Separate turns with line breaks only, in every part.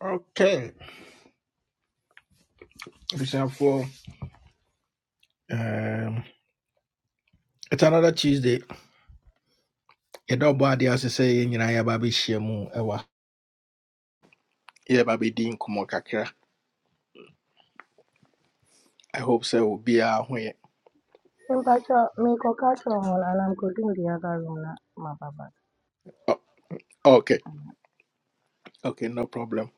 Okay, listen for um, it's another Tuesday. A double body as I ɔbɔ adeɛ ase sɛ yɛn nyinaa yɛaba abɛhyia mu ɛwa. Yɛba abɛdi nkɔmmɔ kakra. I hope sɛ Be a way.
Temperature, may culture on and I'm cooking the other room na my baba.
Oh, okay, okay, no problem.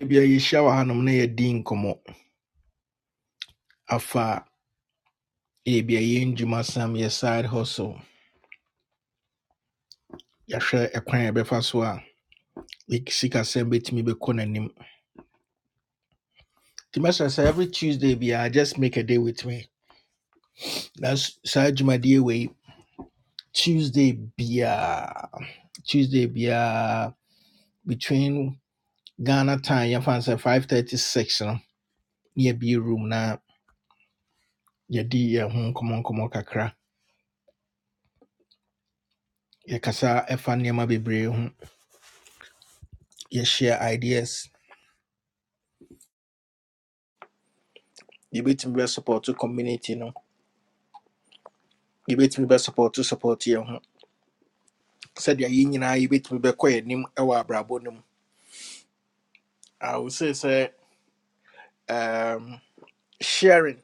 Ebi a yɛhyia wɔ hanom na yɛdi nkɔmmɔ afa ebi a yɛn dwuma sam yɛ side hustle. Yasha a ɛkwan a yɛbɛfa so a yɛ- sikasɛm bɛtumi Be n'anim. Nti mɛsrɛ sɛ every Tuesday Be biara just make a day with me. That's s- saa dwumadie wei Tuesday Be a. Tuesday biara between Ghana time yɛmfa no sɛ 536 no ne yɛbie room na yɛdi yɛn ho nkɔmmɔ nkɔmmɔ kakra yɛkasa ɛfa nneɛma bebree ho ye share ideas yɛbɛtumi be support to community no yɛbɛtumi be support to support yɛn ho sɛdeɛ yɛn nyinaa yɛbɛtumi be yɛn anim ɛwɔ abrabɔ no mu i would say say um, sharing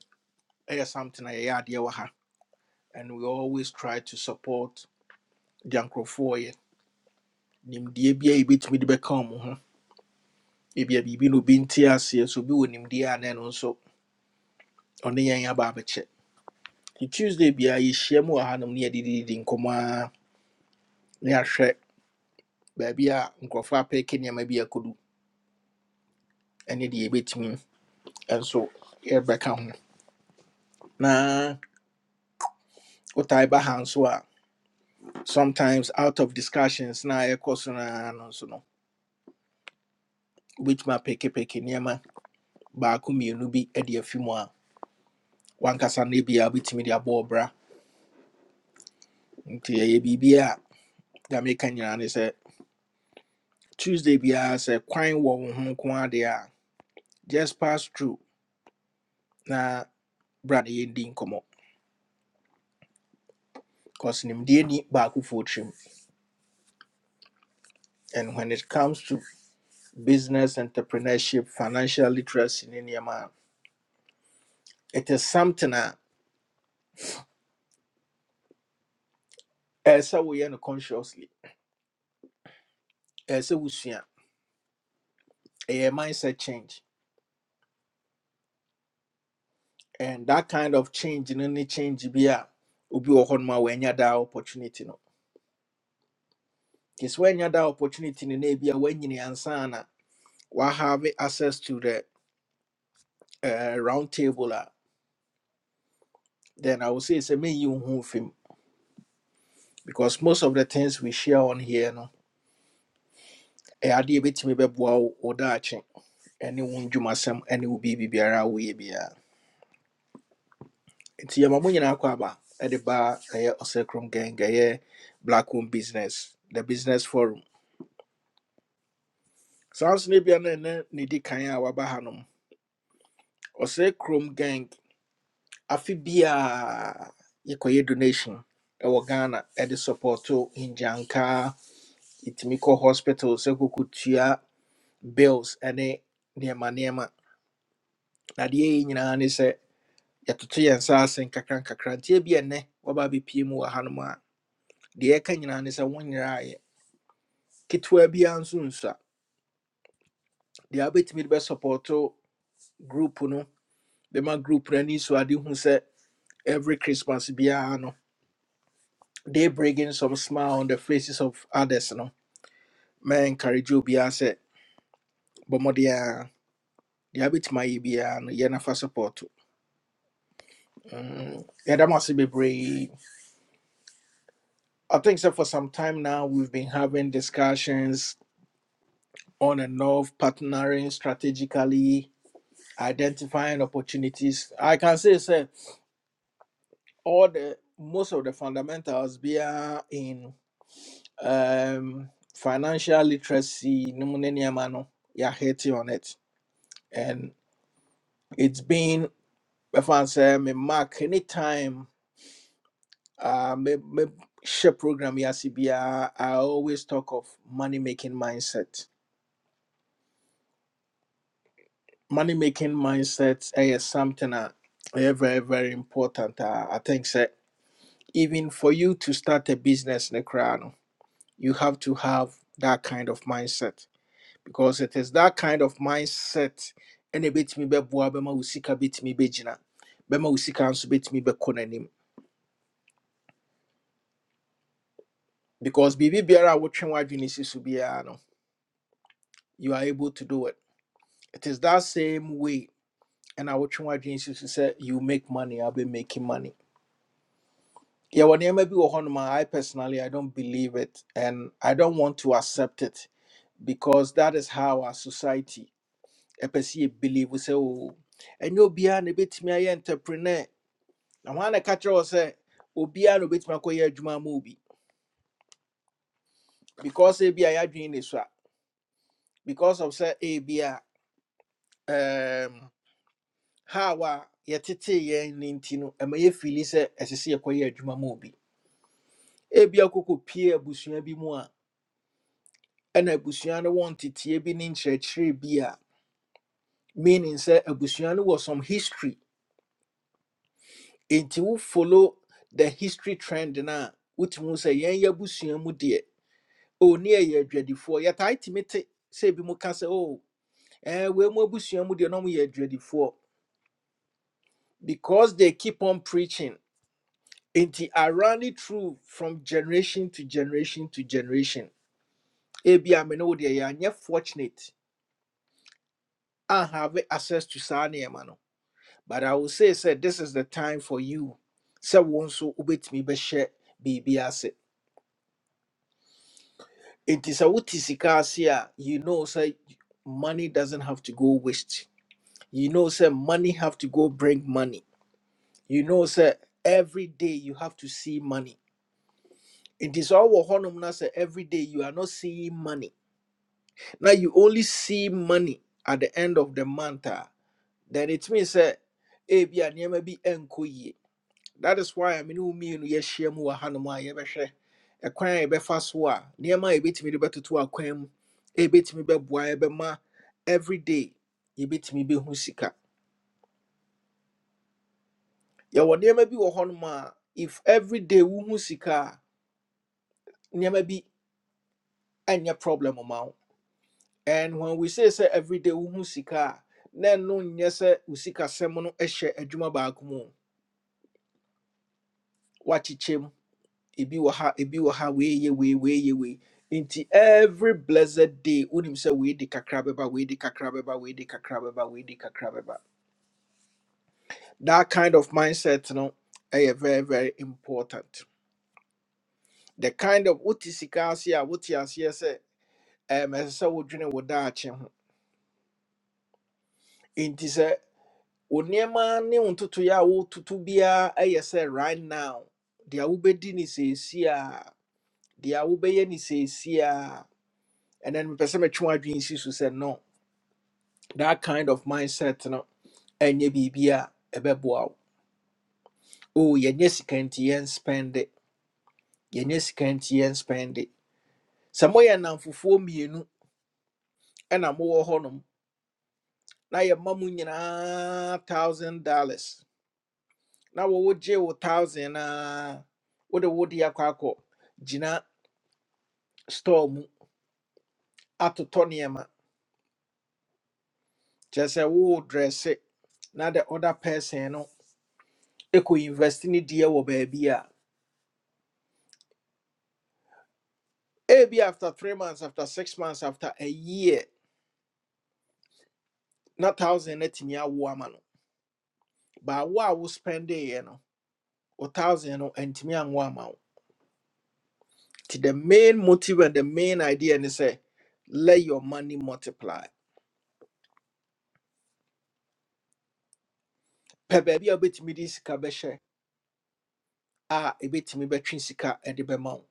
is something I yɛyɛ adeɛ wɔ ha and we always try to support deɛ nkurɔfoɔ yɛ nimdeɛ bi a yɛbɛtumi de bɛka wɔn ho ebi a biribi na obi nte aseɛ so obi wɔ nimdeɛ a na ɛno nso ɔne yɛn aba abɛkyɛ nti tuesday biara yɛhyia mu wɔ hanom ne yɛdedidi nkɔmmɔ a na yɛahwɛ baabi a nkurɔfoɔ apɛɛke nneɛma bi akɔdu ɛne deɛ yɛbɛtumi nso yɛbɛka ho na wotae ba ha nso a sometimes out of discussions na yɛkɔ so noa no nso no wobɛtumi apɛkepɛke nneɛma baako mmienu bi de afi mu a wankasa no biara wobɛtumi de abɔ ɔbra nti ɛyɛ biribi a dame ka nyinaa ne sɛ tuesday biara sɛ kwan wɔ wo ho nko ara deɛ a just pass through na bra na yɛdi nkɔmmɔ because nimdeɛ ni baakofoɔ tirim and when it comes to business entrepreneurship financial literacy ne nneɛma a it is something a ɛyɛ sɛ woyɛ no consciously ɛyɛ sɛ wosua ɛyɛ mindset change and that kind of change no ne change bi a obi wɔ hɔnom a wanya daa opportunity no nti sɛ wanya daa opportunity no na ebi a wanyini ansa na wahave access to the. uh, round table a, then I would say it's a wo ho mfi mu because most of the things we share on here no ɛyɛ adeɛ bɛtumi bɛboa wo wo daakye ɛne wo ndwumasɛm ɛne wo biribi biara a woyɛ biara nti yɛma mo nyinaa kɔ aba ɛde ba ɛyɛ ɔsɛkrom gang ɛyɛ black home business the business forum saa nso no bia no ne, ne di kan a waba ha nom gang afe biaa yɛkɔyɛ donation ɛwɔ ghana ɛde support to nyankaa yɛtumi kɔ hospital sɛ kɔkɔtua bills ne nneɛma nneɛma adeɛ yi nyinaa ne sɛ yɛtoto yɛn nsa ase nkakra nkakra nti ebi ɛnnɛ wɔba abɛpue mu wɔ hanom a deɛ ɛka nyinaa ne sɛ wo nyinaa yɛ ketewa biara nso nsua deɛ wobɛtumi de bɛsupɔɔto group no bɛma group no ani so ade hu sɛ every christmas biara no they bringing some smile on the faces of others no ma encourage obiara sɛ bɔ mmɔden a deɛ wobɛtumi ayɛ biara no yɛ nafa support Mm, yeah, that must be brave. I think so. For some time now, we've been having discussions on and off, partnering strategically, identifying opportunities. I can say, sir, all the most of the fundamentals be are in um, financial literacy. no mo ne nneɛma no, You're hitting on it, and it's been. If I say, me mark anytime. uh me, me share program yasibia i always talk of money making mindset money making mindset eh, is something that is very very important uh, i think so even for you to start a business in Accra, you have to have that kind of mindset because it is that kind of mindset Any bit me be ɛna ɛbɛtumi bɛboa bɛma wo sika bɛtumi bɛgyina bɛma wo sika nso bɛtumi bɛkɔ n'anim because biribi biara a wotwe w'adwene si so biara no you are able to do it It is that same way. And I watch my dreams used to say, You make money, I'll be making money. Yeah, when you maybe on my I personally I don't believe it and I don't want to accept it because that is how our society a person believe we say, Oh, and you be an bit me entrepreneur. I wanna catch or say, Oh, be an bit my juma movie. Because a be a dream this wa- because of say a be a um how yet yɛn ne nti no ɛma yɛ fili a ɛsɛ sɛ yɛkɔyɛ adwuma mu ebi akoko pie abusua bi mu a ɛna abusua no wɔ nteteɛ bi ne nkyerɛkyerɛ bi a meaning sɛ abusua no wɔ some history nti wo follow the history trend no a wotumi hu sɛ yɛn yɛ abusua mu deɛ o ne yɛyɛ adwadifoɔ yɛtae tumi te sɛ bi mu ka sɛ o ɛɛ wei mu abusua mu deɛ na ɔmo yɛ adwadifoɔ because they keep on preaching nti around it through from generation to generation to generation ebi a me ne wo deɛ yɛanyɛ fortunate I have access to saa mano. but i will say said this is the time for you So wo nso wobɛtumi bɛhyɛ me ase share. sɛ wote sika ase a utisicasia, you know say money doesn't have to go waste you know say money have to go bring money you know say every day you have to see money It is sɛ ɔwɔ hɔnom na sɛ every day you are not seeing money Now you only see money at the end of the month a then it means say, ebia nneɛma bi ɛnkɔ yie that is why I mean, who me ne wo mmienu yɛahyia mu wɔ hanom a yɛbɛhwɛ ɛkwan a yɛbɛfa so a nneɛma a yɛbɛtumi de bɛtoto akwan be ɛbɛtumi bɛboa yɛbɛma everyday yɛbɛtumi bɛhu sika yɛwɔ nneɛma bi wɔ hɔnom a honma, if everyday wohu sika a nneɛma bi ɛnyɛ problem ma wo and when we say sɛ everyday wohu sika a na ɛno nyɛ sɛ wo sikasɛm no hyɛ adwuma baako mu o. ebi wɔ ha ebi wɔ ha wei yɛ wei wei yɛ wei nti every blessed day wonim sɛ wei di kakra bɛba wei di kakra bɛba wei di kakra bɛba wei di kakra bɛba that kind of mindset no ɛyɛ very very important the kind of wote sika ase a wote aseɛ sɛ ɛm ɛsɛ sɛ wodwene wo daakye ho nti sɛ wo nneɛma ne wo ntotoeɛ a wototo biara ɛyɛ sɛ right now deɛ wobɛdi ne seesie a deɛ wobɛyɛ ne seesie a ɛnɛ no mepɛ sɛ metwe w'adwene si so sɛ no that kind of mindset no ɛnyɛ biribi a ɛbɛboa wo oh yɛnyɛ sika nti yɛn spend it yɛnyɛ sika nti yɛn spend it sɛ moyɛ nnamfofoɔ mmienu ɛna mowɔ hɔnom na yɛma mu nyinaa thousand dollars na wɔwo gye wo thousand a wode wode akɔ akɔ gyina store mu atotɔ nneɛma kyerɛ sɛ wowɔ dresse na the other person no ɛkɔ invest ne deɛ wɔ baabi a ebi after three months after six months after a year Not thousand no atumi awo ama no but wo a wo spendeeɛ no wo thousand no antumi anwo ama wo the main motive and the main idea ne say let your money multiply pɛ baabi a wobɛtumi de sika bɛhyɛ a ɛbɛtumi bɛtwe sika de bɛma wo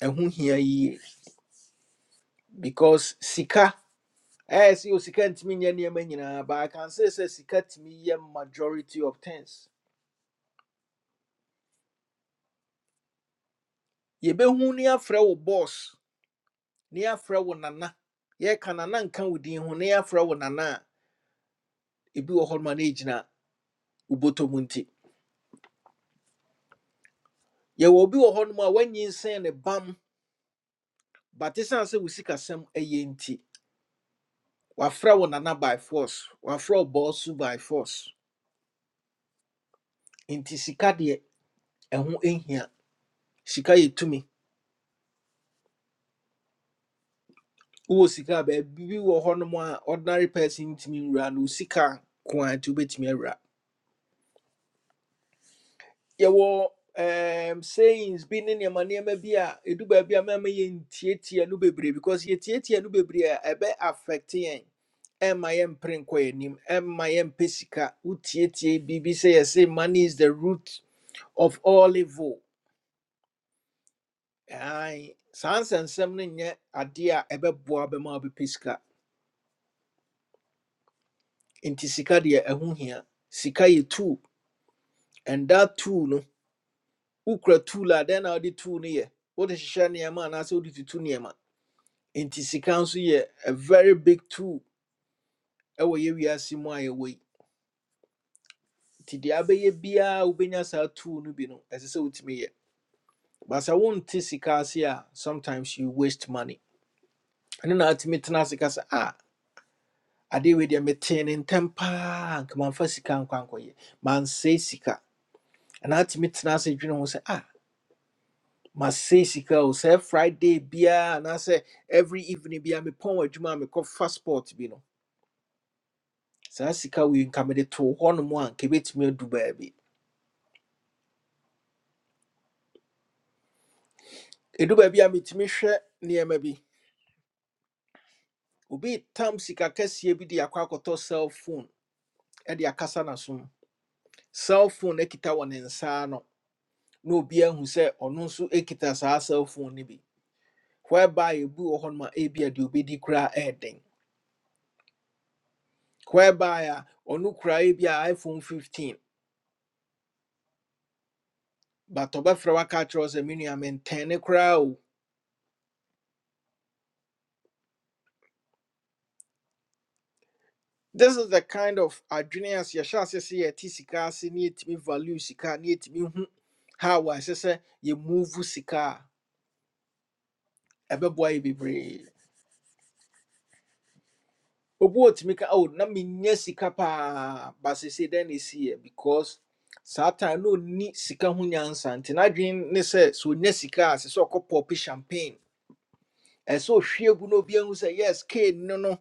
ɛho hia yie because sika eh sɛ o sika ntumi nyɛ nneɛma nyinaa but I can say say sika tumi yɛ majority of things yɛbɛhu ne afrɛ wo boss ne frau nana ye nana nka wo din ho ne yɛafrɛ nana ebi wɔ hɔnom a na ɛgyina wobɔtɔ mu nti yɛwɔ obi wɔ hɔnom a woanyinsɛn ne bam but ɛsiane sɛ wo sikasɛm ɛyɛ nti wafrɛ wo nana by force wafrɛ wo bɔɔso by force nti sika deɛ ɛho ɛhia sika yɛ tumi sika a baabi wɔ hɔnom a ordinary person ntumi nwura no sika nko nti wobɛtumi awura yɛwɔ um, sayings bi your money may be a it do be a mɛma yɛntietie no bebree because yɛtietie no bebree a ɛbɛ affect yɛn ɛmma yɛmpere nkɔ yɛnim ɛmma yɛmpɛ sika Bibi say I say money is the root of all evil Aye. saa nsɛnsɛm no nyɛ adeɛ a ɛbɛboa bɛma wobɛpɛ sika nti sika deɛ ɛho hia sika yɛ tool and that too no wokura tool a dɛn na wode tool no yɛ wode hyehyɛ nneɛma anaasɛ wode tutu nneɛma nti sika nso yɛ a very big tool ɛwɔ yɛ wiase mu a yɛwɔ yi nti deɛ abɛyɛ biara a wobɛnya saa tool no bi no ɛsɛ sɛ wotumi yɛ but sɛ wonte sika ase a sometimes you waste money ɛno na atumi tena ase ka sɛ ah adeɛ wei deɛ metee ne ntɛm paa nka mamfa sika nkɔ ankɔyɛ mansɛe sika ɛna atumi tena ase dwene ho sɛ ah masɛe sika o sɛ friday biara anaasɛ every evening biara mepɔn wɔ adwuma a mekɔfa sport bi no saa sika wei nka mede too hɔnom a nka ɛbɛtumi adu baabi ɛdu baabi a metumi hwɛ nneɛma bi obi tam sika kɛseɛ bi de akɔ akɔtɔ cell phone de akasa n'asom cell phone kita wɔ ne nsa ano na obi ahu sɛ ɔno nso kita saa cell phone no bi whereby ebi wɔ hɔnom a ebi a deɛ obɛdi koraa ɛɛden whereby a ɔno koraa ebi a iphone 15 but ɔbɛfrɛ waka akyerɛ wo sɛ me nua mentɛn ne koraa o this is the kind of adrenaline yɛhyɛ ase sɛ a sika ase ne yɛtumi value sika ne yɛtumi hu how ɛsɛ sɛ yɛmove sika a ɛbɛboa yɛ bebree obi wɔ tumi ka oh na menya sika paa ba sesei dɛn na ɛsi because saa no, na ɔnni sika ho nyansa nti n'adwene ne say, so ɔnya sika a sɛ sɛ ɔkɔpɔpe champagne ɛsɛ sɛ ɔhwie gu na obi ahu yes kane no no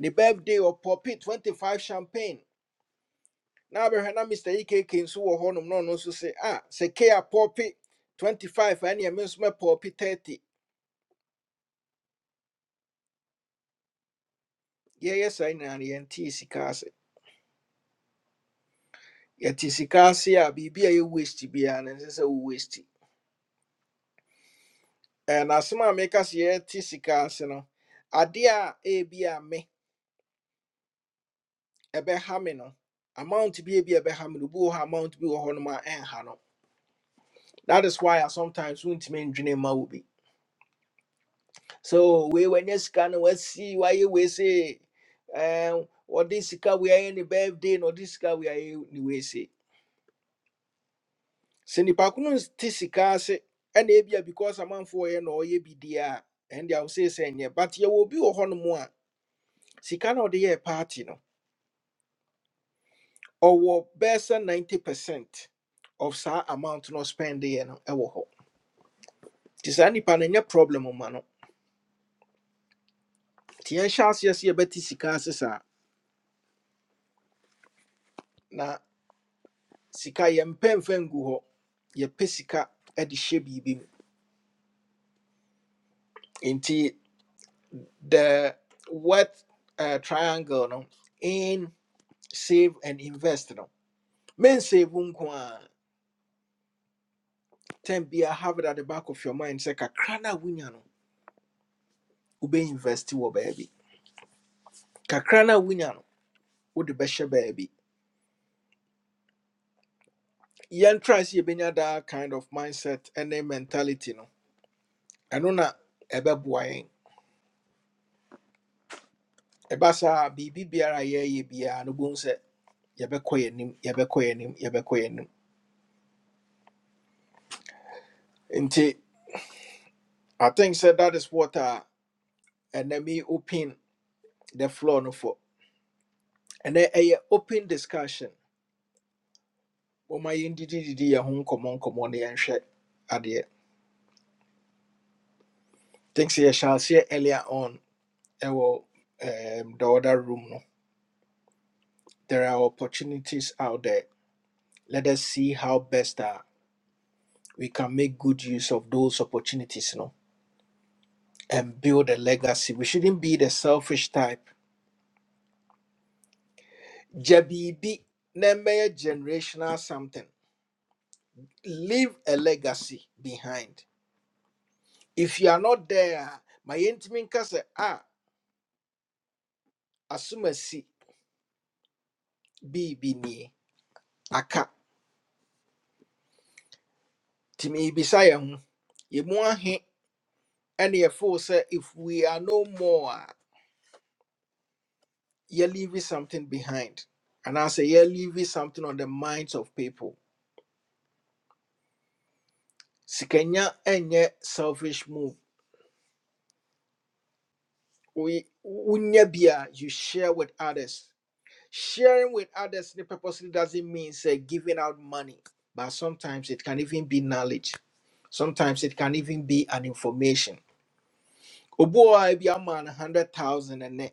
The birthday ɔpɔpe 25 champagne na abɛhwɛ na mr ekk nso wɔ hɔnom no, no, nso se ah sɛ k a pɔpe 25 a ɛneɛ me nso mɛpɔpe 30 yɛyɛ saa nyinaa no yɛntee sika ase yɛte sika ase a biribi a yɛ waste biara no ɛnsɛ sɛ wo waste eh na asɛm a meka sɛ yɛte sika ase no adeɛ a ebi a me ɛbɛha me no amount bi ebi a ɛbɛha me no obi wɔ hɔ amount bi wɔ hɔnom a ɛnha no that is why I sometimes wontumi ndwene mma wo bi so we when wei wanya we see why we say, se ɛm, ɔde sika wei ayɛ ne birthday na ɔde sika we are ayɛ ne wei se sɛ nipa ko no te sika ase ɛna ebia because amanfoɔ yɛ na ɔyɛ bi die and they deɛ say say nyɛ but yɛwɔ obi wɔ hɔnom a sika na ɔde yɛɛ party no Or ɔwɔ bɛsɛ 90 percent of saa amount no spend yɛ no ɛwɔ hɔ nti saa nipa no nyɛ problem ma no nti yɛnhyɛ aseɛ sɛ yɛbɛte sika ase saa sika yɛmpɛ mfa ngu hɔ yɛpɛ sika de hyɛ biribi nti the what uh, triangle no in save and invest no men save wo nko a ten bia have it at the back of your mind sɛ kakra na wunya no ube wonya no wobɛinvest wɔ baabi kakra na wunya no a wonya no wode bɛhyɛ baabi yɛntra sɛ yɛbɛnya that kind of mindset ne mentality no ɛno na ɛbɛboa yɛn ɛba saa biribi biara a yɛyɛ biara no bohu sɛ yɛbɛkɔ yɛn anim yɛbɛkɔ yɛn anim yɛbɛkɔ yɛn anim nti i think sɛ that is what a ɛnɛ me open the floor no for ɛnɛ ɛyɛ open discussion wɔma yɛndidididi yɛn ho nkɔmmɔ nkɔmmɔ ne yɛnhwɛ adeɛ think sɛ yɛhyɛ aseɛ earlier on ɛwɔ um, the other room no there are opportunities out there let us see how best uh, we can make good use of those opportunities no and build a legacy. We shouldn't be the selfish type. Jabibi, name generational something. Leave a legacy behind. If you are not there, my intimate case, ah, assume a si, be be ni, aka, timi bisaya, hun. ye he, and ye say, if we are no more, ye leaving something behind. And I say, ye leaving something on the minds of people. Sikenya enye selfish move we we nebia you share with others sharing with others the purposely doesn't mean say giving out money but sometimes it can even be knowledge sometimes it can even be an information oboa bi ama no 100000 ene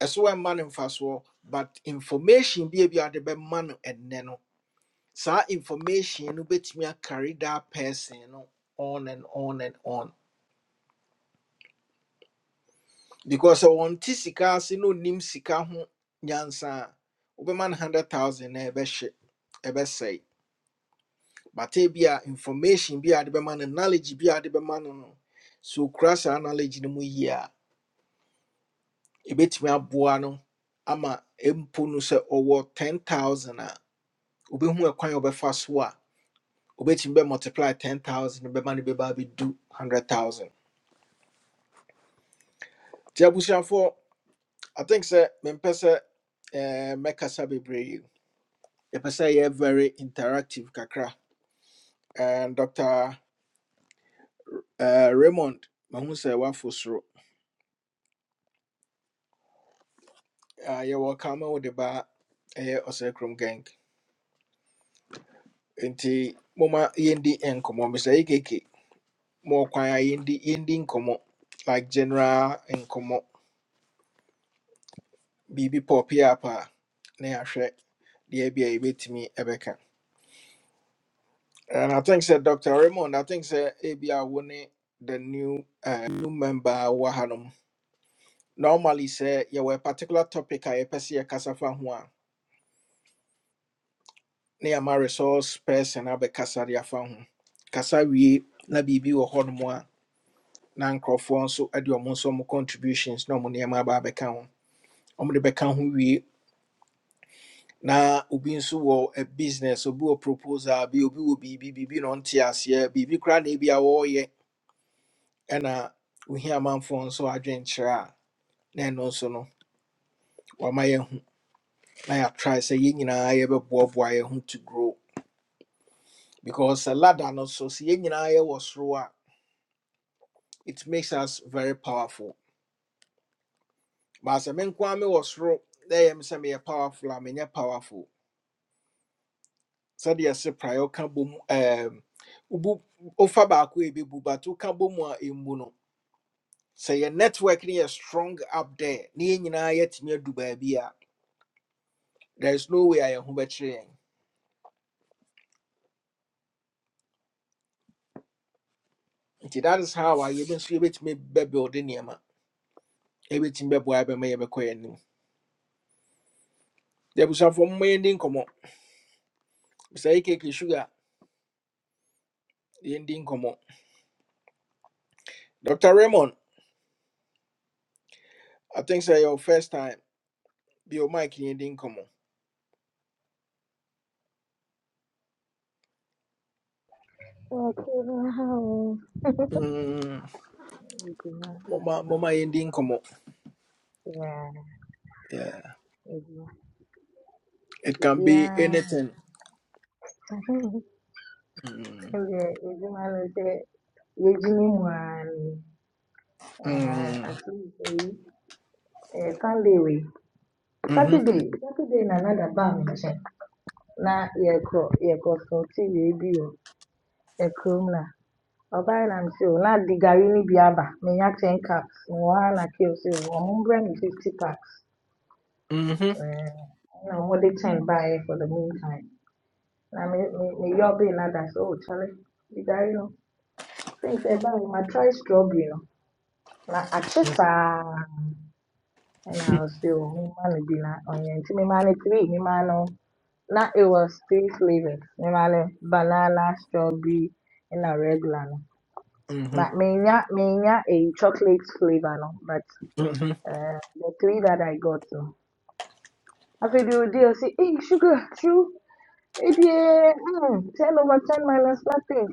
ɛso man in mfa soɔ but information bi a bi a de bɛma no ɛnɛ no saa information no carry that person no on and on and on because ɔnte sika ase na onim sika ho nyansa a wobɛma no 100000 na ɛbɛhye ɛbɛsɛe bata bi a information bi a de bɛma no knowledge bi a de bɛma no no sɛ okura saa knowledge no mu yie a ɛbɛtumi aboa no ama mpo no sɛ ɔwɔ 10000 a wobɛhu ɛkwan a wɔbɛfa so a wobɛtumi bɛ multiply 10000 no bɛma no bɛba abɛdu 100000 nti abusuafoɔ i think sɛ mempɛ sɛ eh, mɛkasa bebree yɛpɛ sɛ yɛyɛ very interactive kakra and dr uh, raymond mahu sɛ woafo soro Ah, yɛwɔ ka ma wode ba ɛyɛ ɔsɛkrom gang nti moma yɛndi nkɔmmɔ mesɛ yɛkeke ma ɔkwan a yɛndi yɛndi nkɔmmɔ like general nkɔmmɔ biribi pɔɔpe up a pa na yɛahwɛ deɛ bi a yɛbɛtumi ɛbɛka and i think sɛ dr raymond i think sɛ ebia wo ne the new uh, new member wahanom. normally say you yɛwɔ a particular topic I yɛpɛ sɛ yɛkasa fa ho a na yɛama resource person abɛkasa de afa ho kasa wie na biribi wɔ hɔnom a na nkurɔfoɔ nso de ɔmo nso ɔmo contributions na ɔmo nneɛma aba abɛka ho ɔmo de bɛka ho wie na obi nso wɔ a business obi wɔ proposal bi obi wɔ biribi biribi na ɔnte aseɛ biribi koraa na ebi a wɔreyɛ ɛna ohia amanfoɔ nso adwenkyerɛ a na ɛno nso no wama yɛn ho na yɛatrae sɛ yɛn nyinaa yɛbɛboaboa yɛn ho to grow because a ladder no so sɛ yɛn was raw, it makes us very powerful but sɛ me nkoa mewɔ soro na ɛyɛ me sɛ meyɛ powerful a menyɛ powerful sɛdeɛ se praeɛ woka Um, mu ɛɛm, wobu wofa baako a ɛbɛbu but woka bɔ mu a ɛmmu no sɛ yɛ network no yɛ strong up there Ni yɛn nyinaa yɛatumi adu baabi a there is no way I am ho bɛkyerɛ yɛn nti that is how I even see it me a yɛbi nso yɛbɛtumi bɛbuilde nneɛma yɛbɛtumi bɛboa bɛma yɛbɛkɔ yɛn anim deɛ abusuafoɔ momma yɛndi nkɔmmɔ mr akk sugar yɛndi nkɔmmɔ dr raymond i think sɛ your first time Be your mike yɛndi nkɔmmɔ
Okay, now.
Mm,
Iguna,
Mama,
iguna,
mama. yɛndi
iguna.
nkɔmmɔ
Yeah,
yeah.
iguna,
it
iguna.
can be
Yeah,
anything Mm,
iguna, iguna. Yejini mwani. Uh, at
mm,
least, uh, Sunday we.
Mm. mhm,
Saturday, Saturday na another bar me check. Na yeko, yeko so ti yebi o. Ekrom Ọbaịlam sị oo, na-adị garị ni biaba, minya 10 caps. Nwahala kio sị oo, ọmụbra mi 50 caps.
mhm,
Eh, na ọmụdị 10 buy for the meantime. Na me me mi yọbe na da sị oo, chale, dị garị no. Things e ahụ, ma try strawberry no. Na achị I Ɛna ɔsị oo, mma no bi na ɔnyɛ Me mma no three, mma no na it was three flavors. Mma no banana, strawberry, and a regular no.
mhm,
But menya menya a chocolate flavor no, but
mhm,
uh, the three that I got no. After the deal say, hey sugar, chew, it yeah, mm, ten over ten minus nothing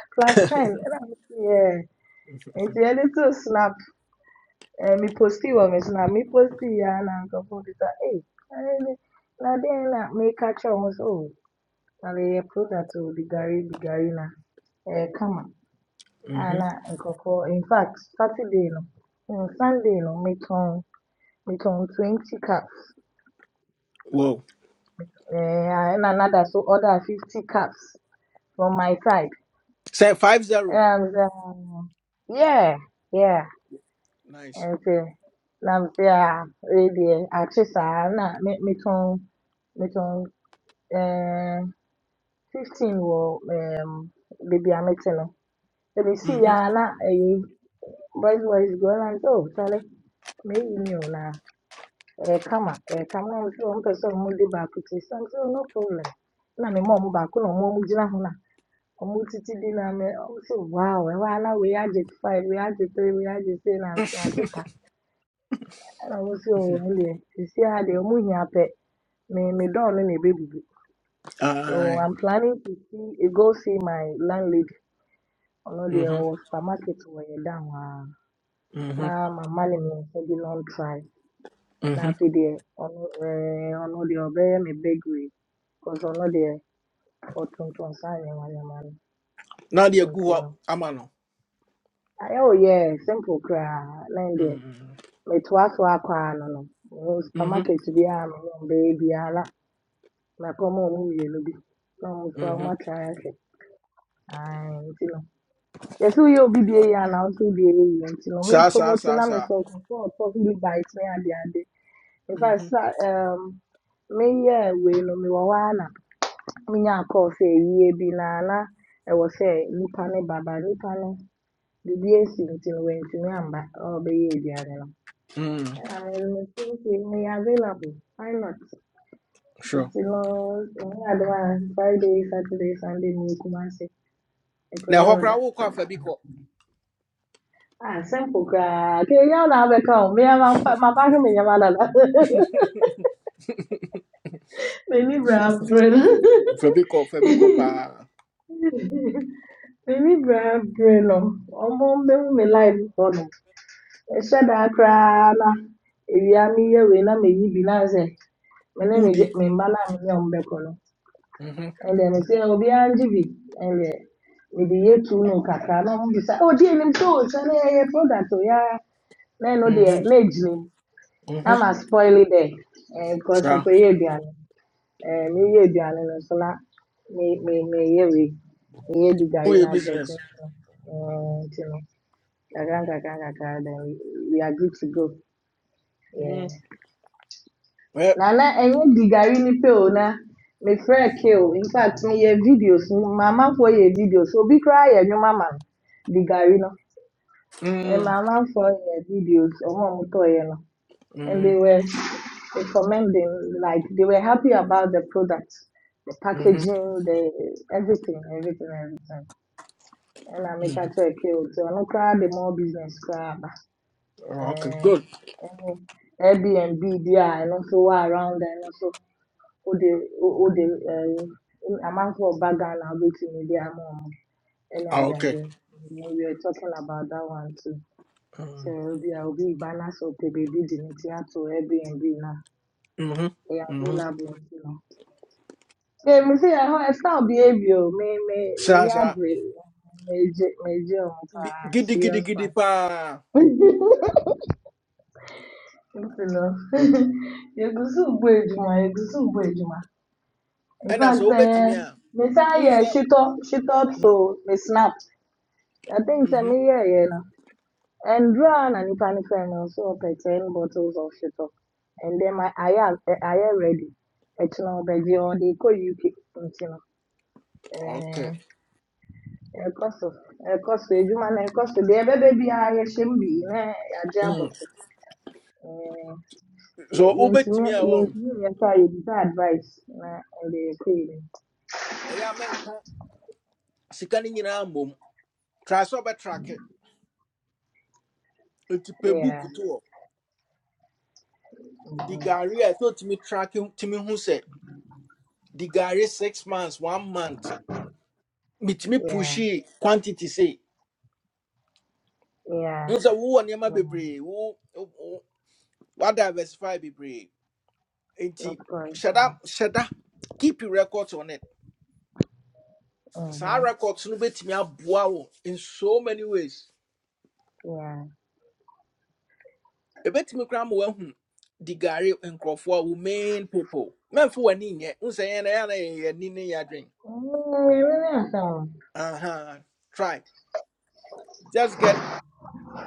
plus ten. And I'm yeah. It's a little snap. Uh, me post it well, me snap. Me post it yeah, and I'm hey. na then, na me catch on so. Now they product to the Gary, the Gary na. Eh, come on.
mhm.
Ala Nkukor, in fact, Saturday no, um, Sunday no, me turn me turn twenty caps
wow
eh, and another so other fifty caps from my side.
Say five zero
Ɛna me sɛ um, yeah yeah
nice
nti na me sɛ ah wei deɛ akye na me me metɔn metɔn eh, fifteen wɔ um, baabi a mete no. Let me see,
Mhm.
ya na eh, boys boys go around oh Charlie me ni o na. Eh, kama eh, kama nso mpɛ sɛ ɔmo de baako ti sa nso no problem na me ma ɔmo baako na ɔmo ɔmo gyina ho na ɔmo titi di na me ɔmo sɛ wow ɛwɔ ha na wei agye five We agye three wei agye six na nse agye ta ɛna ɔmo sɛ ɔwɔ ne deɛ sisi ha deɛ ɔmo hia pɛ me me dɔɔ no na ebebubu so
Aye.
i'm planning to see eh, go see my landlady ɔno deɛ
Mhm,
ɔwɔ supermarket wɔ yɛn dan hɔ ara
mhm,
na mama ne me nsa bi na ɔntry. na
mhm.
afei onu ɔno ɛɛ ɔno deɛ ɔbɛyɛ me bakery because ɔno deɛ ɔtontɔn saa nneɛma nneɛma
na
no
deɛ gu
nti no
hɔ Mm. no
ayɛ wo simple koraa na n deɛ
Mm,
metoa so akɔ a no no ɛwɔ
mhm,
supermarket biara me ne wɔn bɛyɛ biara na mɛkɔma mu mmienu bi na wɔn nso wɔn
mhm.
atry ahwɛ ae nti no yɛsɛ woyɛ obi deɛ yie a na wo nso deɛ yɛ nti no me
saa saa
promote na me
saa
so nkurɔfoɔ a ɔtɔ hili me ne adeade in
Mm.
fact
Mhm,
sa me meyɛ we no me hɔ ara na menya kɔɔ sɛ yie bi na na ɛwɔ sɛ nnipa no baba nnipa no biribi asi nti no wantumi amba a ɔrebɛyɛ no
mm,
ɛna mede me tirim sɛ available why not
sure
nti no ɛnyɛ adom a friday saturday sunday mewɔ kumase
na
mekɔyɛ
ɛhɔ koraa
order
wokɔ afa bi kɔ
Ah, simple koraa. Ke ya na abɛka wo. Me ma ma ba hwe me nyama dada. Me ni bra brɛ no.
Fabiko, Fabiko, pa.
Me ni bra brɛ no. Ɔmo mbɛhu me live hɔ Mehyɛ da koraa na ewia meyɛ wei na meyi bi na sɛ me ne me
Udi.
gye- me mba na me ne ɔmo bɛkɔ no
Mhm,
ɛne deɛ mete a obiara ngye bi ɛne deɛ mede yɛ tuo no kakra na ɔmo bisa oh deɛ enim sɛ o sɛ ne yɛyɛ product o yaa na ɛno deɛ
mhm,
na egyina mu na
mhm.
ma spoil dɛ ɛɛ because
Sha.
mekɔyɛ aduane ɛɛ meyɛ aduane no nso na me me meyɛ wei meyɛ di gari
Uye
na advert
business.
no ɛɛ nti no kakra nkakra nkakra then we we are good to go. Yeah.
Mhm, Yeah.
Nana, ɛnyɛ di gari ni pe o na. Me frɛ ke o. In fact, me yɛ videos. Mama fo yɛ videos. Obi koraa yɛ nnwuma ma no. Di gari no. Me
Mm.
mama fo yɛ videos. Ɔmo a ɔmo tɔɔ yɛ no. And they
Mhm,
were recommending, like, they were happy about the product, the
mhm,
packaging, the everything, everything, everything. And I make a
mhm.
check ke o. So ɔno koraa the more business koraa ba.
Oh, Okay,
Eh,
good.
ɛne Airbnb bi a ɛno nso wɔ around there no nso wode wo- wode ɛyi amanfoɔ a ɔba Ghana abɛtumi de ama wɔn ɛne
Ah,
ade
Okay.
ade. We were talking about that one too. So
Mhm,
we will be reba na sɛ baby beebi de ne ti ato Airbnb na
Mhm,
ɛyɛ
mhm.
available you know. Ee me se ɛhɔ ɛsɛ behavior o me me me
Sha,
ni
sha.
abere me gye me gye wɔn
Bi-
paa
Giddy, giddy,
serious
giddy,
one.
pa.
Nti no yɛgusu bɔ edwuma yɛgusu bɔ edwuma in
And as
fact
obetimi
ɛɛ
a.
me san yɛ
Unse.
shitɔ shitɔ to me snap. I think some
Mhm.
here, you know. And run and you can find also up ten bottles of shit up. And then my I am I am ready. It's no baby or they call you keep you know. Eh,
Okay.
eh, cost of, eh, cost of, you man, eh, cost of, there, baby, I shame be, eh, a job
Mm.
of, eh,
So
you
obetimi
intimate,
a won.
you intimate, you decide advice, eh, and they pay them.
Eya menka sika ni nyina mbom. Try so betrake. Enti pe
Yeah,
book the
mhm,
Gary, I thought me tracking Timmy who said the Gary six months, one month. meet me
yeah,
pushy quantity say.
yeah,
Who said who on yama be
yeah,
brave? Who what diversify be brave? Ain't
of
he?
course,
shut up,
yeah,
shut up. Keep your records on it. Saa
mm
records no bet me a abuawo in so many ways.
Yeah.
A bet me cram well hmm. The Gary and Crawford were main people. Men for an in yet. Who say and I drink.
Mm, it really has
Uh huh. Try. Just get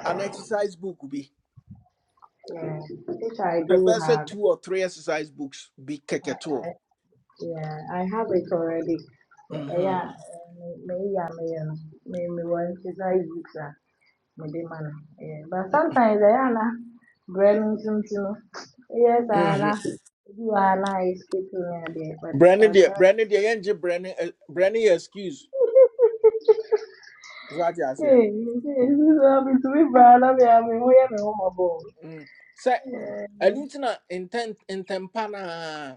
an exercise book. be.
Yeah, which I do
pɛbɛsɛ
have.
two or three exercise books be
I, I
kɛkɛtoɔ
yeah, I have it already. Eh, Yeah,
Mhm.
maybe I me, yeah, me eh, me me want to say books ah, maybe man. Yeah, but sometimes I ana brain something. uh, Yes, I ana
Mhm.
you are ana escaping me there, but
brɛ ne
I
deɛ
try.
brɛ ne Brandon yɛngye brɛ ne ɛ- brɛ ne yɛ excuse wate aseɛ
Hey, hey, this is happening to me, bro. I mean, I mean, where me, I home about?
Mm. sɛ
Yeah,
ɛno nti na ntɛn ntɛmpa naa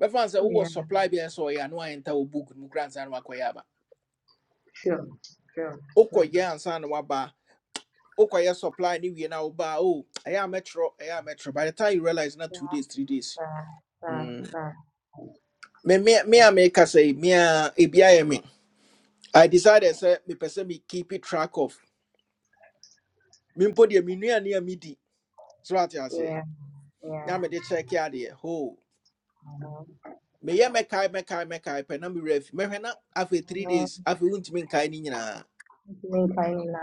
bɛfa no sɛ wowɔ
yeah,
supply bi a ɛsɛ sɛ ɔyɛ a na woayɛ book no mu kora ansa na wakɔyɛ aba
sure, sure, sure.
wokɔyɛ ansa na woaba wokɔyɛ supply ne wie no a wobaa o ɛyɛ a mɛtwerɛ Metro. by the time you realize na two days three days Mm. me me me
Eh,
a meka sɛ me a ebi ayɛ me I decided say, me person me keep it track of Me mempo deɛ menuane a medi so ate aseɛ
Yeah, yeah.
na mede kyɛke adeɛ ho meyɛ mɛkae mɛkae mɛkae pɛ na mewerɛ me mɛhwɛ na after three
Mm,
days afei wontumi nkae no nyinaa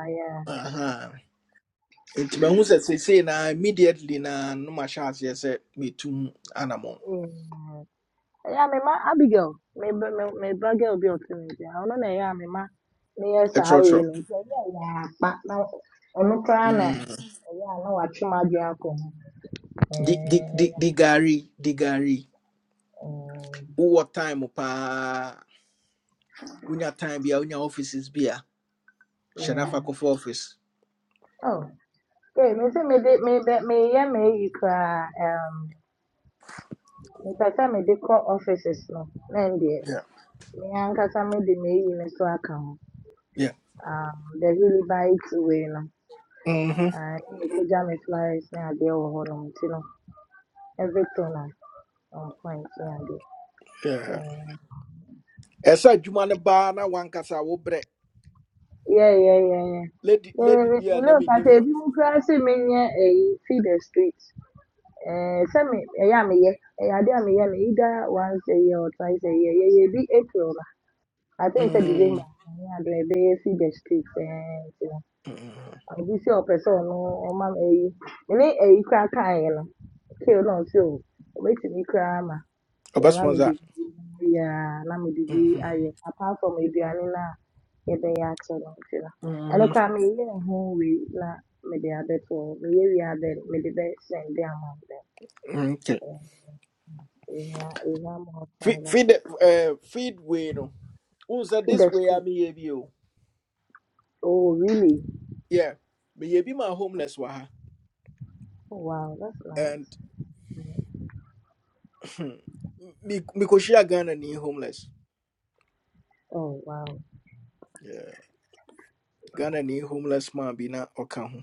yeah.
Aha. nti mahu say say say na immediately na no mahyɛ aseɛ sɛ metum anammɔn
Mm. Yeah, me ma Abigail. Me me me ba girl bi otu mi je. Ono na yeah me ma. Me yes awe
ɛtwerɛtwerɛ
no. Nti ɛyɛ a Yeah, pa na ono kra
Mm.
Yeah, na wa twem adwe akɔ
di di-
Eh,
di- di gari di gari
mm,
wowɔ time paa wonya time bia wonya offices bia hyɛ no
yeah.
afa kɔfa office
Oh, okay. me se me de me be me yeah me yi kra. Mepɛ me. mede call offices no na ndeɛ
yeah
me ankasa mede m'eyi no so aka ho.
yeah
Um, the Helibite way no,
Mhm.
ah, mekogya me flyers ne adeɛ wɔ hɔnom nti no, everything is on point ne adeɛ.
Yeah.
Um,
ɛsɛ adwuma no baa na wankasa wo brɛ
Yeah, yeah, yeah, yeah.
lady
Yeah,
lady
yeah, yeah.
bi
Me
a na
ne kasa
menim no
ebi mu koraa sɛ menyɛ ɛyi feed the street. Eh, sɛ me ɛyɛ a meyɛ, ɛyɛ ade me ye. Me either once a year or twice a year. yeah. yeah bi April no. I think sɛ December.
Mm,
ɛnyɛ a ɛbɛyɛ feed the street. eh
mhm.
obi sɛ ɔpɛ sɛ ɔno ɔma me ayi mene ayi koraa kaeɛ no kale na ɔse o ɔbɛtumi koraa ma yɛama me
ɔbɛsponsor
biribiaa na mede bi
Mhm,
ayɛ apart from aduane no a yɛbɛyɛ akyɛ no nti no ɛno
mhm,
koraa meyɛɛ ho wei na mede we hɔ meyɛ wie a then mede bɛsɛnde ama wo dɛn
okay.
ɛnya ɛnya more
Fe- feed
sponsorship
eh, feed way no wohu sɛ
feed
this
the
way a
street
meyɛ bi o
oh really
yeah meyɛ bi ma homeless wɔ ha
oh wow that's nice
and
Mm.
me- mekɔhyia ghana ni homeless
oh wow
yeah. ghana ni homeless man bi na ɔka ho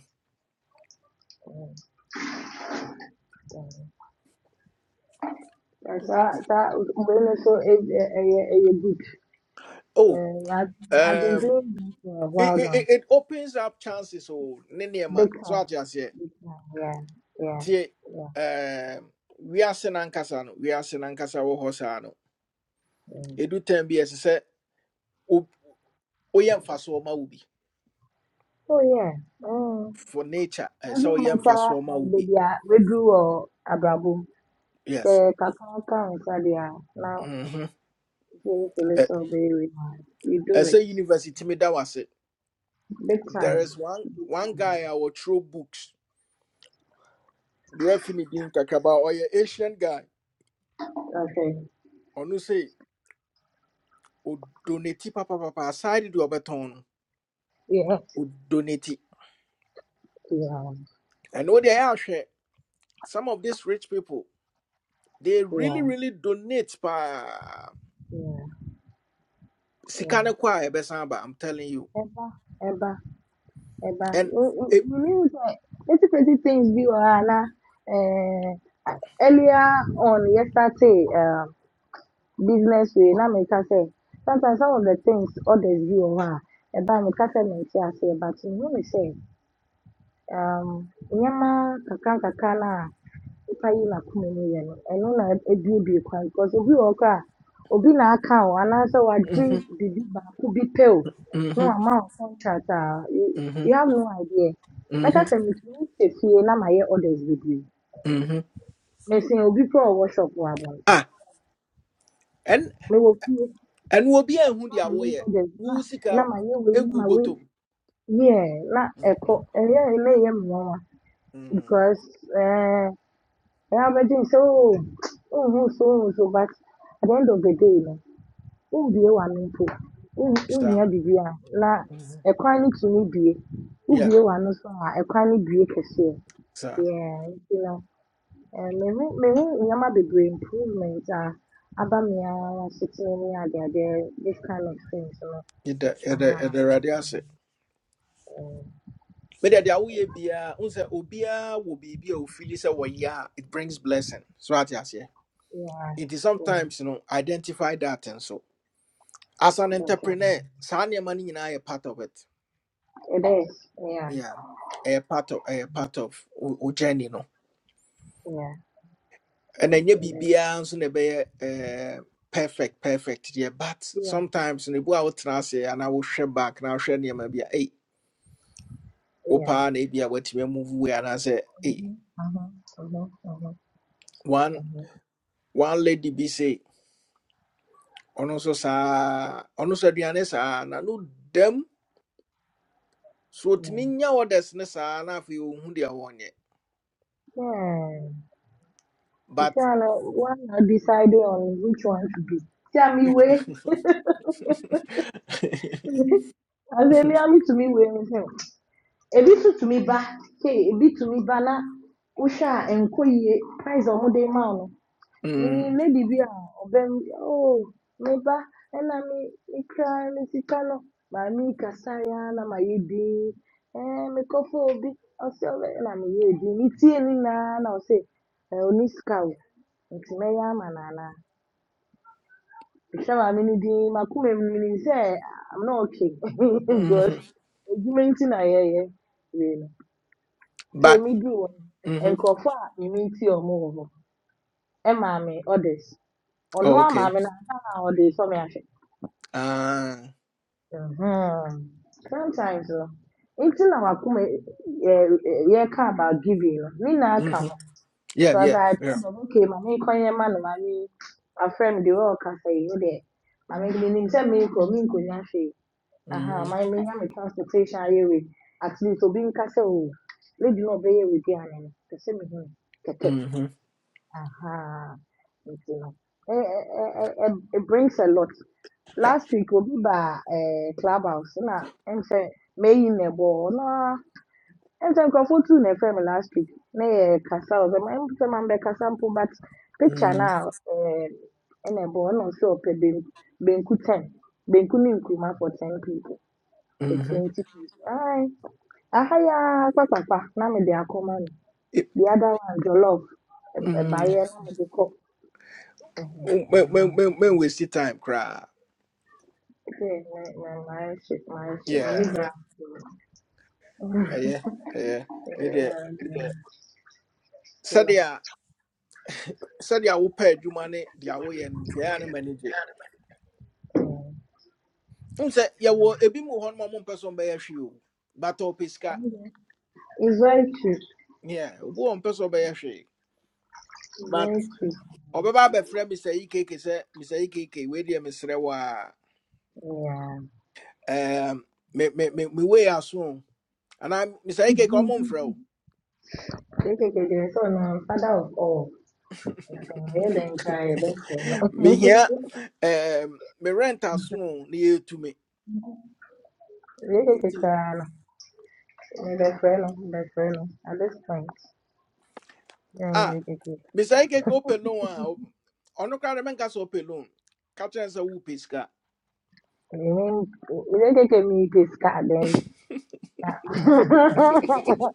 Mm. mm. Yeah, so, so when I saw a, a, a, a a good,
oh
uh, I've, I've been
um,
doing this for a while
it, it,
now.
it it opens up chances o ne ne ma.
Big
so
time,
ate aseɛ
big time. Yeah, yeah,
tie
yeah,
eh we are n'ankasa no wiase n'ankasa wɔ hɔ saa no
yeah.
ɛdu tam bi ɛsɛ sɛ wo- woyɛ mfasoɔ ma wo bi
Oh yeah. Oh,
for nature ɛsɛ sɛ
doesn't
woyɛ
matter.
mfasoɔ ma
Uh,
wo bi
baby, we drew or abrabo.
yes
The kakao can inside Now,
Mhm.
if you feel
Ɛ-
so very hard, you do it.
ɛsɛ university tumi da wo
Big
there
time,
is one
big
one guy
time.
a wɔtwerɛ books berɛfi ne din kakraba ɔyɛ asian guy
Okay.
onu say, ɔno sɛ odoneti papapapa aside de ɔbɛtɔn no
Yeah,
odoneti
yeah,
ɛno deɛ ɛyɛ are some of these rich people They really,
yeah,
really donate pa
yeah, yeah.
Sikane kwa ebesamba, I'm telling you.
Ever, ever. eba
And
w- w-
it
you knew that eighty crazy things be wahala um earlier on yesterday um business wey na me ka say sometimes some of the things others be wahala eba me ka say me say but you know me say um nneɛma kakra nkakra na nnipa yi n'akoma mu yɛ no, ɛno na ebuebue kwan because obi wɔ hɔ koraa a, obi na aka wo anaasɛ wagye
hmm
biribi baako bi pɛ wo no
hmm
wama wo contract a you
hmm
you have no idea.
hmm
Mɛka sɛ metumi hyɛ fie na mayɛ orders bebree.
hmm
Mesin obi koraa a ɔwɔ shop wɔ abɔnten.
Ah, and
Mewɔ fie
and we'll be a
na
hundi
mayɛ
awoye.
orders na
Wu
na
sika
mayɛ wei na
egu
ma wei
botom.
yeah na
hmm
ɛkɔ ɛyɛ ɛna ɛyɛ me nwanwa
hmm
because ɛɛ ɛyɛ abɛgye nsɛ ooo ooo so ooo so but at the end of the day no. Wobue w'ano mpo, won- wohia
Sir.
bibiara na
hmm
ɛkwan no tumi bue.
Yeah,
Wobue w'ano nso a ɛkwan no bue kɛseɛ.
sir.
Yeah, nti no ɛɛ mehu mehu nneɛma bebree improvement a aba me ara setena mu ne adeadeɛ this kind of things so.
Ida
Aha.
ida ida radiase.
ɛɛ
But the awoye biya unse obia will be be ofili se wo it brings blessing. So at yase.
yeah
It is
yeah
sometimes you know identify that and so. as an
um
entrepreneur, saa money no nyinaa yɛ part of it.
it is yeah
Yeah. a part of a part of wo wo journey no.
yeah
And
it,
ɛnyɛ
it is
biribiara nso na ɛbɛyɛ eh, perfect perfect Yeah, but
yeah
sometimes no ebu a and I will share back na wohwɛ nneɛma bi a ei wo
yeah
paa na ebi a watumi amove wei anaasɛ ei
mhm mhm mhm mhm
one
mhm
one lady be say, ɔno nso saa ɔno nso aduane saa na no dem so
yeah
otumi nya orders ne saa na afei ohu deɛ wɔnyɛ.
yeah. Inshallah, one now deciding on which one to be. Tell me where. I say me, I'm to me way. a bit to to me ba, a bit to me ba na. Usha enko ye prize or de ma no. Mini
Mm,
lady bi a obem oh me ba ena mi mi cry mi sika no. Ma mi kasa ya na ma ye bi. Eh me kofo I Ose obe na me ye bi. Mi tie ni na na ose. Eh oni sika o. Nti me ya ma Shama, mini di makume mini say I'm not okay because
mhm.
edwuma nti na yɛyɛ wei no nka
But
emi di wɔ no
mhm.
nkurɔfo a mimi nti ɔmo wɔ hɔ ɛma me orders ɔno
Oh,
ama
okay.
me meet your move. And mammy others. Or no mammy na ansa na ɔde sɔ me ahwɛ
Ah.
Mhm. sometimes no nti na wakoma yɛ yɛka about giving no ne nyinaa ka
mhm.
ho
Yeah,
because
yeah,
I told
yeah.
them okay maame nkɔnyɛ ma no maame afrɛ me de wɔn ɔkasa yi ne deɛ maame me, menim me, menkɔ menkɔnya hwee Aha,
hmm
my Miami transportation highway. At least obi nkasa o. Lady no be with bi ane no. Kese me hu keke.
hmm
Aha. Nti no. Eh, eh, eh, eh, eh, it brings a lot.
Yeah.
Last week obi ba eh clubhouse na em say may in a ball na em say nkrofo tu na frame last week. Na ye kasa o. Ma em say man be kasa mpo but picture
hmm
na eh in a ball no so pe ben benku 10. Benku ni nkruma for 10 people the
hmm
20 people. Aye. Ahaya papa papa na me de akoma no.
It,
The other one jollof A
mm,
barrier na me de ko. Mhm.
when, when,
Aha.
when, when we see time, cry.
Okay, my my my shit my shit my
Yeah,
nigga.
eh, yeah, eh, yeah. Maybe Sadia, Sadia will pay you money the away and the animal manager. Um, say, yeah, well, a bit more on my person by a few, but all pisca.
It's very true.
Yeah, one person by a few.
It's very true.
ɔbɛba abɛfrɛ mr Ikeke say mr Ikeke wei deɛ mesrɛ wo a
Yeah.
me me me me wei aso o." anaa mr ekk ɔmo mfrɛ wo
KKK so no father of all. So I then cry best
mehia
friend.
um, me rent aso o na yɛtu me nti
KKK Bello, Bello. At this point, yeah,
ah
yeah, yeah, yeah.
mr Ikeke open loan a o- ɔno koraa de mɛnka sɛ wopɛ loan ka kyerɛ no sɛ wopɛ
Even even if me this card, then.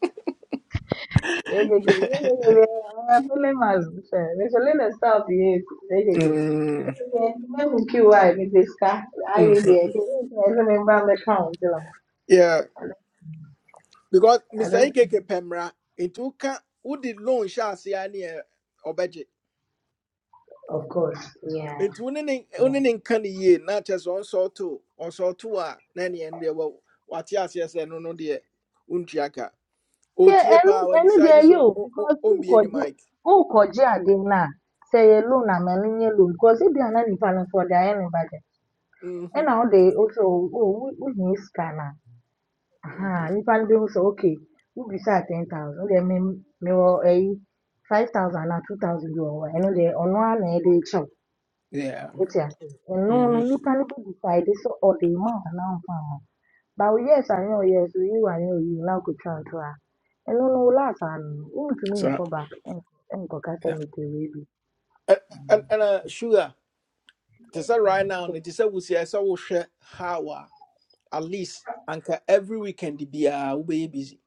They give me, yeah, yeah, yeah. I'm feeling myself. There's a little stuff here. They give me.
Mm,
When we queue, I with this card, I need
mhm.
it. I remember the count, you know.
yeah because
At this
mr
point,
Ikeke pɛ into nti woka wode loan hyɛ aseɛ a ne
Of course. Yeah.
nti wo ne ne wo
Yeah.
ne ne nka no yie na kyerɛ sɛ ɔnsɔɔto ɔnsɔɔto a na neɛ no deɛ wɔ- wate aseɛ sɛ no no deɛ wontua ka
Nke
ɔtie
elu
paa
elu
wadecide
dey you
sɛ ɔ-
because who
ɔmbie ne
ukoji
mike
who adịna sey elu na melinye loan and millennial loan because if dia no nipa no so ɔde ayɛ ne budget And
Mhm,
now they also, oh, o wo wohia sika na aha
mhm.
nipa no bɛhu sɛ okay wobisaa ten thousand wode may mewɔ ɛyi five thousand or two thousand bi wɔ hɔ a ɛno deɛ They ara
Yeah,
what ɛde are saying. And ase ɛno no
mhm.
nipa no bɛdecide sɛ ɔde ma wo anaa ɔmfa mma wo. But yes I know yes, we you and no, you now could try and try. And no, no, last and want to me
so
come back and and go cast
Yeah.
me to baby.
Ɛ- ɛn- ɛna sugar te sɛ right now no te sɛ wosia sɛ wohwɛ how a at least anka every weekend biaa wobɛyɛ busy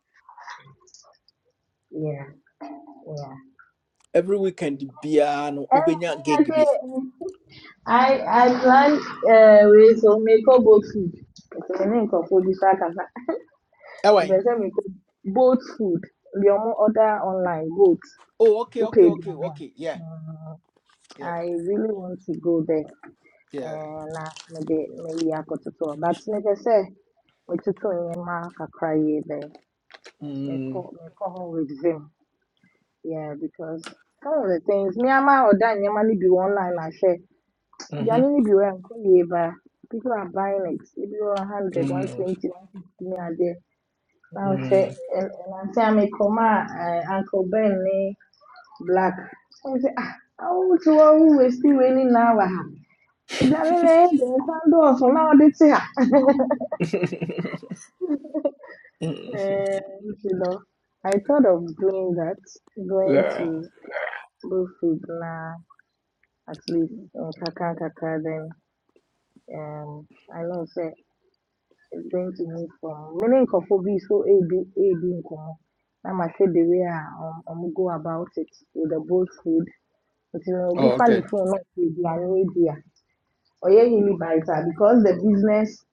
Yeah, yeah.
every weekend biaa no
And
wobɛnya
I
gig
say,
bi
I I plant uh we so make up both food. So me name for this kasa. If I
ɛwan
say make up both food, the omo order online both.
oh okay okay
Okay,
okay
dear me.
okay yeah
Mm,
yeah
I really want to go there
yeah
and uh, maybe maybe I got to talk. But like I say. ọtụtụ enyemaka karịrị
Mm,
mekọ- mekọrọ with them. Yeah, because some of the things me and my other normally be online and share. They
mhm,
only be where I'm People are buying it. Maybe 100,
mm,
120, 150 naira there. Now share
mm.
and and i say, me come uh, Uncle Ben ne black. So I say ah, how want to always still waiting now. ah. They only there. They send us now. They say ah.
Mm,
Um, Isidore, I thought of doing that, going
yeah.
to Bluefield now, at least in Kaka Kaka, then um, I know say it's going to move from meaning Kofobi is so a b a b in common. I'm say the way I um, um, go about it with the boat food, but it will
Oh,
be funny
okay.
for not to be an idea. Or yeah, he because the business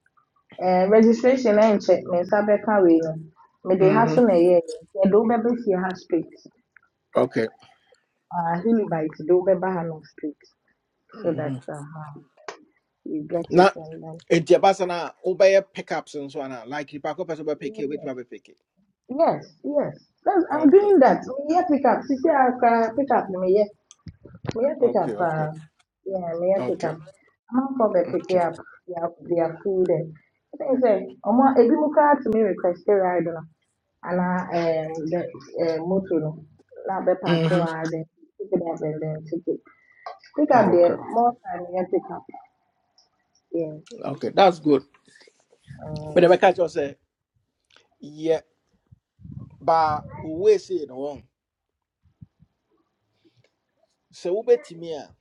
uh, registration and check me, Sabeka, we know. May they
Mm
have
Mhm.
some a year, they don't ever see here strict.
Okay.
uh, him by today wobɛba long street
Mm
so that
Mhm.
uh, uh, you get it
Na
and then
enti abasa na obeye pickups and so on. Like nipa ko person be pick it with
yes
me pick it.
yes yes That's, i'm
Okay.
doing that meyɛ pick up sisi aka pick up Me na meyɛ meyɛ pick up
Okay. Okay.
uh, yeah meyɛ pick
Okay.
up i amanfoɔ bɛ pick
Okay.
up their their food and i think sɛ ɔmo ebinom koraa to me request a ride no anaa ɛɛm the uh moto no na abɛ park
Mm
hɔ
Mhm.
ara then pick it up and then take it pick up deɛ
Okay.
more time meyɛ pick up yeah.
Okay. That's good. But
Um.
I catch you say yeah, but we say no one. So we betimi a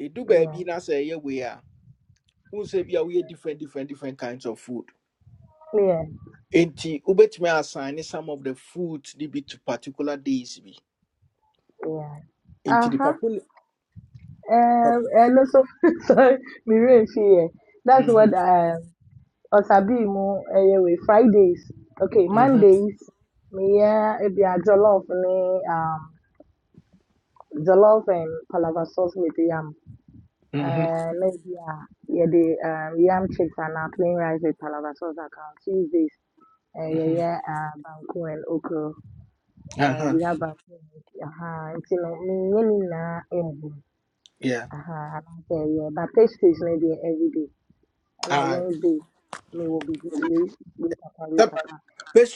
edu
Yeah,
baabi na say yeah we are. Who say be a we different different different kinds of food.
yeah,
nti wobɛtumi assign some of the food ne bi to particular days bi
yeah.
nti
Uh-huh.
nipa ko ne pap-
Um, and also, sorry, me rain fear. That's what
Mhm,
um Osabi mu anyway. Fridays. Okay,
mhm,
Mondays. Me yeah, it be a jollof ne um jollof and palava sauce with yam.
mhm,
Uh, maybe yeah, yeah the um yam chips and uh, plain rice with palava sauce. Account Tuesdays. Uh, yeah,
mhm.
yeah, uh, banku and okra.
Uh
Uh,
huh.
we have banku. Uh-huh. It's, You know, me, me, na, eh,
yeah.
Aha, and I said, yeah, but page six maybe every day. And on
Ah,
Wednesday, me will be wake wake up and wake
sɛ
up.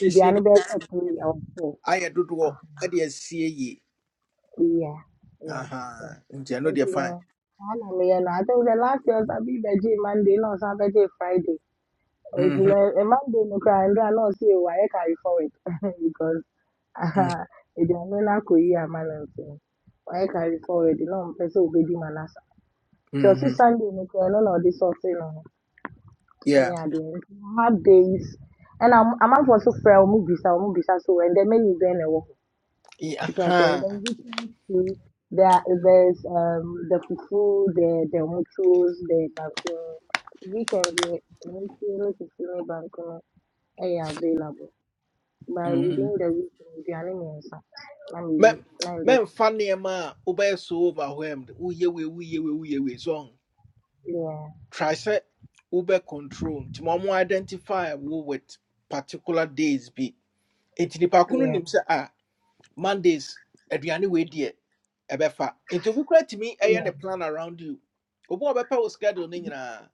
It be
ne de
another three or four.
ayɛ dodoɔ
Uh-huh.
ɛde asie yie
Yeah, yeah, yeah.
Aha, nti ɛno
Thank
deɛ
you
fine
know. I know me, you know. I think the last year I be veggie Monday, no Saturday, Friday. And you know,
Mhm,
a Monday no cry and I know see why I carry forward because
mhm,
uh, it be another career man and thing. Why I carry forward, you know, person will be the man as. Just
mhm.
Sunday no cry, no no this sort thing. no. ɛne
yeah
adeɛ nti mama days ɛna ɔmo- amanfoɔ nso frɛ wɔn mu bisa wɔn mu bisa so ɛndɛ menu bɛn na ɛwɔ hɔ
Ye-
nti ɔmo sɛ
aha,
ɛndɛ we can see there there's um the fufu the the muchos the bankuno weekend deɛ muchuo ne fufu ne bankuno ɛyɛ available but within
mhm.
the week no, aduane mmiɛnsa na mmienu
Mɛ-
na ɛndɛ
mɛmfa funny ma. wobɛyɛ so overwhelmed woyɛ we, woyɛ we, woyɛ we. so
yeah
try sɛ Uber control nti ma identify wo with particular days be. nti nipa ko no
yeah
nim sɛ ah mondays aduane wei deɛ ɛbɛfa nti obi koraa tumi ɛyɛ ne
yeah
plan around you obi a ɔbɛpɛ wo schedule no nyinaa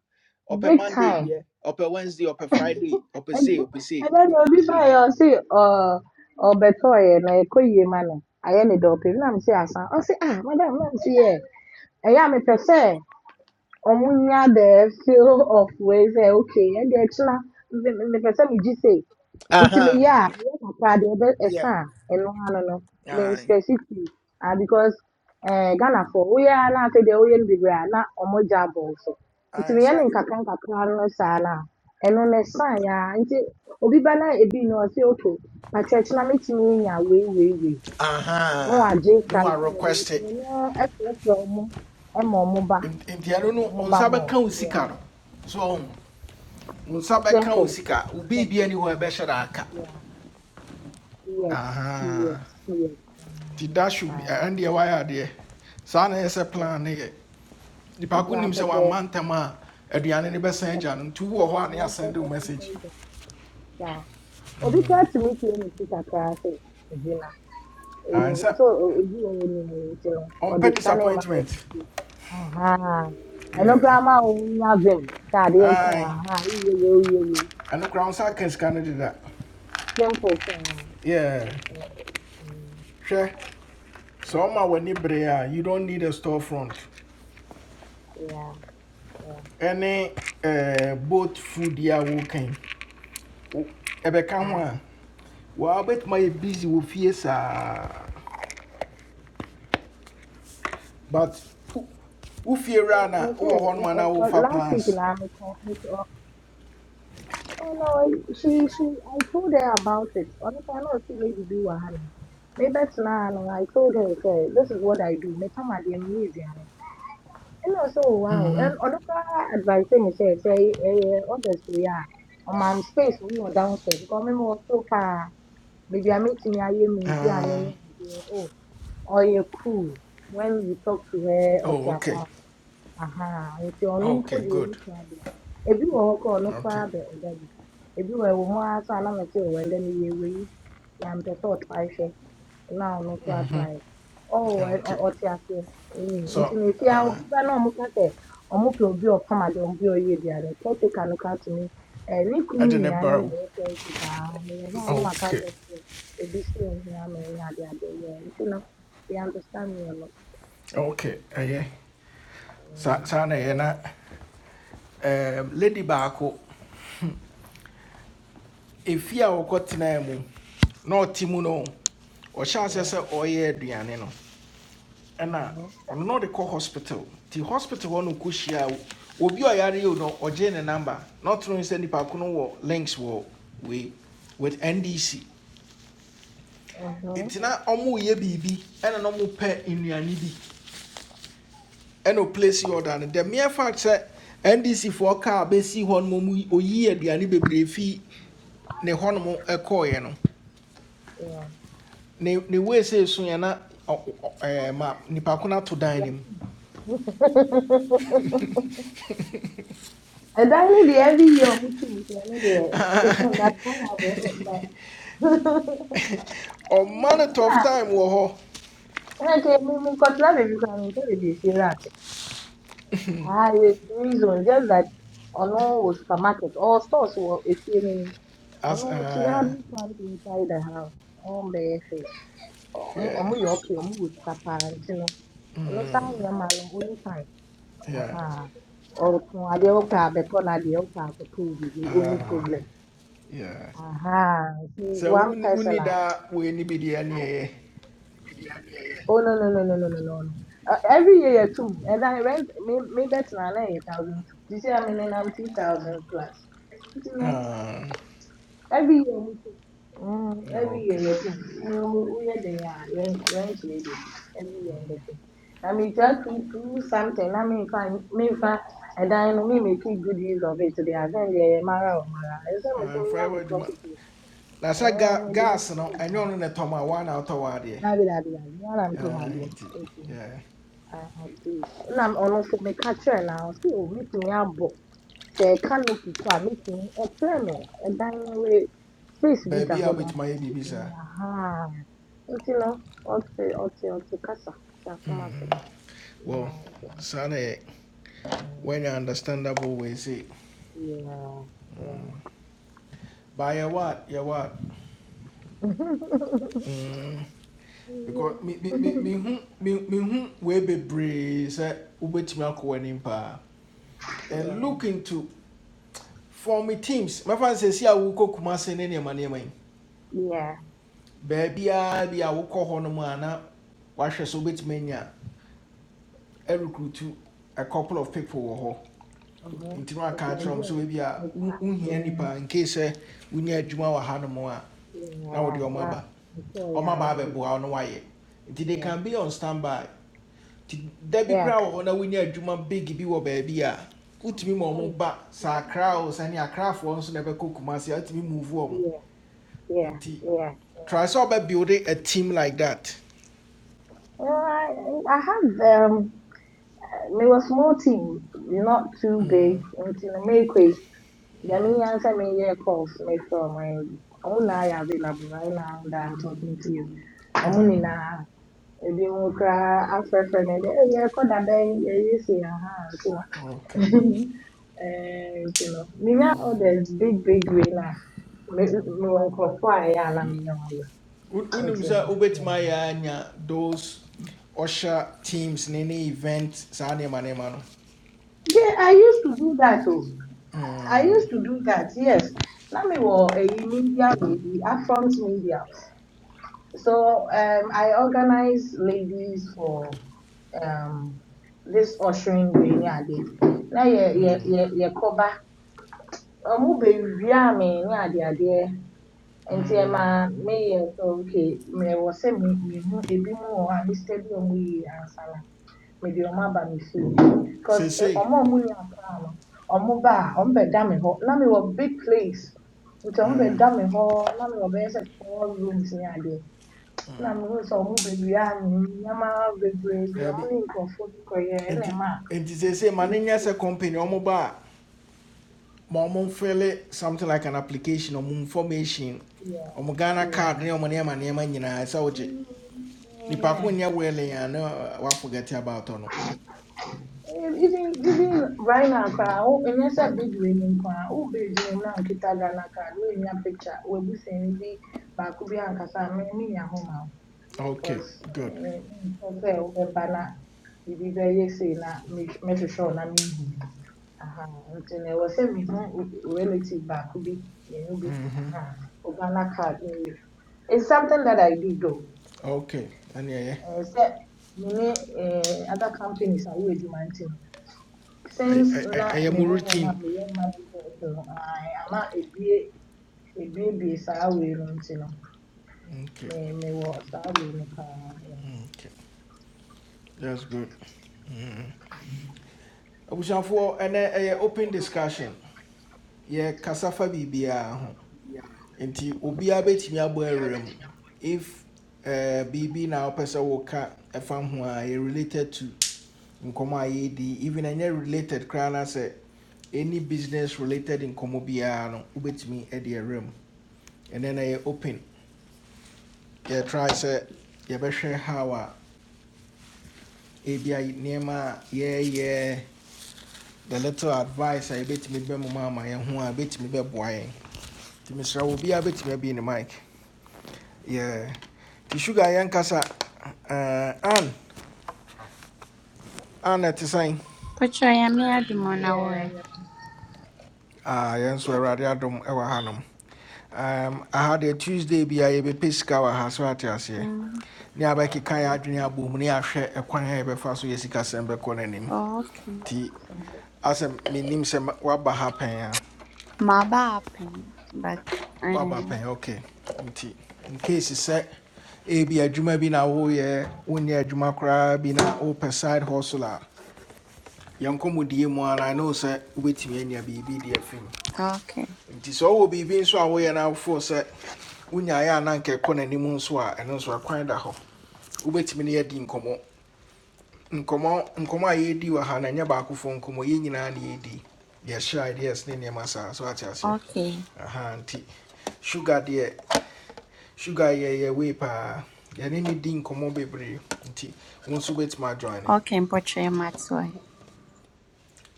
ɔpɛ
big
monday
time.
deɛ ɔpɛ wednesday ɔpɛ friday ɔpɛ
And
say. ɔpɛ
and
say.
then obi ba yɛ ɔsi ɔɔ ɔbɛtɔ yɛ na ɛkɔ yie ma no ayɛ ne dɔpem na mi si asa ɔsi ah madam na mi si yɛ ɛyɛ a mepɛ sɛ Omunya the field of ways eh, okay and the chila the person me just say nti me
aha
ya me kakra de ebe
yeah
esa eno ano no no me
aye
specifically ah because eh Ghana for we ya na say de we be bra na omo jabo so nti
aye
me ya
So.
ne nkakra no saa na eno na esa ya nti obi ba na ebi no say okay na church na me timi nya we we we no
aha
agye kan
no a
kan de
request it.
no e frefre omo e ma ọmụ ba
Enti ɛno no wo
Omobamo.
nsa kan wo
Yeah.
sika no so wo nsa bɛka wo
Simple.
sika wo
Simple. Yeah.
da aka
Yeah. Yes. Yes.
Aha.
Yes.
Ti that
Yeah.
should
Aye.
and the wire there. Saa na ɛsɛ
Yeah.
plan ne yɛ. Nipa ko nim
Example.
sɛ wamma
Yeah.
aduane ne bɛsan agya no nti wowɔ hɔ a ne
I don't say
asɛnde wo ho ane asend o message.
anything that. Yeah. Obi kura to meet you in the city kura say. Zina.
Ayi
Eh,
sɛ
So obi wo ni so ɔde
ɔmpɛ
sani ma wo
disappointment.
ti. Aha. I know
Yeah.
Grandma, wo have them. Taade ɛkyɛ
Ayi
aha.
ɛno kora wo nsa ka sika no
Simple.
Yeah.
Yeah.
Hwɛ
Yeah.
sɛ ɔma w'ani bere you don't need a storefront
Yeah. Yeah.
Any eh, boat food yi a wokan wo- ho a Well, I bet my busy wɔ fie saa but wo- fear fie ra na
Me say,
wowɔ hɔ nom
uh,
anaa
but
wofa
last week
plans
la me call me to her, oh no, she she I told her about it. Only time I see lady do wahala. Me bet na no, I told her say this is what I do. Me come at the music and and also wow. And other advice me say say eh others we are on my space we were downstairs because me was so far. Maybe I meet me I hear me do
Ah,
and oh, oh you cool when you talk to her or
oh,
to
okay
her aha nti ɔno mpo
okay
deɛ
good
ɔno koraa bɛ ebi wɔ hɔ koraa a ɔno
okay
koraa bɛ ɔda bi ebi wɔ ɛwɔ mu ara sɛ anam ɛsɛ ɔwɔ ɛdɛ no yɛ ɛwɔ yi na mpɛ sɛ ɔtrae hwɛ na ɔno nso atrae ɔwɔ ɛ-
okay
ɔ- ɔte aseɛ ɛyìn nti
so
na efi a
uh,
obi ba na ɔmo ka sɛ ɔmo pɛ obi a ɔpam adeɛ obi a ɔyɛ aduane caretaker no ka to me ɛɛ ne kunu
ɛde ne
nua no
bara
na
wo
ɔyɛ caretaker meyɛ hɔ a na waka
okay
akyerɛ me sɛ obi si ohun ama ɛne ade ade yɛ nti no they understand me a lot
okay ɛyɛ Sa-
um,
saa na ɛyɛ na um, lady baako ɛfie a wɔkɔtenaa mu na ɔte mu no ɔhyɛ aseɛ sɛ no ɛna
yeah.
ɔno na ɔde kɔ hospital ti hospital hɔ no kɔ hyia wo- obi a ɔyare no ɔgye ne number na ɔtoro nsɛ nipa ko no wɔ links wo wei with ndc
Uh huh.
nti na ɔmo yɛ biribi ɛna na ɔmo pɛ nnuane bi ɛna o place order no the mere fact sɛ ndc for kaa bɛsi hɔ no mu oyi aduane bebree fi ne hɔnom ɛkɔɔeɛ no
Yeah.
ne ne we sɛ esu yɛ na ɔ- ma nipa ko no ato dan
Yeah.
ne
and I need the every year mutu mutu. I need the it's not that fun I go but
ɔma no
na
of time wɔ
na ke mi mi kotla baby kan mi baby fi rat. Ah, it's reason just that ono was supermarket or stores were if you
as
ono she had
uh,
me plant inside the house. Oh, baby. Omu
yeah,
omu yoki omu would kaparantino. Ono sa yamalo only
yeah,
Ajá, O con Alioka because Alioka could prove it, the only
uh,
problem.
yeah.
Aha, he's
So
one
we
person
wonni
I like.
daa wei ne bi deɛ ne ɛyɛ
Oh no no no no no no no. no. Uh, every year you two, and I rent maybe that's not eight thousand two. This year I mean I'm two thousand plus. You know. Every year, we pay. Mm,
Yeah,
every year,
okay
you pay. Mm, We are the rent, rent lady. Every year, we pay. I mean, just to do something. I mean, if I, me if I, and then me make it good use of it today. I think they mara or mara. I say, me to
Ah,
me
fa
nyame
ɛwɔ adwuma
prostitute.
na sɛ
Eh,
ga-
me design
gas no
good.
ɛnyɛ ɔno ne tɔm a woa na wotɔ wɔ adeɛ
Na bi da bi da. Na na to ma
Ah, nti
bi.
yeah.
Ah, please. Na ọ̀nà for me ka kyerɛ na ɔsi o meeting abɔ. Sɛ ɛka no pipa a meeting ɛkyerɛ me ɛdan no wei space bi da
Baby,
hɔ
I
nom.
wobɛtumi my baby,
Meeting
sir.
ahaa. Nti no ɔte ɔte ɔte kasa te asɛm ase.
well
Yeah, yeah,
saa when you understandable we say. by your what your what
yeah.
mm. because me me me me hu me me hu way bebree sɛ wobɛtumi akɔ w'anim paa and look into former teams My mɛfa sɛ si a wokɔ kumase ne nneɛma nneɛma yi
Yeah.
baabiaa bi a wokɔ hɔ nom a na wahwɛ sɛ wobɛtumi anya ɛrekrutu a couple of people wɔ hɔ
Mhm.
nti na aka
Nti
akyerɛ
medi
m
a
sɛ ebi a
mepa.
wo- wohia
Yeah.
in case sɛ wonya adwuma wɔ ha nom a na wode
Yeah.
ɔmo
Na
aba
mekɔɔ yɛ
ɔmo
a na
aba
me
abɛboa
do it.
wo na wayɛ nti they
Yeah.
can be on standby nti da bi
Yeah.
koraa wɔ hɔ big bi wɔ baabi a wotumi ma
Oh,
ɔmo ba
it's
saa
very
akra o
interesting.
sani akrafoɔ nso na ɛbɛkɔ kumasi move ɔmo
Yeah, yeah,
nti
yeah.
try sɛ ɔbɛ build a team like that.
Well, I, I have um, me was small team, not too
Mm.
big. Until I make it, then me answer me yeah calls me from my own I available right now that I'm talking to you. I'm
Ah,
only now. Ebi mo kra afrɛfrɛ no de eyi ɛkɔ dabɛn eyi si aha nti na
okay.
ɛɛ nti no all orders big big way na me me wɔ nkorɔfo a ɛyɛ a na minya
Wo- wonim
Continue.
sɛ
Yeah.
wobɛtumi ayɛ a anya those ɔhyɛ teams ne ne event saa nneɛma nneɛma no
Yeah, I used to do that. Oh, I
Mm,
used to do that. Yes. Now me were a media lady, upfront media. So um, I organize ladies for um this ushering day ni ade. Na ye ye
mm,
ye ye koba. Omu be wia me ni ade ade. Nti e
mm.
ma me ye so okay me wo se me me hu ebi mu wɔ hɔ a Mr. bi omu yi ansana. mede ɔmo aba me see, because eh,
seesei
ɔmo a ɔmo yɛ akra no ɔmo baa ɔmo bɛda me hɔ big place nti ombe
ah,
bɛda me hɔ na mewɔ four rooms ne adeɛ na mehu sɛ ɔmo bewia me nneɛma bebree bi ɔmo
daabi
ne nkorɔfo bi kɔyɛ
and
ɛna ɛma a
nti seesei ma
ɛno
ne nyɛ sɛ company ɔmo ba ma ɔmo mfele something like an application ɔmo information
yeah
or Mugana card
yeah
ne ɔmo nneɛma nneɛma nyinaa sɛ wogye
mm, mm,
nipa ko
yeah
nyɛ wele a na uh, waforget about ɔno
Ehm, Even even right now, cry. Oh, and yes, I big winning cry. Oh, baby, you know, kita Ghana card. We in your picture. We be saying be back. We be ankasa. Me me ni ya home now.
okay
Cause
good
me cause eh, we bana. We be very yes na me me sure sure na me who. Aha. Until na we say me who relative back. We be you know be. Aha. We Ghana card. eh, It's something that I do though.
okay ɛne ɛyɛ
Eh, Say me eh, other companies are we do my team
I
since na
I I am
mewɔ hɔ no a
routine
meyɛ marriage counselor no ae, ama ebie ebiebie saa wei no nti no
okay
me wo, saa wei no paa. yeah.
okay that's good abusuafoɔ ɛnɛ ɛyɛ open discussion yɛ kasafa biribiara ho nti obiara bɛtumi abɔ awura mu if uh, biribi na wopɛ sɛ woka ɛfa ho a yɛ related to nkɔmmɔ a yɛredi even any related koraa na any business related nkɔmmɔ biara no wobɛtumi de ɛwerɛ mu ɛnɛ na yɛ open yɛtry sɛ yɛbɛhwɛ how a ebia nneɛma yeah yeah. the little advice a yɛbɛtumi bɛmo ma ama yɛn ho a bɛtumi bɛboa yɛn nti mesrɛ wo biara bɛtumi abi ne mic. Yeah. nti sugar yɛnkasa eh, an an ɛte sɛn
Pocho, I am here
Yeah, I'm
Ah, yɛn nso
okay,
awurade
but
adom ɛwɔ hanom um, I had a tuesday Be bia yɛbɛpɛ sika wɔ ha so ate aseɛ
Mm,
ne abɛkeka yɛ
Mhm,
adwene abɔ mu ne ahwɛ ɛkwan a yɛbɛfa so yɛ sikasɛm bɛkɔ no anim
oh, okay.
nti
simple.
asɛ menim sɛ ma- woaba ha pɛn a
Maba happen, but
woaba
um,
pɛn ok nti nkase sɛ ebi adwuma bi na woyɛ wonyɛ adwuma koraa bi na wopɛ side hustle a yɛnkɔmmɔdie mu ara ɛne me sɛ wobɛtumi anya biribi deɛ afim
okay,
nti sɛ wowɔ biribi nso a woyɛ no awofoɔ sɛ wonyaeɛ a na nkɛkɔ n'anim nso a ɛno nso ɛkwan wobɛtumi ne yɛdi nkomo nkomo nkɔmmɔ a yɛdi wɔ ha no ɛnyɛ baakofo nkɔmmɔ yɛ nyinaa ne yɛdi yɛhyɛ ideas ne nneɛma saa so ate aseɛ
okay,
aha nti sugar deɛ sugar yɛ yɛ wei paa yɛne ne ni di nkɔmmɔ bebree nti wo nso wobɛtumi adwane
okay. Pocho, I matsoi.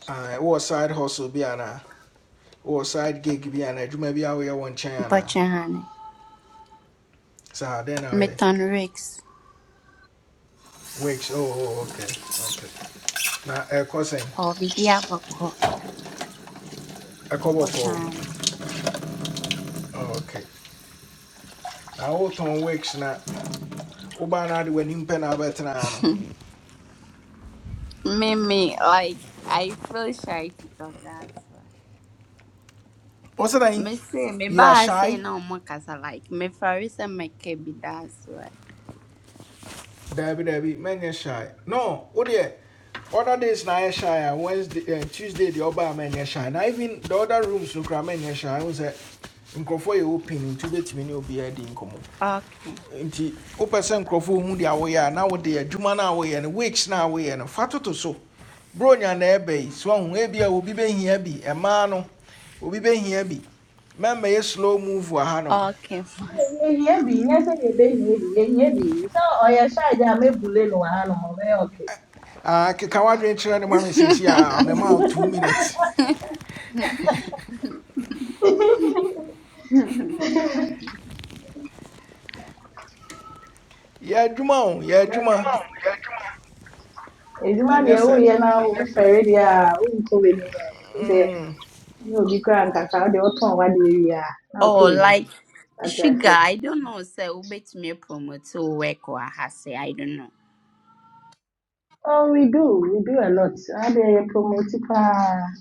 Ah, wowɔ side hustle bi anaa wowɔ side gig bi anaa adwuma bi a woyɛ wɔ nkyɛn anaa
Pocho, honey.
saa dɛn na
Me Rex
wakes oh, oh, oh, okay, okay. na ɛkɔ sɛn
or Vidiaboko.
ko
Pocho,
bɔkɔɔ
honey.
Oh, okay. na wotɔn wakes na Woba na de w'anim pɛ na abɛtena ano.
Me, me, like I feel shy to talk. that why.
What's the name?
Me say, me
You are
ba say
shy?
no more cause I like me farisa me kebi. That's why.
Dabi dabi, mɛnyɛ shy. No, wodeɛ other days na shy Wednesday, uh, Tuesday deɛ ɔba a mɛnyɛ shy. Now even the other rooms look no koraa mɛnyɛ shy. Wo sɛ nkurɔfoɔ yɛ open nti wobɛtumi ne obiara di nkɔmmɔ.
Okay,
Nti wopɛ sɛ nkurɔfoɔ hu deɛ woyɛ a na wode adwuma no a woyɛ no, weeks now away, and no, fa toto so. Bronya na ɛbɛ yi, so ɔho ebia obi bɛhia bi, ɛmaa no, obi bɛhia bi. Mɛmɛyɛ slow move wɔ hanom.
okay.
yɛhia bi nyɛ sɛ yɛbɛhia bi yɛhia bi sɛ ɔyɛ shy deɛ a mɛbule no wɔ hanom ɔbɛyɛ ɔkɛ
Ah, keka wadwen kyerɛ ne ma me seesi a mema wo two minutes Yeah, Juma, yeah Juma.
yɛadwuma o yɛadwuma
adwuma na
edwuma
nyɛ
deɛ woyɛ na wofɛre deɛ a wonkɔ w'anim ɛ deɛ ne obi koraa nkasa wo deɛ wotɔn w'adeɛ wie a na wokɔ
Oh,
w'anim
like
That's
sugar,
it.
I don't know. Say who bet me promote to work or has say. I don't know.
Oh, we do. We do a lot. And they promote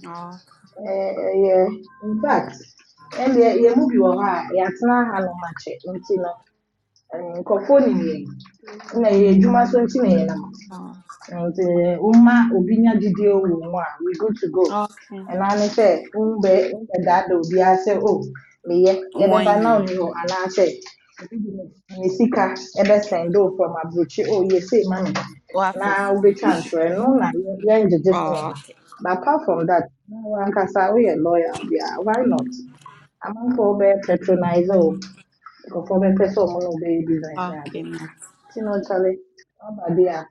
Oh,
uh, yeah. In fact, and they they move you over. Yeah, it's not how much. Until no, um, for phone in here. Na yɛ Juma so nti na yɛnam. And uh, Uma Ubinya Didio Uma, we good to go.
oh, okay.
And I say, Umbe, Umbe Dado, be I say, oh, me ye, Ebeba
One
now
year.
new, and I say, Misika, Ebe Sendo from a Abuchi, oh, ye say, Mammy.
What What
Now we
is
can't train, no, na you're in the different
Oh, okay.
But apart from that, now one can say, we are loyal, yeah, why not? amanfoɔ bɛyɛ patronize o nkurɔfoɔ bɛpɛ sɛ ɔmo na ɔbɛyɛ business
Okay, Matt.
You know nti na ɔkyale ɔba bi a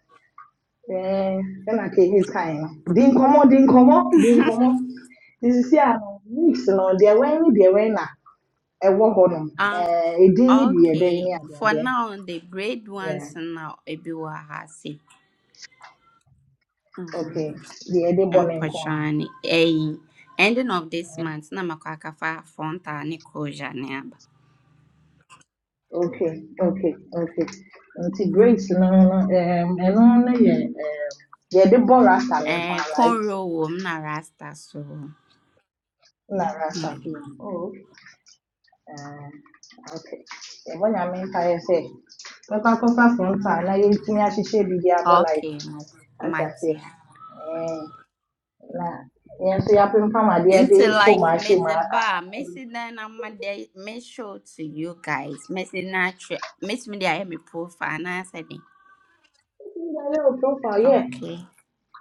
Eh, ɛna ka hate kan no. Di nkɔmmɔ, di nkɔmmɔ, di nkɔmmɔ. Nti sisi a no, mix no, deɛ wɛn ne deɛ wɛn na ɛwɔ hɔnom.
Um,
Eh, edin ne bi yɛ dɛn
okay.
ne
For
adeadeɛ.
now, the grade
Yeah.
ones now ebi wa hase.
Okay.
Mm-hmm.
Deɛ yɛde born ne nko ara.
Mpɔtɔani ɛyi. Ending of this
Eh,
month na makɔ akafa frontal ne closure ne aba.
Okay, okay, okay. Nti braids no no, um, ɛno no yɛ um, yɛde bɔ rasta ne nko
Eh,
ara, right?
cornrow wɔ mu na rasta so.
Na rasta oh. okay The one I mean, I say, Papa, Papa, from ɛbɔnyame mpaeɛ sɛ mɛkɔ akɔfa fronta she yɛntumi ahyehyɛ biribi abɔ life
Okay,
ate aseɛ
Matt.
Ɛɛ, na yɛn nso yɛapempam adeɛ de
Into
fom
like
ahyɛ
Miss
mu a- a-
Ba, Miss
a-
Dana, my day, Miss Show to you guys, Miss Natra, Miss Media, I am a profile, and I said,
ɛyɛ wo profile yɛ
okay,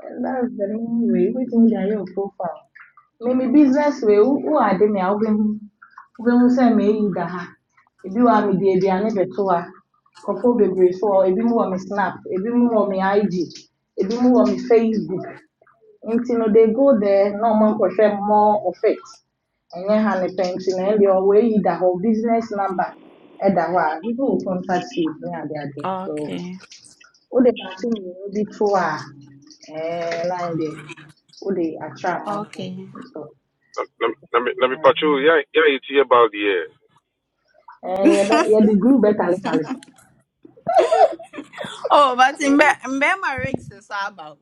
And that's the main way. We Waiting to your profile. Maybe business way. Who who are they? I'll be who say me either If you wa me di be ane beto ha. Kofo bebree so hɔ. Ebi mu wɔ me snap. Ebi mu wɔ me
Mm.
IG. Ebi mu wɔ me Facebook. Nti no they go there na ɔmo nkɔhwɛ more of it. Ɛnyɛ ha ne pɛ nti na ɛdeɛ ɔwɔ eyi da business number ɛda hɔ people will contact you ne ade ade so
okay,
wode baako mmienu be to a ɛɛ line deɛ wode atwerɛ amanfo
okay.
so
na, na, na, mi- na
eh, the better,
mipachuu ya ya iti ya about the years.
ɛɛ yɛbɛ yɛde guru bɛtaletale so
Oh, but in
Mhm.
Bema Ricks is about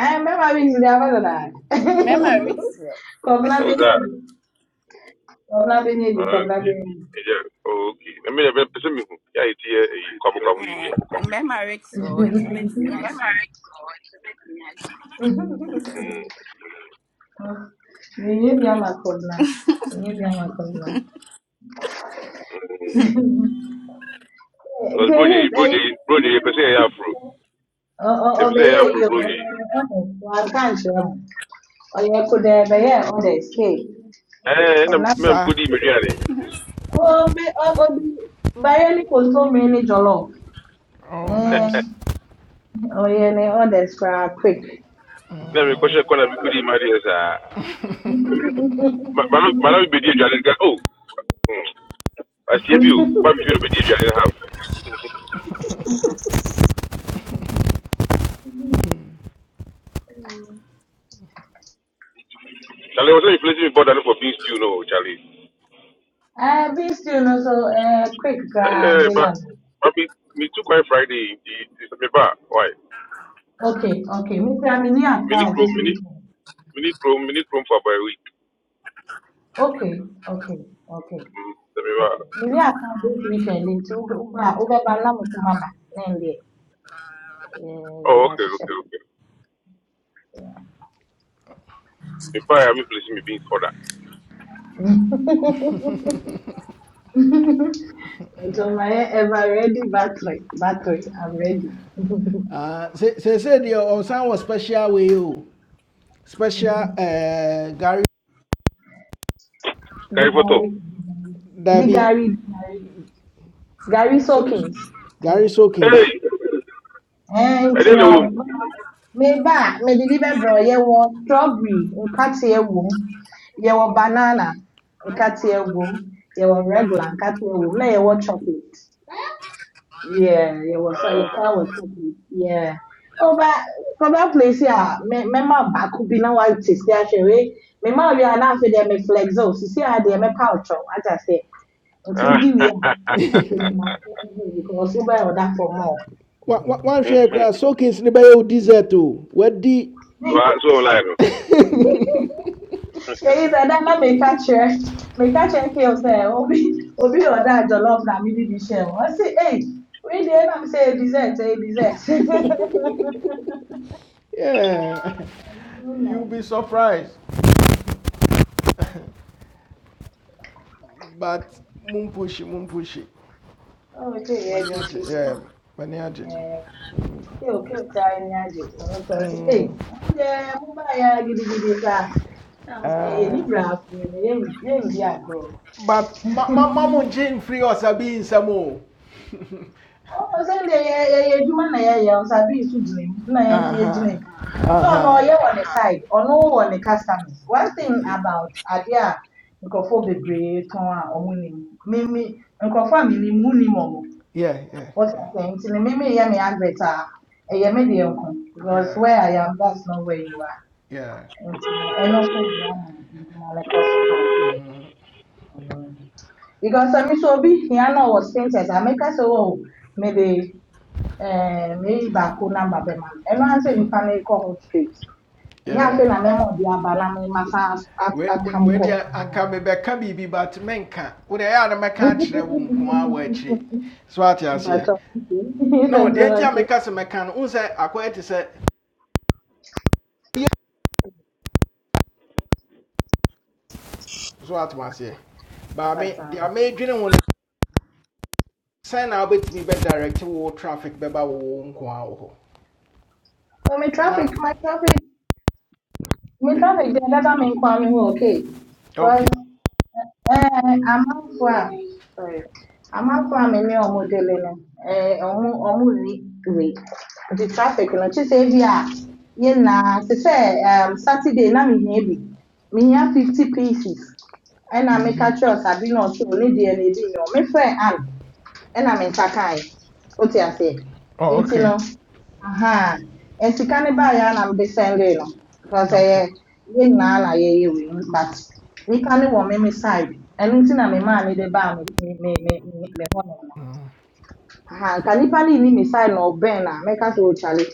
ɛɛ mbɛma bi nyi deɛ abɛdɛ daa
Bema Ricks,
kɔbla
That
be.
was
bi
that.
kɔbla bɛnyɛ bi
Uh,
kɔbla bɛnyɛ bi
yeah, yeah, okay. Na mi na mi pese mi hu ya iti ya eh, kwabu kwabu yi
eh, Bema Ricks, and to bet me, I should.
Bruni, Bruni,
mmenyɛ bi ama kɔbla mmenyɛ bi ama kɔbla
Cause
jelis
Brunei,
ɛyi
Brunei, Brunei pese ya afro.
ɔ ɔ
Ya pese
ɔbɛyɛ
ya afro
eyi o
Bruni.
ɔyɛ ɔdɛ wakankyerɛ mu ɔyɛ kodɛɛ bɛyɛ ɔdɛ
Eh,
Come
I'm
na.
mkudi miriani.
Oh, me, ọ- ọ dị- Barely consume many jollof.
oh
Eh,
nice
oh yeah, they orders are quick.
Na mi
Eh,
koshe kona mkudi mari sa. Ma ma ma na oh. mm. I see you. But ba mi fi bedi jale half. Charlie was not inflating me border for being still no Charlie.
be still also eh, quick gra
Eh, but
available.
but me me too quite Friday the the semi ba. Why?
Okay, okay. Me say me near
Mini
car this
chrome mini
weekend.
mini chrome mini chrome for about a week.
Okay, okay, okay,
Mm, semi bar.
okay. Me near car this weekend. Into Uber, Uber, Bala, Mutumaba, Nende. Eh,
Oh
that's
okay okay okay. Me pa i me place me beans for that.
it. So my ever ready battery. Battery, I'm ready.
Ah, they said your son was special with you, special eh, gary
the
Carry photo.
Gary. The
Derby.
Gary. Gary
so so-
Sawkins.
gary sokins
Hey,
And
I
you
did the room.
know, maybe, maybe mede bi bɛbrɛ yɛwɔ strawberry nkateɛ wom yɛwɔ banana nkateɛ wom yɛwɔ regular nkateɛ wom na yɛwɔ chocolate Yeah, yeah, was your son was talking. Yeah. Oh, but for that place, yeah, me, me ma back could be now what to see actually. Me ma we are now for them flex oh, see see how they me pouch oh, I just say until
Ah,
the we are because we buy order for more.
Wa- wa- wanhwɛ yɛ
mhm.
koraa sokins ne bɛyɛ wo dessert too. What wadi
so
Nka.
I- so online. no.
Eh, is that na me catch her. Me catch her kill say obi obi order jollof na me dey share. I say, "Hey, we dey na me say dessert, eh dessert."
yeah you
Online.
be surprised but mumpushi mumpushi
Oh, okay, yeah,
mani agye
Gifi.
yeah mani
Eh, kí o kí o ta ẹni àjè àwọn kan sí. Ee,
Mm.
àmúdẹ mú báyà gidigidi ká. Náà mo sẹ yẹ
ah.
níbra àfúrẹ́ ni yẹ yẹ di àgọ́.
but ma ma ma mo nkye mfiri ɔsabi nsɛm
Ó sẹ́ndẹ̀ yẹ yẹ yẹ edwuma na yẹ yẹ ọ̀sà bí ìsú gyina mu na yẹ fi
Uh
yẹ
huh.
gyina mu.
Uh
So ọ̀nà
huh.
ọ̀yẹ́ wọ̀ ne side, ọ̀nà ó wọ̀ ne customers. One thing about adeɛ a nkurɔfoɔ bebree tɔn a wɔnim. Mímí nkurɔfoɔ a mínim, munnim wɔn.
yeah yeah
What
yeah
I'm saying, nti me me yɛ me advert a, ɛyɛ me deɛ nko because
yeah
where I am, that's not where you are.
yeah
Nti no, ɛno so boa ma ntoma rekɔ so kama.
mm,
Mm. Because sɛ me so obi hia na ɔwɔ status a meka sɛ o mede eh, meyi baako namba bɛma no. Ɛno ara sɛ nipa no kɔ ho straight. Ɛnyɛ
yeah
afei na mɛma ɔde aba na mema sa at-
we we
atam
we
kɔ.
deɛ anka mebɛka biribi but menka wo deɛ ɛyɛ a na mɛka
Mpatsɔ.
akyerɛ wo nko a wɔ akyire
Mpatsɔ. Mpatsɔ.
so ate aseɛ no deɛ nti a meka sɛ mɛka no wo sɛ akɔyɛ te sɛ so ate aseɛ baame deɛ a meedwene ho sɛn na wobɛtumi bɛdirect wo traffic bɛba wo wo nkoa wo hɔ
Oh, my traffic,
na
my traffic. me ka me gye dada me nkwa me ho okay
okay
cause eh amanfo a sorry amanfo a me ne ɔmo dele no eh ɔmo ɔmo nni wei The traffic no kye sɛ ebi a yɛ nyinaa te sɛ um, saturday na mehia bi mehia fifty pieces and i meka kyerɛ ɔsabi na ɔkyerɛ o ne deɛ na ebi me. o mefrɛ ann ɛna me nsa kae o te aseɛ
oh,
nti
okay
no. Ajá. Etika ne ba ya na mbe sende no. Because
okay
eh ye na na ye ye we but we can wo me me side. Enu ti na me ma ni de ba me me me me me me ho no. no.
Mhm.
Aha, nka nipa ni ni me side na oben na me ka so chale.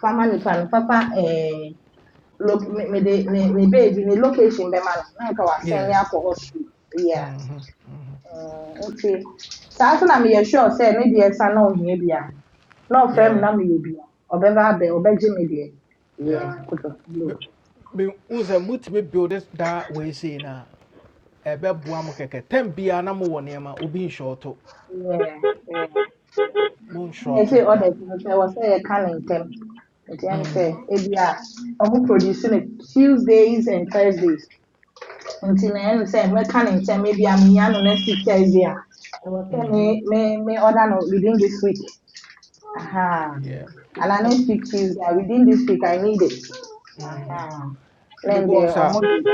Fama nipa no papa eh lo me me de me me baby ni location be ma na na nka wa send ya
yeah
for hospital. Yeah
Mhm. Mhm.
nti saa nso na meyɛ sure say maybe ne deɛ sa na ohia bi a na ɔfrɛ me
yeah
na meyɛ bi a ɔbɛba abɛ ɔbɛgye me deɛ yɛ
yeah
koto blo
Me- me hu sɛ motumi build it that way sei no a ɛbɛboa mo kɛkɛ tam biara na mowɔ nneɛma obi nhyɛɔto
yɛ yɛ yɛ sɛ
monhyɛɔto
ɔda
da
ti no sɛ ɛwɔ sɛ yɛka ne ntɛm nti ɛm sɛ
Mhm.
ebi a ɔmo produce no tuesdays and thursdays nti na ɛm sɛ mɛka ne ntɛm ebi am menya no next week thursday I was sɛ me
Mhm.
me me order no within this week Uh-huh.
yeah
And I
ɛn
next week Tuesday, within this week, I need it.
mhm.
Uh-huh.
and
Then
bɔ
the
nsa
omogi.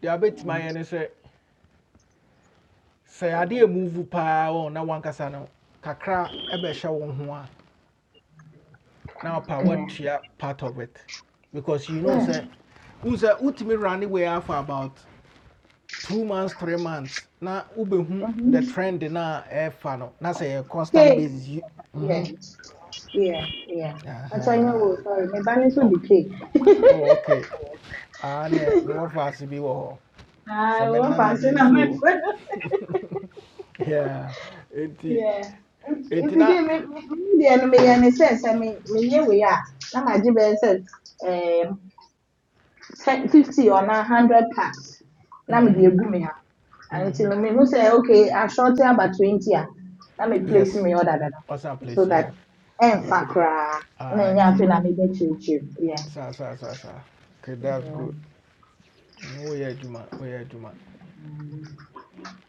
deɛ wobɛtumi ayɛ ne sɛ sɛ adeɛ move paa wɔ wo na wankasa no one casano. kakra ɛbɛhyɛ wo ho a bear show one. now power
Yeah.
tua part of it because you know
Yeah.
say, wohu sɛ wotumi running away for about two months three months na wobɛhu
Mm-hmm.
the trend na ɛfa no na sɛ ɛyɛ constant
Cake.
basis you
Yeah.
mhm
Yeah. Yeah. That's why I
huh.
know, sorry, my balance would
oh
be cake.
oh okay ah ne mewɔ faase bi wɔ hɔ
I
sɛ me
won't
nana bi
fancy now,
nso yeah enti
Yeah. If
enti
you
na
give me, me, me, me, me, me, me, me, me, me, me, me, me, me, me, me, 50 or na 100 packs na me de
mhm
egu me ha
mhm
until me who say okay I short here about 20 ah na me place
yes
me order dada
what's that
so
place
that
yeah
en
yeah
fa kra
ah
na nya fe
enti
na me be chichi yeah
Sa sa sa sa. okay that's
yeah
good Oh woyɛ adwuma woyɛ adwuma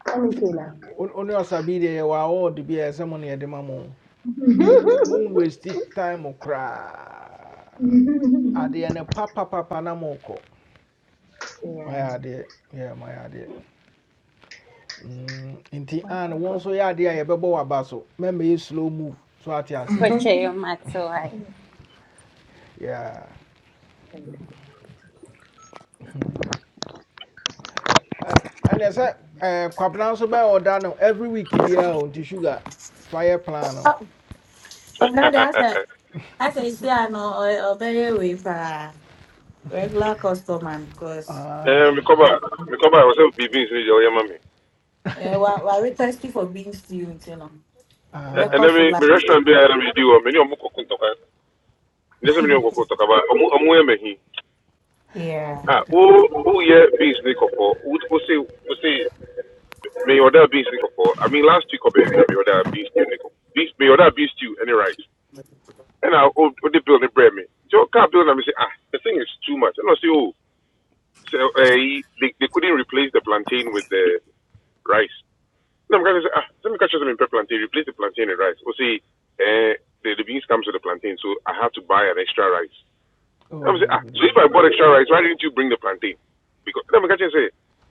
let me feel that
Wo- wo ne ɔsa bi deɛ yɛwɔ awɔɔde bi a ɛsɛ mo ne yɛde ma mo monwasti time koraa adeɛ papa papa na mokɔ
yeah
mayɛ adeɛ yɛ mayɛ adeɛ Mm, nti
Why,
an wo
okay.
nso yɛ adeɛ a yɛbɛbɔ waba so mɛmɛyɛ slow move so ate aseɛ
But you matter,
Yeah. and ɛnɛ sɛ eh, kwabena so bɛyɛ order. no every week be a on nti sugar fire plan no
Sɛ- Asa esi i no ɔ- ɔbɛyɛ wei paa regular customer because
Eh, me
Aye,
come back. Me come back. I was having beans in your mommy.
eh, wa we thirsty for being stew you know.
Eh, And
ɛbɛkɔ
Ah,
then
so
me
like.
me restaurant be I me do. uh, Me ni omu kokunto ka. Me ni se me ni omu kokunto ka ba. Omu omu eme
yeah.
Ah, who who yeah beans ni kopo? Who who say who say me order beans ni kopo? I mean last week or baby me order beans ni kopo. Beans me order beans stew any rice? And I oh the bill they build the bread me. So can bill and me say ah the thing is too much. And I say oh so uh, they they couldn't replace the plantain with the rice. And I'm gonna say ah let me catch them in plantain replace the plantain and rice. Or say eh the, the beans comes with the plantain so I have to buy an extra rice.
oh,
I'm saying, ah,
dabi
so if
dabi
I bought
dabi
extra rice, why didn't you bring the plantain? Because let me catch you and say,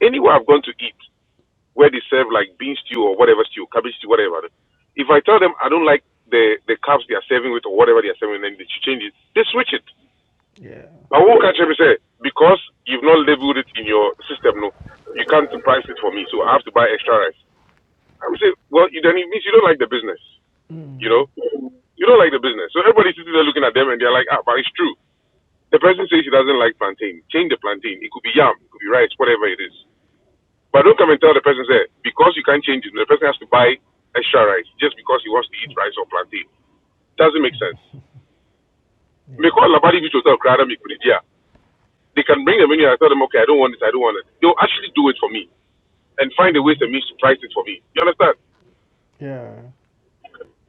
anywhere I've gone to eat where they serve like bean stew or whatever stew, cabbage stew, whatever. If I tell them I don't like the the carbs they are serving with or whatever they are serving, then they should change it. They switch it.
yeah
But what catch me say because you've not labeled it in your system, no, you can't price it for me, so I have to buy extra rice. I would say, well, you then it means you don't like the business, you know.
Mm,
You don't like the business, so everybody's sitting there looking at them and they're like, ah, but it's true. The person says she doesn't like plantain. Change the plantain. It could be yam, it could be rice, whatever it is. But don't come and tell the person that because you can't change it, the person has to buy extra rice just because he wants to eat rice or plantain. Doesn't make sense.
yeah.
Because Labadi Beach Hotel, Krada Mikuridia, they can bring the menu and I tell them, okay, I don't want it, I don't want it. They'll actually do it for me and find a ways
Mhm.
and means to price it for me. You understand?
Yeah.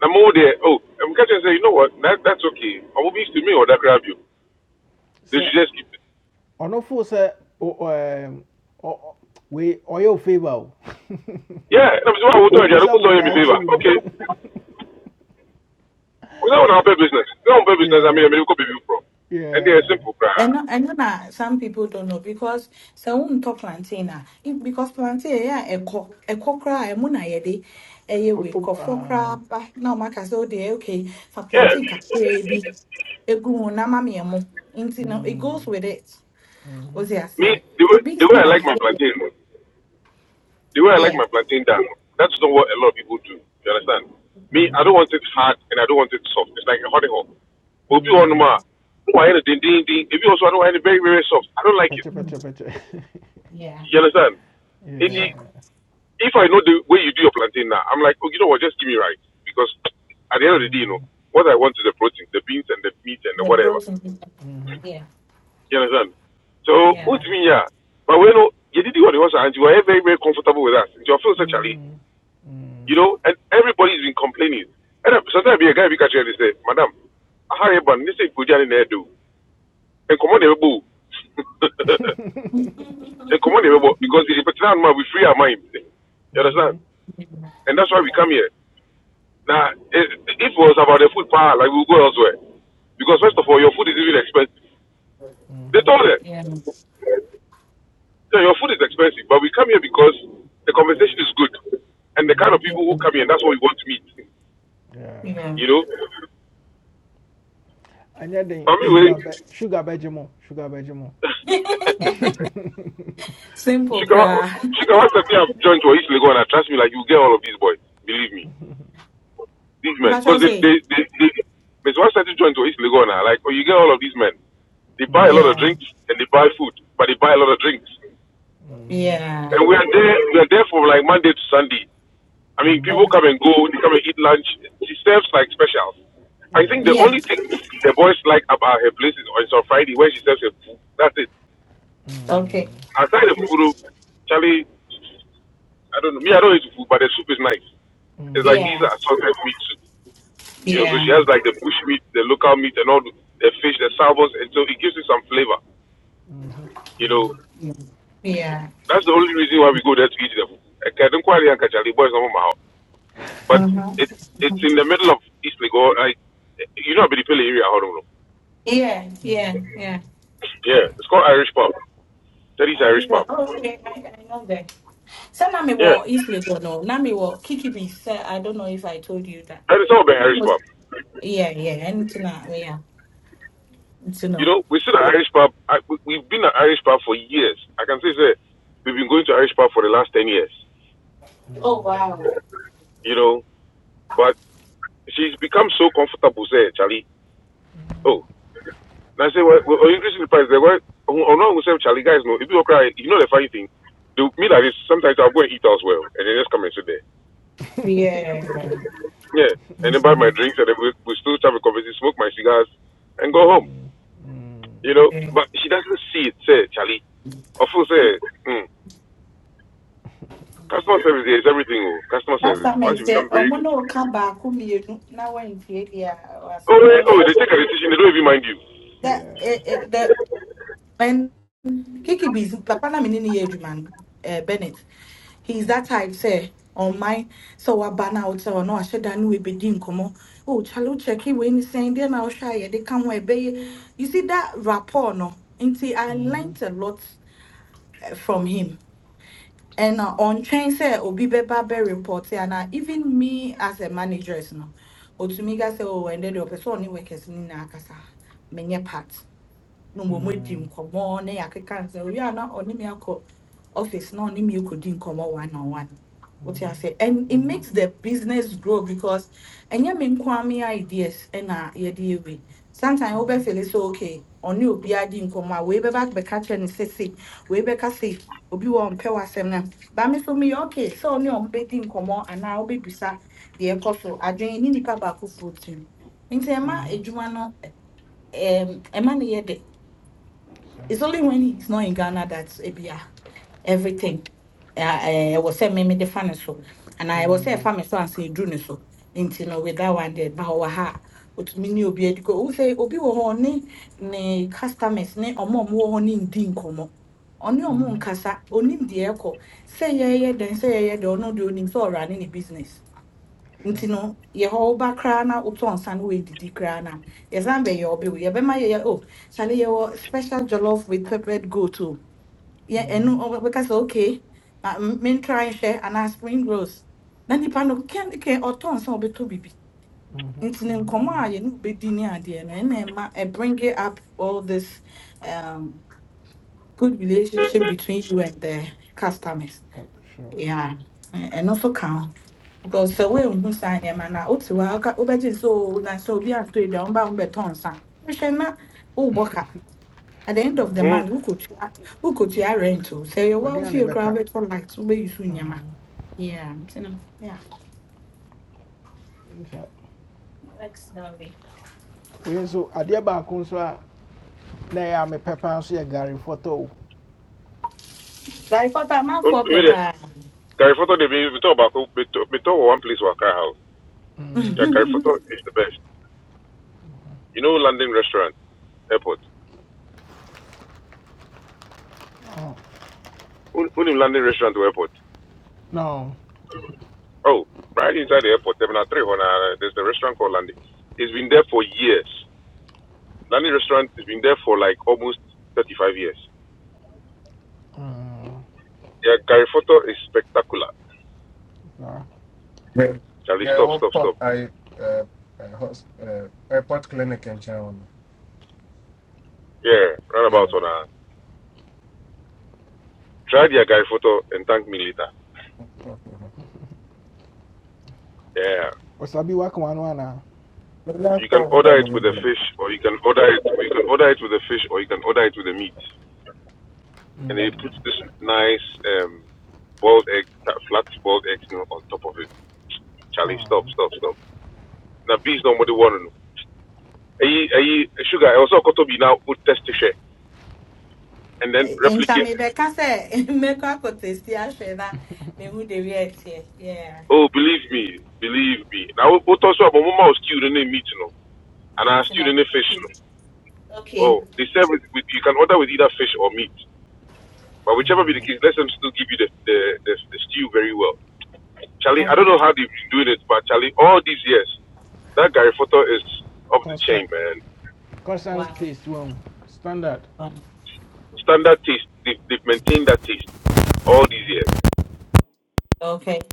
I'm over there. Oh, I'm catching and say, you know what? That, that's okay. I'm moving to me or that grab you. They
Sɛ
should just keep it.
ɔno fo sɛ o- Um. ɔ- we wei ɔyɛ wo favour o.
Yeah, and I'm saying, well, I will do it.
Onim
I don't
sɛ
put on your
without
favor.
you no.
Okay. We don't have a business. We don't have a business. I
Yeah.
mean, I mean, we could be viewed from. And they are
Yeah.
simple,
And
bruh.
no, and na some people don't know because so won to plantain a if- because plantain yeah echo echo kra e mu na ye de e ye we
O-
ko
o-
for kra
ah,
ba na o maka say dey okay for
Yeah.
plantain ka kra bi egu mu na ma me mu nti no it goes
mm,
with it o
mhm,
se
Me,
ase
the
the
way,
big
the way
still
I
are
like my
here
plantain, no, the way I like
yeah
my plantain down, no, that's not what a lot of people do. You understand?
yeah
Me, I don't
mhm,
want it hard and I don't want it soft. It's like a honey hole. But if you want
yeah
mm.
more, I want it ding ding ding. If you also I don't want it very very soft. I don't like it.
Pɛkyɛ pɛkyɛ
Mm,
pɛkyɛ.
yeah
You understand? If you,
yeah
Yeah.
if I know the way you do your plantain now, I'm like, oh, you know what? Just give me rice because at the end of the day, you know,
Mm,
what I want is the protein, the beans and the meat and the
the
whatever.
protein is-
mhm,
yeah
You understand? So
yeah
yeah.
ultimately, yeah. But when oh, you did what you was and you were very, very comfortable with us. Your feels actually,
Mm, mm.
you know, and everybody's been complaining. And uh, sometimes be a guy be catching and say, Madam, how you ban this is good in there do. And come on boo. and come on boo because it's better now we free our mind. You understand?
Mhm,
And that's why we come here. Now if if it was about the food power, like we'll go elsewhere. Because first of all
yeah.
your food is even expensive. They
Mhm,
told them.
yeah
So your food is expensive, but we come here because the conversation is good, and the kind
mhm,
of people who come here, that's what we want to meet.
yeah.
yeah
You know.
anyɛ den
But anyway,
sugar bɛ sugar bɛgye mo sugar bɛgye mo
simple
Chicago,
kra
Chicago, what's the thing I've joined to East Lagos, and I trust me, like you get all of these boys. Believe me, these men,
but
because
you
they,
say
they, they, they, Miss What's that joined to East Lagos, now, like oh, you get all of these men. They buy a lot of
yeah
Mm,
drinks and they buy food, but they buy a lot of drinks,
mhm,
and
yeah
we are there, we are there from like Monday to Sunday. I mean, people
mhm,
okay
come and go, they come and eat lunch. She serves like specials. I think the
yeah.
yeah
only thing the boys like about her place is on on Friday when she serves her food. That's it.
Okay.
Mm,
Aside the food, though, Charlie, I don't know. Me, I don't eat food, but the soup is nice. It's like
mhm,
these
Yeah.
are assorted meat soup. You know, so she
Yeah.
has like the bush meat, the local meat, and all the the fish, the salmons, and so it gives you some flavor.
mhm, mhm. Mm,
You know,
Yeah.
that's the only reason why we go there to eat them. Okay, I don't quite like Charlie, boys, no matter how. But
Uh-huh.
it it's in the middle of East Lagos. Like, you know, I'll be the area, I don't know.
Yeah. Yeah. Yeah.
mm,
Yeah, it's called Irish pub. That is Irish
Irish
pub.
rock. Oh, okay. I, I know that. So now me
Yeah,
wo East Lagos. No, now me wo Kiki be. Sir, I don't know if I told you that.
and it's all been
Now me
Irish
wo-
pub.
yeah. Yeah. Anything that. Yeah. You
You
know.
know, we sit at Irish pub. I, we, we've been at Irish pub for years. I can say that we've been going to Irish pub for the last ten years.
Oh wow.
You know, but she's become so comfortable. Say, Charlie. Oh, and I say, well, well oh, increasing the price. They were. Oh oh, no, we say, Charlie, guys, no. If you don't cry, you know the funny thing. The meal like this, sometimes I'll go and eat elsewhere, and then just come and sit there.
Yeah.
Yeah, and then buy my
Mhm.
drinks, and then we, we still have a conversation, smoke my cigars, and go home.
mm, mm,
You know,
Yeah.
but she doesn't see it. Say, Charlie. Of course, eh, mm, customer service there is everything. Oh, customer
Last
service.
time
mm,
I
Once you
said,
become very
"Omo
good.
no kaba kumi yenu na wa infiye dia wa
Oh, eh,
sobe
oh,
she."
they take a decision, they don't even mind you.
That
yeah.
it it And Kiki B's Papana Minini Edgeman, uh, Bennett. He's that type, say, on my so I ban out or no, I said I knew it be din como. Oh, chalo check it when he's saying then I'll shy they come where bay. You see that rapport no. Until I
Mhm,
learnt a lot eh, from him. And uh, on train say Obi Beba be report and uh, even me as a manager, is no. Otumiga say, oh, and then the person only workers in Akasa, many part na mmom adi
mm,
nkɔmmɔ na yɛakeka sɛ owie a na ɔne me akɔ office na ɔne me kɔdi nkɔmmɔ one on one What wote
mhm,
say? and it
mhm, mhm.
makes the business grow because ɛnyɛ me nko ara me ideas ɛna yɛde yɛwe sometimes over feel sɛ okay ɔne obiara di nkɔmmɔ a din come way back bɛba bɛka kyerɛ no sese wei bɛka se obi wɔ ɔmpɛ w'asɛm no ba me so meyɛ okay sɛ ɔne ɔmo bɛdi nkɔmmɔ anaa wobɛbisa deɛ ɛkɔ so adwene ne nnipa baako foɔ tim nti ɛma adwuma no ɛm ɛma no yɛ
So,
it's only when he's not in Ghana that's eh, be, ah, everything. I was saying me me the fan so, and I was saying
mm,
family so and say June so. Until no with that one there, but our ha. But me ni obi ediko. Who say obi wo ho ne ne customers ne omo omo wo ho ne ndi nkomo. Oni omo
mhm,
nkasa onim de ekɔ. Say yeah yeah then say yeah do the ono de so ɔrane ne business nti
sure.
no yɛhɔ woba koraa na wotɔ nsa no woɛdidi koraa na yɛsan bɛyɛ ɔbe wo yɛbɛma yɛyɛ o sane yɛwɔ special jollof with peppered goat too ye enu
Mhm,
o yɛ ɛno ɔ- bɛka sɛ okay ma m- mentra nhwɛ anaa spring rolls na nipa no kɛnkɛ ɔtɔ nsa a ɔbɛtɔ bibi
mhm,
nti ne
mhm.
nkɔmmɔ a yɛne wobɛdi ne adeɛ no ɛna ɛma ɛ bring it up all this um, good relationship between you and the customers
Ka- sure.
yeah, ɛno so ka ho because sɛ woanhu saa nneɛma no a wote hɔ a woka- wobɛgye sɛ o na sɛ obi atɔ yi da womba wombɛtɔ nsa wohwɛ na wobɔ ka at the end of the
Mm.
month Who who could who could wokɔtua rent o sɛ yɛwɔ
Wɔde
a
a na
wofie
ɛbɛka.
koraa wobɛtɔ light wobɛyi so nneɛma
Mm,
Yeah.
nhyɛ wei nso adeɛ baako nso a na ɛyɛ a mepɛ paa nso yɛ gare fɔtɔ o
Like what I'm out
Oh,
for
wait there.
pepper.
Gary Photo, they be we talk about we talk we talk about one place where car house. Yeah, Gary Photo is the best. You know, London restaurant, airport. Who who name London restaurant to airport.
no
Oh, right inside the airport, Terminal Three. When uh, there's a restaurant called London. It's been there for years. London restaurant has been there for like almost 35 years.
mm,
Yeah, Gary Photo is spectacular.
no.
Girl,
Charlie,
girl,
stop, stop,
what pop?
stop.
I uh, uh, hos- uh, airport clinic in China.
Yeah,
Yeah.
roundabout on. a Try the agai photo and thank me later.
The
Yeah.
wasabi waka wano ana.
last
You can
one with that
order it
money.
with a
there.
fish or you can order it or you can order it with a fish or you can order it with the meat. And they put
Mm,
this nice um boiled egg flat boiled egg you know, on top of it. Charlie,
ah,
stop, stop, stop. Now bees nobody want to know. Aye, aye, sugar, I also got to be now would test share and then
Nta
replicate.
make sɛ mmekɔ akɔtɛsi ahwɛ na mehu de wi here. Yeah.
Oh, believe me, believe me. Now what also about mama was stew in meat you know. And I
Meat you
stew
know.
in fish
Okay.
you know.
Okay.
Oh, they serve with, with you can order with either fish or meat. But whichever be the
mm.
case, let them still give you the, the, the, the stew very well. Charlie, I don't
Okay.
know how they've been doing it, but Charlie, all these years, that Gary Photo is off the
constant
chain, man.
Wow.
constant taste wɔn standard
Standard taste. They've, they've maintained that taste all these years.
Okay.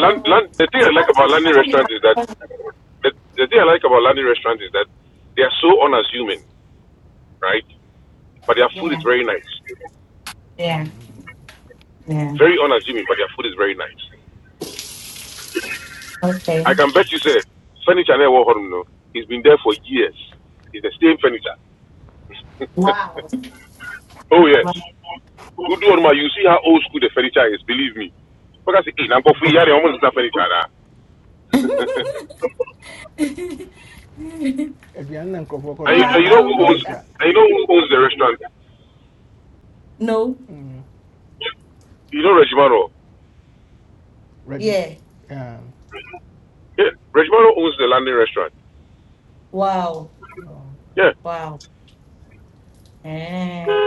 Land, land, the thing I like about Landing Restaurant is that the, the thing I like about Landing Restaurant is that they are so unassuming, right? But their food is
Yeah,
very nice.
yeah, yeah.
Very unassuming, but their food is very nice.
Okay.
I can bet you say, furniture never he's been there for years. It's the same furniture.
Wow.
oh yes. Good one, ma. You see how old school the furniture is. Believe me. Because hey, now go free. Yeah, they almost not furniture. Nah.
aduane na nkurɔfoɔ
So
and,
koto
you,
a
I,
and you
ɛnyɛ
know
I'll
who
go.
owns?
furniture
And you know who owns the restaurant?
No.
Mm,
You know Regimano.
regim
Yeah.
um,
Yeah, Regimano owns the London restaurant.
Wow.
no, okay.
Yeah.
Wow. Eh.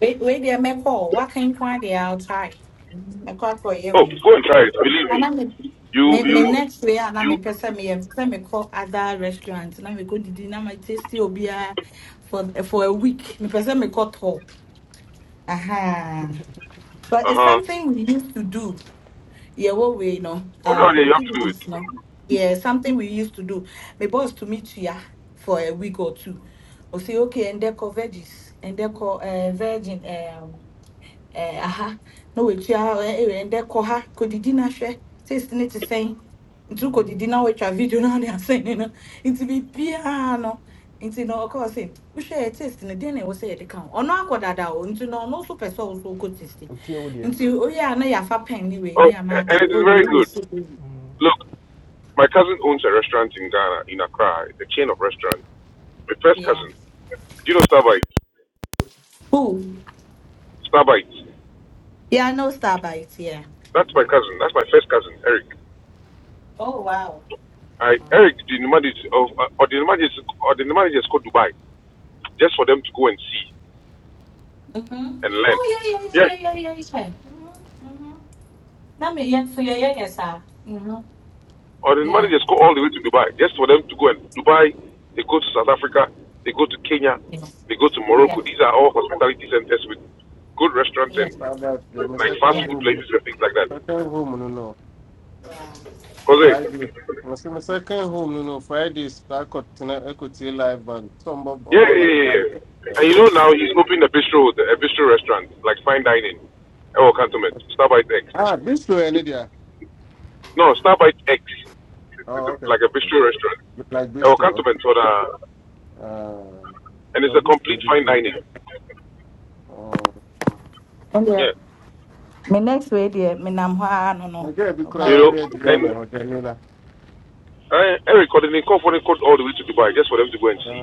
Wait, wait there, me call. What kind of find there? I'll try. Me call for you.
Oh,
we.
go and try it. Believe
And
me.
I'm me,
You,
me me
you,
next way, and I'm
you.
me person, me, I'm me call other restaurants, and I'm me go to dinner, my tasty obia for for a week. Me person, me call talk. Aha. But
Uh
it's
huh.
something we used to do. Yeah, what we know.
Oh no, yeah,
Um,
you have
give
to
me
do it.
this, no. Yeah, something we used to do. My boss to meet here for a week or two. We say, okay, and they call veggies, and they call uh, virgin. um, eh, aha na watua ɛwɛn dɛ kɔ ha kɔdidi na hwɛ sisi ne ti sɛn nti kɔdidi na watwa video na ne asɛn no nti biribiara no nti no. ɔkɔɔ sɛ wohwɛ test no deɛ na ɛwɔ sɛ yɛde ka ho ɔno akɔ dada o nti na ɔno nso pɛ sɛ so wokɔ test
otie wo
nti oyɛ a na yɛafa pɛn ne wei
Oh,
ne
a-
yɛama ate
and it
oh
is
we
very
yɛ
good.
so
Mm,
Look, my cousin owns a restaurant in Ghana, in Accra. It's a chain of restaurants. My first
yeah
cousin. Do you know Starbite?
oh
Starbite.
yeah no star starbite yeah
That's my
yeah
cousin. That's my first cousin, Eric.
oh wow
I, Eric, the managers of uh, or the managers or the managers go Dubai just for them to go and see
mhm
and learn.
oh yeah yeah
Yeah,
yeah yeah yeah yeah mhm Na me yet for your yegasa. Mm-hmm.
or the
Yeah.
managers go all the way to Dubai just for them to go and Dubai. They go to South Africa, they go to Kenya,
Yes.
they go to
Yeah.
Morocco. These are all hospitality centers with good restaurants
Yeah.
and
Found out that my
like fast
Yeah.
second
food
home,
places and things like that.
second home, no, no,
Jose,
Friday. My se- my second home, no, no, Friday. Start cut tonight. Equity live and some of
yeah,
of
yeah,
all. uh,
yeah, yeah. And you know now he's opening a bistro, a bistro restaurant like fine dining. Oh, cantonment, Starbite X.
Ah, bistro any there?
No, Starbite X. It's, it's
Oh,
a,
okay,
like a
okay, okay.
bistro restaurant.
Look like
or
bistro. Okay.
Cantonment for the,
Uh,
and it's
so
a complete
bistro,
fine
bistro.
dining.
Okay. Uh,
ɛndeɛ
Yeah.
me next way deɛ menam hɔ ara no no
okay, because I
ɔbena
You know,
already
and
know, I already
I, I recorded in California code all the way to Dubai just for them to go and see.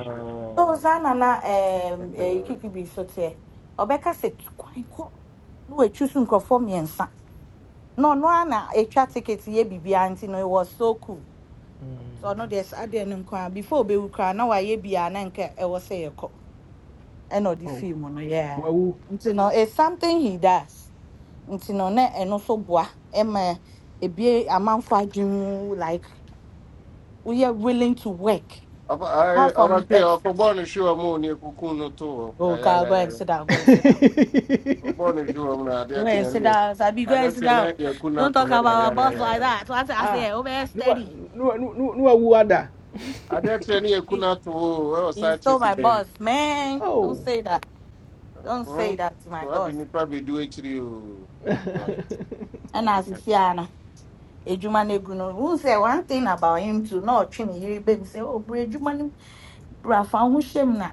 so saa na na eh ɛyi
Okay.
kiki bi so teɛ ɔbɛka sɛ "Tu kwan kɔ na watwi so nkurɔfoɔ mmiɛnsa na ɔno ara na ɛtwa ticket yɛ biribiara nti no ɛwɔ so cool so
mm.
no, deɛ saa deɛ no nko ah, before ɔbɛwu koraa na wayɛ biara na nka ɛwɔ sɛ yɛkɔ E ko. E no di
Oh,
mu no yeah
wow!
nti no it's something he does nti no na ɛno nso boa e ma ebie amanfo adwene like we are willing to work apart from
abatie
ex
ɔkɔbɔne hwewa mu ne ɛkuku no to hɔ
oh god go and
yayayayaya
sit down go and sit down
ɔbɔne hwewa mu na adeɛ
go and
teɛ ne
sit
yɛ-
down sabi go
adeɛ
and sit
teɛ
down
na yɛku no
don't
ato
talk
hɔ
about my boss like
yayayayaya
that so i say i
ah
say oh man
ne wa-
steady
ne wa- ne wa- ada
adeɛ teɛ ne yɛku
he
no ato hɔ o, ɛwɔ
he's
saa
still
kyeki
my boss man don't
oh.
say that don't say
dɛn
that to my
so ade
boss
nnipa bɛdu akyiri o
Ali, and as you see Anna. Ejuma Negru, no, who say one thing about him to not train here, baby, say, Oh, bro, bra fa wo ho hyɛ m na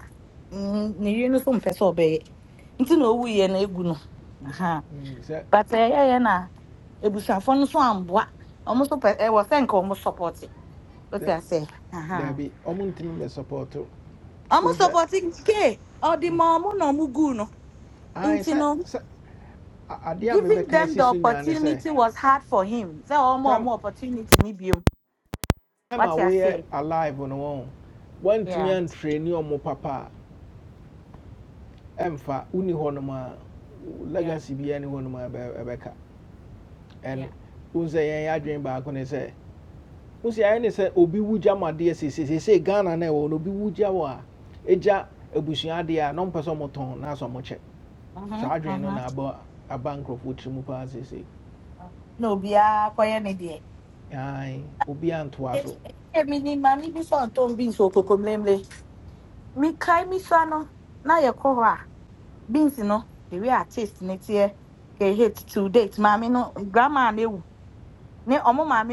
mm, ne yere no so mpɛ sɛ ɔbɛyɛ nti na ɔwuiɛ no ɛgu no aha
sɛ
but ɛyɛyɛ na abusuafoɔ no so amboa ɔmo so pɛ ɛwɔ sɛ nka ɔmo sɔpɔte wote asɛ aha
daabi ɔmo ntumi bɛsɔpɔɔto
ɔmo
wo sɛ
sɔpɔte ke ɔde ma ɔmo na ɔmo guu no
ae
nti
sɛ
no
sɛ a- adeɛ a
giving
mebɛka
them
asi
the
so nyaa ne sɛ
opportunity was hard for him sɛ ɔmo a
tam
ɔmo opportunity ne biom
time a
wate
woyɛ
asɛ
alive no wɔn woantumi
yeah
antrɛni ɔmo papa a ɛmfa woni hɔnom a wo
yeah
legacy biaa ne hɔnom a ɛbɛ- ɛbɛka
yeah
And wo sɛ yɛn yɛ adwene baako ne sɛ wo sɛ ayɛ ne sɛ obi wu gya mu adeɛ sesesesei ghana no ɛwɔ no obi wu gya wɔ a ɛgya abusua adeɛ a na ɔmpɛ sɛ ɔmotɔn na asɛ ɔmokyɛ saa
mhm
adwene no
mhm
na aba aba nkurɔfoɔ tiri mu paa seesei
na obiara kɔyɛ ne deɛ
ae obi antoa so
Èmi ni màmí bísọ̀ tó ń bíǹsì òkòkò mlemle. Mi kae mi sano na yɛ kɔ hɔ a beans no the way a taste ne teɛ kɛ hate to date maame no grandma no ewu ne ɔmo maame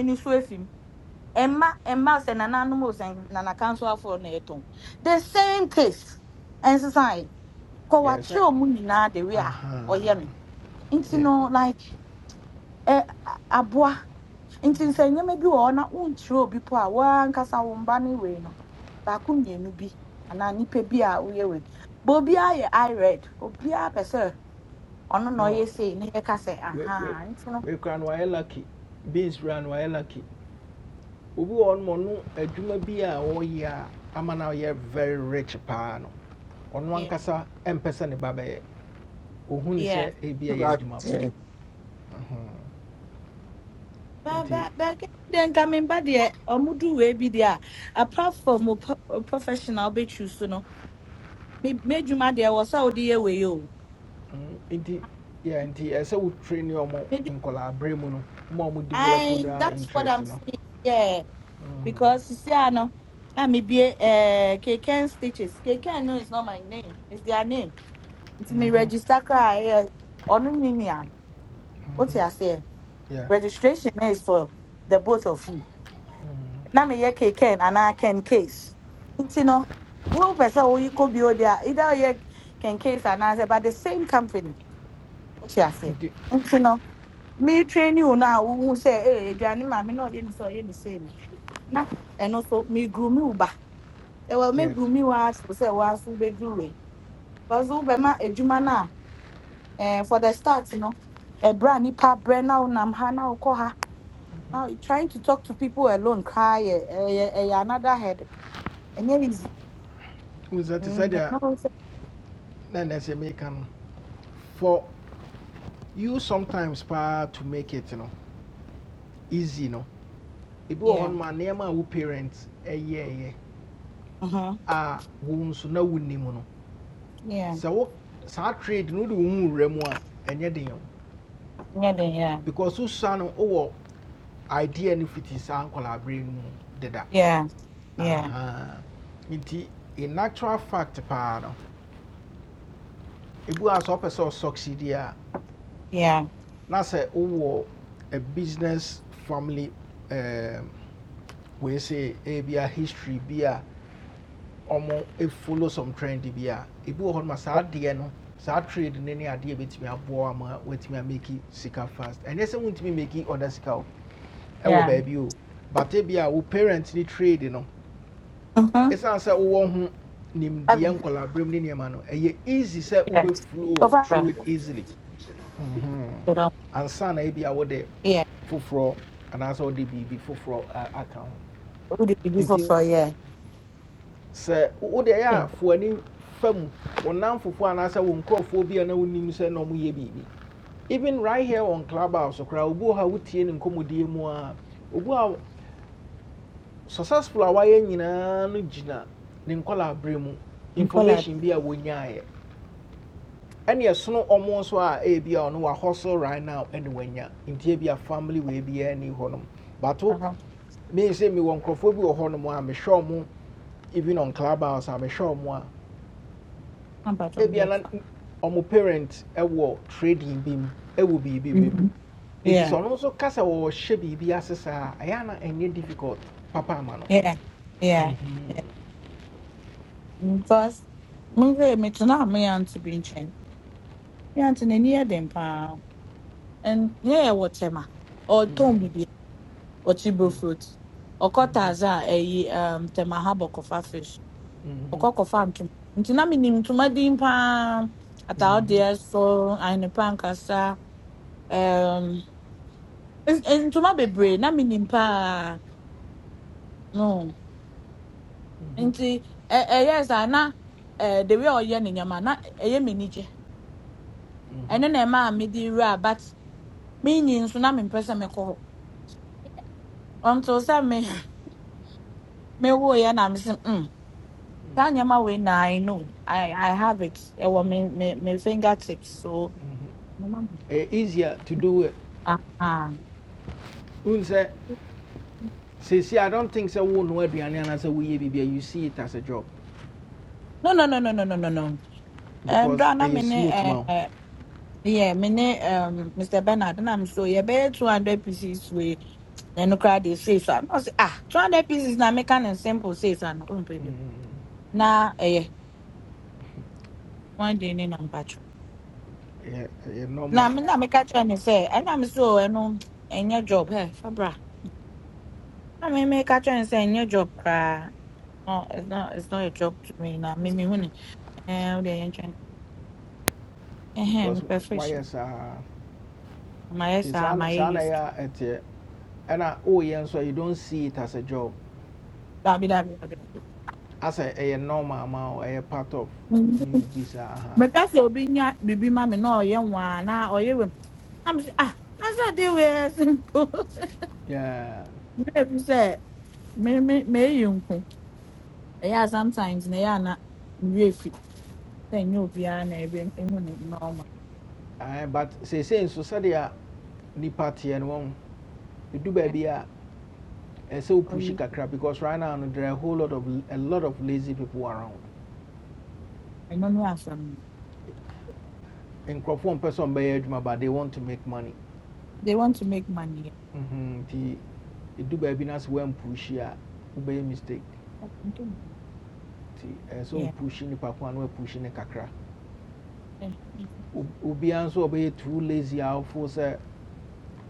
Emma, Emma, efi Nana Mma mma sɛ nananom o sɛ nanakansoafoɔ na ɛtɔn. The same taste ɛnsesan yɛ.
yɛɛ sɛ
Kɔwakyerɛ mu nyinaa the way a
aha
ɔyɛ no. Nti
Yeah.
no like ɛ aboa nti sɛ nneɛma bi wɔ hɔ na wonkyerɛ obi po a woankasa wo mba ne wei no baako mmienu bi anaa nnipa bi a woyɛ wei bɛ obiaa yɛ ired obiaa pɛ sɛ ɔno na
no
ɔyɛ sei na yɛka sɛ
we we
ahaa nti no
we kura no wayɛ lucky beans kura no wayɛ lucky obi wɔ hɔnom a ɔno adwuma bi a ɔyɛ a ama no very rich paa no ɔno
yeah,
ankasa ɛmpɛ ne ba bɛyɛ ohun ni
yeah.
sɛ ebi yɛ adwumafo Mhm.
Ba-
nti
ba- baakɛ bi deɛ nka memba deɛ ɔmo du wei bi deɛ a apart from wo pro- wo professional wobɛtwi so no me- m'adwuma deɛ wɔ sɛ wode yɛ wei o
mm, nti yɛ nti ɛsɛ wo train ɔmo
Medi-
nkɔlaa abere mu no mo develop
Aye,
daa
that's what
interest
i'm
no
saying yeah
Mhm.
because you see, I know I may be a KKN stitches. KKN no is not my name, it's their name. It's me
Mhm.
register cry on Ninian. What you
Mm-hmm.
say?
Yeah.
Registration eh, is for the both of you. Now me here KKN and I can case. You know, one person who you could be over there either you can case and I say, but the same company. What you say?
Nti,
You know, me train you now who say, hey, Johnny, mommy, no, you didn't say the same. Now, and also me groom you back. ɛwɔ
Yes.
meguru mi wa so sɛ waso bɛduru yi because wobɛma adwuma no a jumana eh, for the start you know, a nipa brɛ na wonam now, na wokɔ ha now you're trying to talk to people alone koraa Eh, eh, eh, eh, yeah, another head ɛnyɛ easy
We that is
Mm,
that.
ɛno wo sɛ-
then as you make for you sometimes pa to make it you know easy you know. Ebi wɔ hɔ
yeah
no ma nneɛma a wo parents ɛyɛɛyɛ
mhm,
a wo nso na wo nim no.
yeah
Sɛ so saa trade no de wo hu wura mu
nyɛ den yeah
Because wo sa no idea no fiti saa nkɔlaa bere bring, mu deda.
yeah yeah
Aha. Nti in natural fact paa no If you hɔ a sɛ ɔpɛ sɛ
yeah
na sɛ wowɔ a business family um, wei sɛ ebia history bi a e follow some trend bi a ebi wɔ hɔ no ma saa adeɛ no saa trade ne ne adeɛ bɛtumi aboa ama watumi ameki sika fast ɛnyɛ sɛ wontumi meki ɔda sika o ɛwɔ
yeah
baabi o but ebi a wo parents ni trade no
mhm.
ɛsiane sɛ wowɔ ho
Abi,
nimdeɛ nkɔlaa berɛm ne nneɛma no ɛyɛ easy sɛ wo
yeah
be flow through
Papa,
it easily Mhm.
you know,
ansa na ebi wo de.
yeah
foforɔ anaasɛ wode biribi foforɔ a- aka ho
who did you do for
nti
for yeah
sɛ wode ɛyɛ a
hey
fo ani fa mu wo namfofoɔ anaasɛ wo nkurɔfoɔ bi a na wonim sɛ na ɔmoyɛ biribi even right here on clubhouse koraa obi wɔ ha a wotie ne nkɔmmɔdie mu a obi a successful a wayɛ nyinaa no gyina ne nkɔla berɛ mu
nkɔla
information bi a wɔnyaeɛ ɛne no ɔmo nso a ebi a ɔno hustle right now ɛne wanya nti ebi a family wei a ni hɔnom bato
aha
mean sɛ mewɔ nkurɔfoɔ bi wɔ hɔnom a mehwɛ ɔmo even on clubhouse a mehwɛ ɔmo a
na
ebia na
mpatwa
ɔmo parent ɛwɔ trading bi mu ɛwɔ biribi bi mu It
Yeah.
is also ɔno nso kasa wɔ hyɛ biribi ase saa a, ɛyɛ na ɛnyɛ difficult papa ama no.
Yeah, yeah. Because mhwɛ me tena a me aunty bi nkyɛn. Me aunty n'ani near them. paa. And yeah, wɔ tɛma. Ɔtɔn biribi. Ɔkye bro fruit. Ɔkɔ taaza a ɛyi um, tɛma ha bɔkɔfa fish. Ɔkɔ kɔfa ntoma. Nti na menim ntoma din paa. Ataawodeɛ
Ɛyɛ
so, ahenepa nkasa. Um, n- n- ntoma bebree na menim paa. No. Nti ɛ- ɛyɛɛ saa na eh, the way a ɔyɛ ne nneɛma na ɛyɛ m'ani gye. ɛno na ɛmaa mede wura but menyi nso na mempɛ sɛ mekɔ hɔ until sɛ me mewoeɛ na mese mm, saa nneɛma wei na i know i, I have it ɛwɔ me, me, me fingertips so ɛma me-
easier to do it.
Ah,
Unse, sɛ sesi I don't think sɛ wo no aduane anaasɛ woyɛ biribi be. you see it as a job
no no no no no no no no
because
ɛndra na me
ɛyɛ
ne
smooth
eh,
man.
eh, yeah, me ne um, mr bernard na me so yɛbɛyɛ 200 pieces wei na ɛno koraa de sei so a na ah 200 pieces na meka ne simple sei so a na ɔmpɛ
wo.
bi na ɛyɛ one day ne na mpatwɔ
Ɛyɛ ɛyɛ
na
normal.
me na meka say, ne sɛ ɛnam so o, ɛno ɛnyɛ job hɛ fabra na me catch kyerɛ ne sɛ ɛnyɛ job koraa no it's not it's not a job to me na me me mehu ne ɛɛ wode Eh, me
because
ɛhɛn My fresh
wayɛ saa
my
nti
saa
saa na- saa na ɛyɛ
That
a ɛteɛ ɛna woyɛ nso you don't see it as a job
be that be that be
as a a normal ma a part of you bi saa aha
meka sɛ obi nya biribi ma me na ɔyɛ nwaa na ɔyɛ wɛm na me sɛ ah na sɛ de wei simple
Yeah.
meɛfi say. me me me nko Yeah, sometimes na ɛyɛ a na mewie fi sɛ ɛnyɛ obiara na ɛbɛ ɛhu normal
Ɛɛ, but seesei nso sɛdeɛ nipa teɛ no wɔn edu baabi a ɛsɛ o
Or
pushi
you
kakra because right now no, there are a whole lot of a lot of lazy people around
I know have some
nkurɔfoɔ mpɛ sɛ ɔmbɛyɛ adwuma but they want to make money
they want to make money.
Mhm, the do baby nas when pushy a wobɛyɛ mistake.
Yeah.
So
Yeah.
pushing the wopushi nipa ko a na kakra
Eh,
Ob- obiara nso a too lazy a wofo sɛ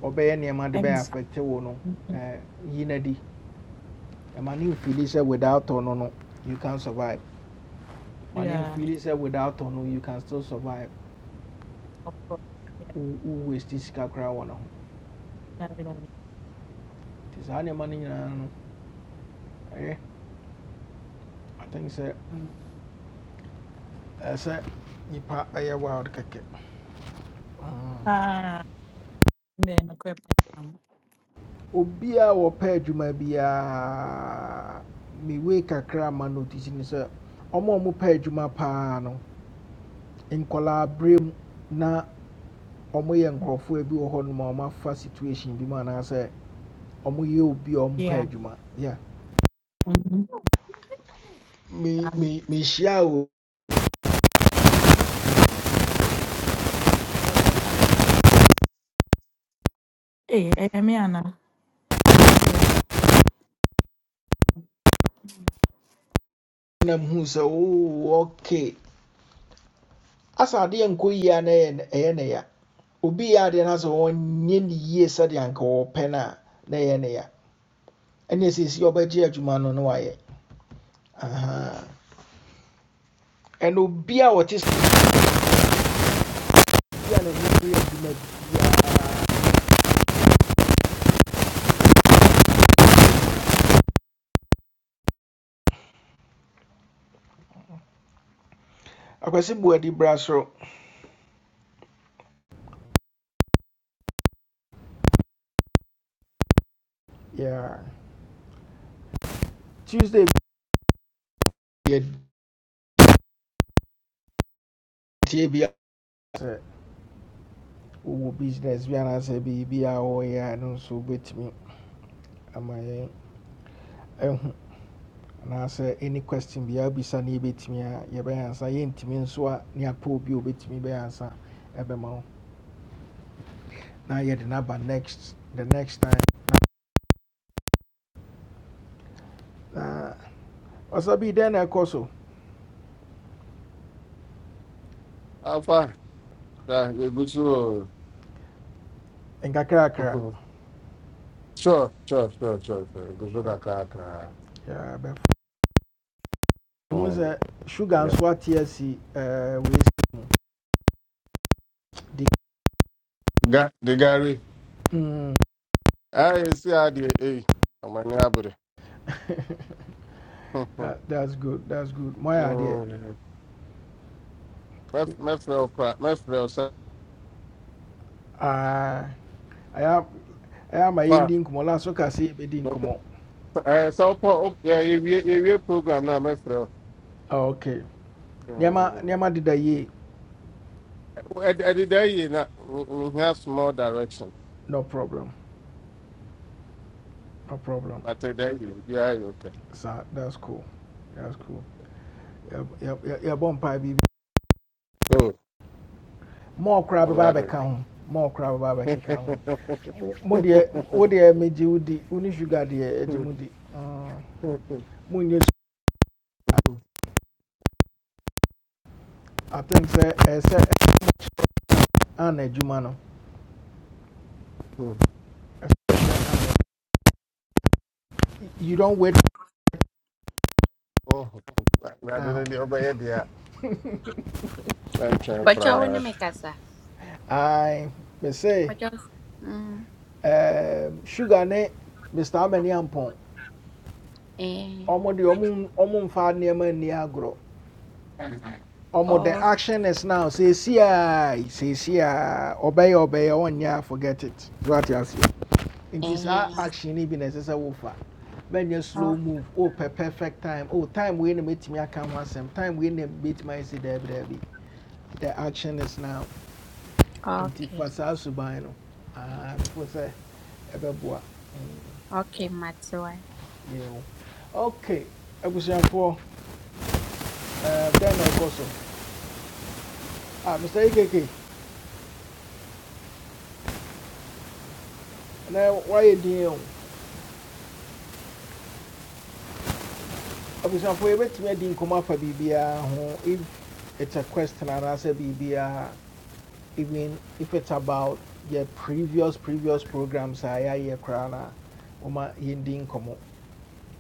ɔbɛyɛ nneɛma de
And
bɛyɛ affect wo no eh, yi no adi ɛma ne without ɔno no you can survive ma ne
yeah,
mfili sɛ without ɔno you can still survive
of course. Yeah.
Wo- wo waste sika koraa wɔ ne ho
That will happen.
nti saa nneɛma no nyinaa no Eh, i think sɛ
Mm.
ɛsɛ nipa ɛyɛ wild kɛkɛ Mm.
Ah, then equip.
obiaa wɔpɛ adwuma biaa mewei kakra ma notice ne sɛ ɔma ɔmo pɛ adwuma paa no nkɔlaa berɛ mu na ɔmo yɛ nkurɔfoɔ bi wɔ hɔ nom a ɔmo afa situation bi mu anaasɛ ɔmo yɛ obi a ɔmo pɛ
Yeah.
adwuma yeah.
Mm-hmm.
me
Um,
me mehyia o
hey, hey, me Anna. Yeah.
na muhu sɛ oo okay asa adeɛ nkɔ yie a na ɛyɛ ɛyɛ ne ya obi yɛ adeɛ no sɛ ɔnyɛ ne yie sɛdeɛ anka wɔpɛ no a na ɛyɛ ne ya ɛne ɛsɛsi ɔbɛgye adwuma no Aha. And obi a wɔte sɛ obi a ne ho so yɛ adwuma biara akwasi bu adi bra soro Yeah. tuesday bi yɛ business. We are sɛ wowɔ business bi anaasɛ biribi a wɔreyɛ a no nso wobɛtumi I? yɛn ahu anaasɛ any question bi a wobisa ne yɛbɛtumi a yɛbɛyɛ ansa yɛntumi nso a ne apɛ obi obet me. wobɛtumi answer. ansa Be wo na yɛde no aba next the next time Uh. na ɔsa bi dɛn na ɛkɔ so
afa sa yɛgu so abi ni pa be do echiri
nkakrakra
o sure sure sure sure sure ɛgu so
Sure.
kakrakra
Yeah, Be. hu
Mm,
sugar
ɛbɛ-
nso ate asi ɛɛ si
ga de gare
mm,
ayɛ si adeɛ ei amani abere Mm.
that, that's good that's good mo ayɛ adeɛ
Mɛf- mɛfrɛ wo kora mɛfrɛ wo sɛ
Ah, I have, ama
pa
yɛndi nkɔmmɔ last so kasi yɛbɛdi kumo.
sɛ wopɔ wo- yɛ- yɛwie yɛwie program no a mɛfrɛ wo
Ah, okay nneɛma
Mm.
nneɛma deda yie
Ɛde- ɛdeda yie na me- mehia small direction
no problem no problem
but ɛda yie biaa yɛ okay
So that's cool that's cool Yɛb- yɛb- yɛ- yɛbɔ mpae biribi
so
mɔɔ koraa
amani
bɛba
abere
abɛka ho mɔɔ koraa bɛba abɛkeka ho Wo- mo deɛ wo deɛ megye wo di wo sugar deɛ agye mu di Mm, monyɛ ana adwuma no you don't wait
Oh, Ade no
now
deɛ wobɛyɛ I. a mɛntwɛn
but you want to
koraa
make us a
i me say
but you, mm,
um, sugar ne mr amani ampon
eh,
the de ɔmo ɔmo mfa nneɛma nni agorɔ the
oh,
action is now say, a seesi a obey. ɔbɛyɛ ɔnyɛ a forget it What you see? In this
eh,
action yi bi na ɛsɛ sɛ slow
oh,
move Oh, pɛ perfect time Oh, time wei na mɛtumi aka ho asɛm time wei na mɛtumi ayɛ sɛ daabi daabi the action is now In
okay,
fa saa no Ah, before sɛ ɛbɛboa mm,
okay, matter.
yɛn ho okay abusuafoɔ ɛɛ dɛn na ɛkɔ so ah mr ekeke na wayɛ din o abusuafoɔ yɛbɛtumi adi nkɔmɔ afa biribiara ho if it's a question anaasɛ biribiara even if it's about yɛ previous previous programs a yɛayɛ koraa na wɔma yɛndi nkɔmɔ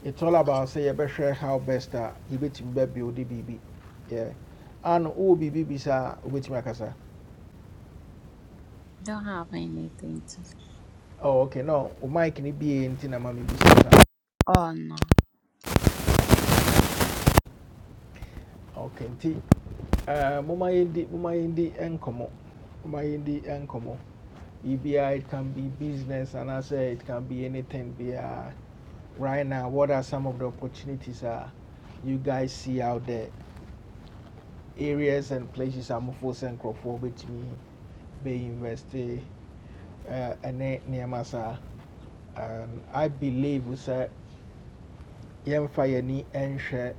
it's all about sɛ yɛbɛhwɛ how best a yɛbɛtumi bɛbuild biribi yɛ ano wowɔ biribi bi saa wobɛtumi akasa
I don't have anything to.
Oh, okay, no, Umai can be bi nti na ma
Oh no.
Okay, nti Uh, mo ma yindi mo ma yindi enkomo. Mo ma yindi enkomo. EBI it can be business and I say it can be anything be uh, right now what are some of the opportunities uh, you guys see out there areas and places I'm force and crofobit me be invest uh and near saa and I believe we say yɛmfa yɛni ɛnhwɛ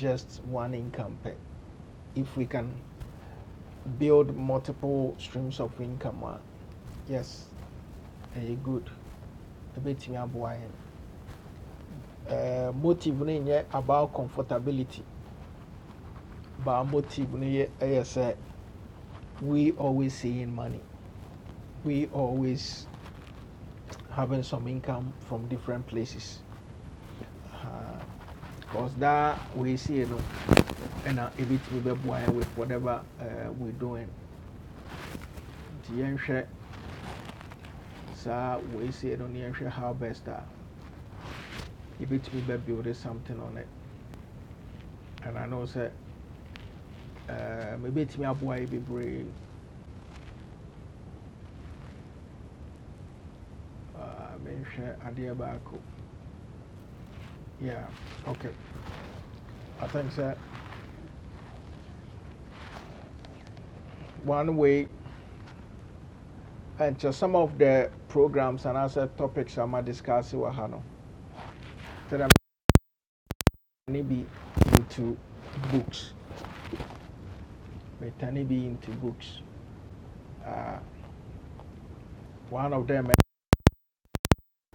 just one income if we can build multiple streams of income ah. yes a good a bit. aboa yɛn Eh, motive no about comfortability but motive no yɛ we always seeing money we always having some income from different places Aha. because uh, that we see you know, and a bit we be yɛn with whatever uh, we doing The yɛnhwɛ saa we see no ne yɛnhwɛ how best that a be building something on it and I know sɛ Uh, Maybe mebɛtumi aboa yi bebree Ah, menhwɛ adeɛ baako yeah okay i think sɛ one way and just some of the programs and anaasɛ topics I'm ama discuss with ha no sɛdɛ metane bi into books metane be into books Ah, one of them ɛ-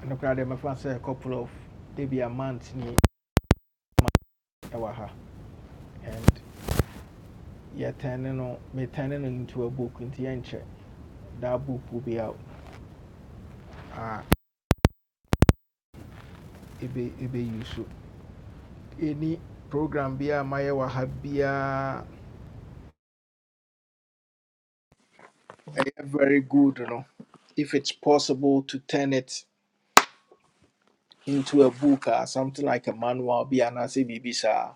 nokora deɛ mɛfa sɛ a couple of maybe a month ni month ɛwɔ ha and yɛtɛne no metane no into a book into, yɛnkyɛ that book will be out It be it be useful. any program biara mayɛ wɔ ha biara very good You know, if it's possible to turn it into a book or something like a manual bi anaasɛ biribi saa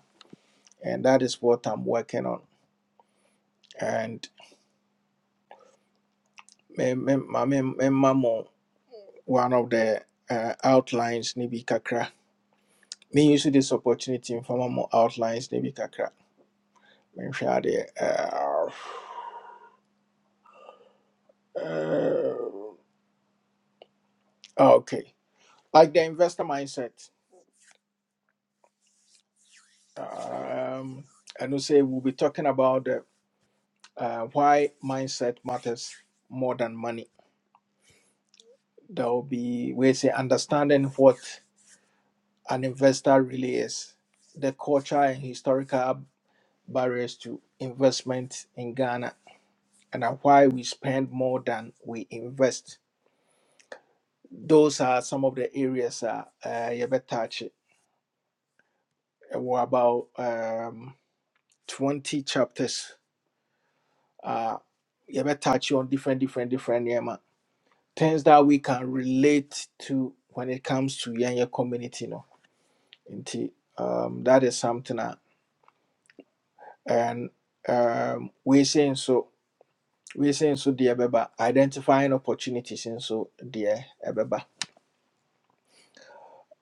and that is what i'm working on and me me ma me mema mo one of the uh, outlines ne bi kakra me use this opportunity mfa ma mo outlines ne bi kakra menhwɛ adeɛ uh, uh, okay like the investor mindset Um, and we say we'll be talking about the, uh, why mindset matters more than money. There will be, we say, understanding what an investor really is, the culture and historical barriers to investment in Ghana, and uh, why we spend more than we invest. Those are some of the areas uh, uh, you better touch. We're about um, 20 chapters. Uh, you better touch on different, different, different. Yeah, things that we can relate to when it comes to your community no nti um, that is something that and um, we saying so we saying so dear beba identifying opportunities and so dear beba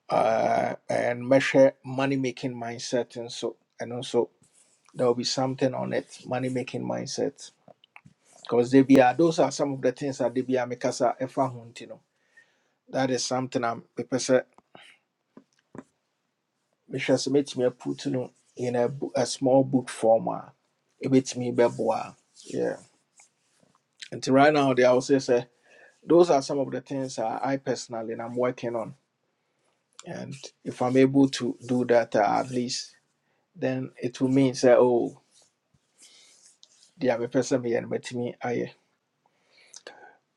uh, and measure money making mindset and so and also there will be something on it money making mindset because they be are those are some of the things that they be are make us a ɛfa ho nti no. that is something I'm person mehwɛ sɛ mɛtumi aputu no in a, bo- a small book form a ɛbɛtumi bɛboa yeah until right now they also say those are some of the things that i personally am working on and if i'm able to do that uh, at least then it will mean say, oh deɛ person sɛ meyɛ no mɛtumi ayɛ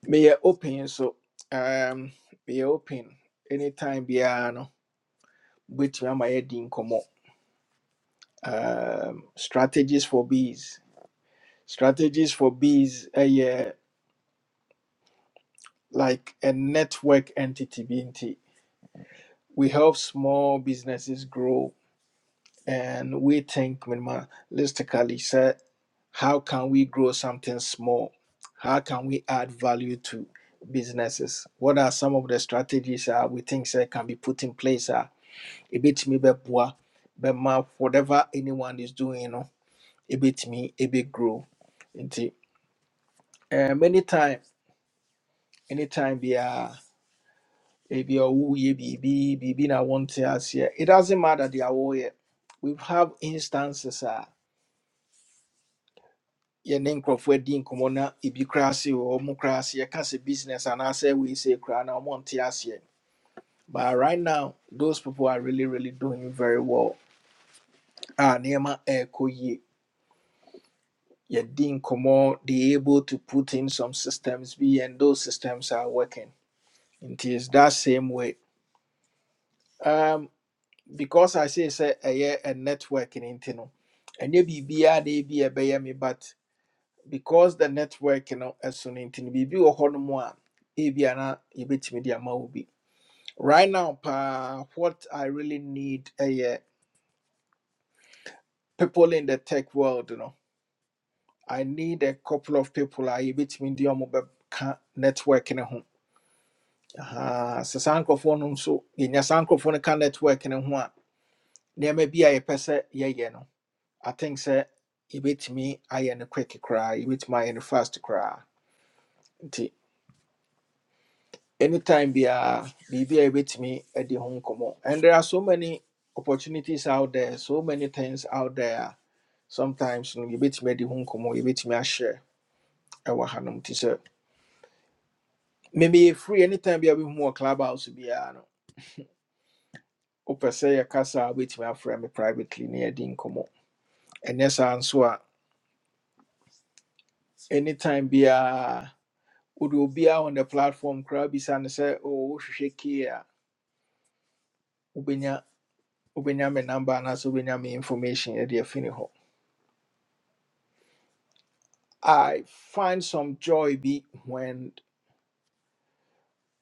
meyɛ open so um, meyɛ open anytime biara no wobɛtumi ama yɛdi nkɔmmɔ um, strategies for bees strategies for bees ɛyɛ like a network entity BNT. We help small businesses grow and we think minimalistically say how can we grow something small? How can we add value to businesses? What are some of the strategies uh, we think say, can be put in place? Uh, a bit me beboa, but Ma, whatever anyone is doing, you know, a bit me, a big grow. Nti, eh, many time, anytime, yeah. ebi ɔwoyɛ biribi biribi na wonte aseɛ it doesn't matter deɛ woyɛ we have instances a yɛne nkurɔfoɔ adi nkɔmmɔ na ebi koraa se wɔ ɔmo koraa se yɛka sɛ business anaasɛ wei se koraa na ɔmonte aseɛ but right now those people are really really doing very well a nneɛma ɛɛkɔ yie yɛdi nkɔmmɔ they able to put in some systems bi and those systems are working It is that same way Um, because I say say a yeah a networking in no, and ye be be a day be a bay me but because the network you know as soon intino be be a horn one ebiana you bit me be right now pa what I really need a yeah people in the tech world you know I need a couple of people I bit me the ka network in home Ah, so sankophone so in your sankophone ka network in home nneɛma bi a yɛpɛ sɛ yɛyɛ no I think sɛ yɛbɛtumi ayɛ no quick koraa yɛbɛtumi ayɛ no fast koraa nti anytime biara biribi a yɛbɛtumi adi ho nkɔmmɔ and there are so many opportunities out there so many things out there Sometimes you know, you bet me at the home. no yɛbɛtumi adi ho nkɔmmɔ yɛbɛtumi ahyɛ ɛwɔ hanom to sɛ maybe yɛ free anytime biara bɛhu wɔ club house biara no wopɛ sɛ yɛkasa a wobɛtumi afrɛ me a friend privately near the home. ɛnyɛ saa nso answer. anytime biara wode obiaa on the platform koraa bisa no oh, wohwehwɛ kee a wobɛnya wobɛnya me number anaasɛ wobɛnya me information ɛde afi ne i find some joy be when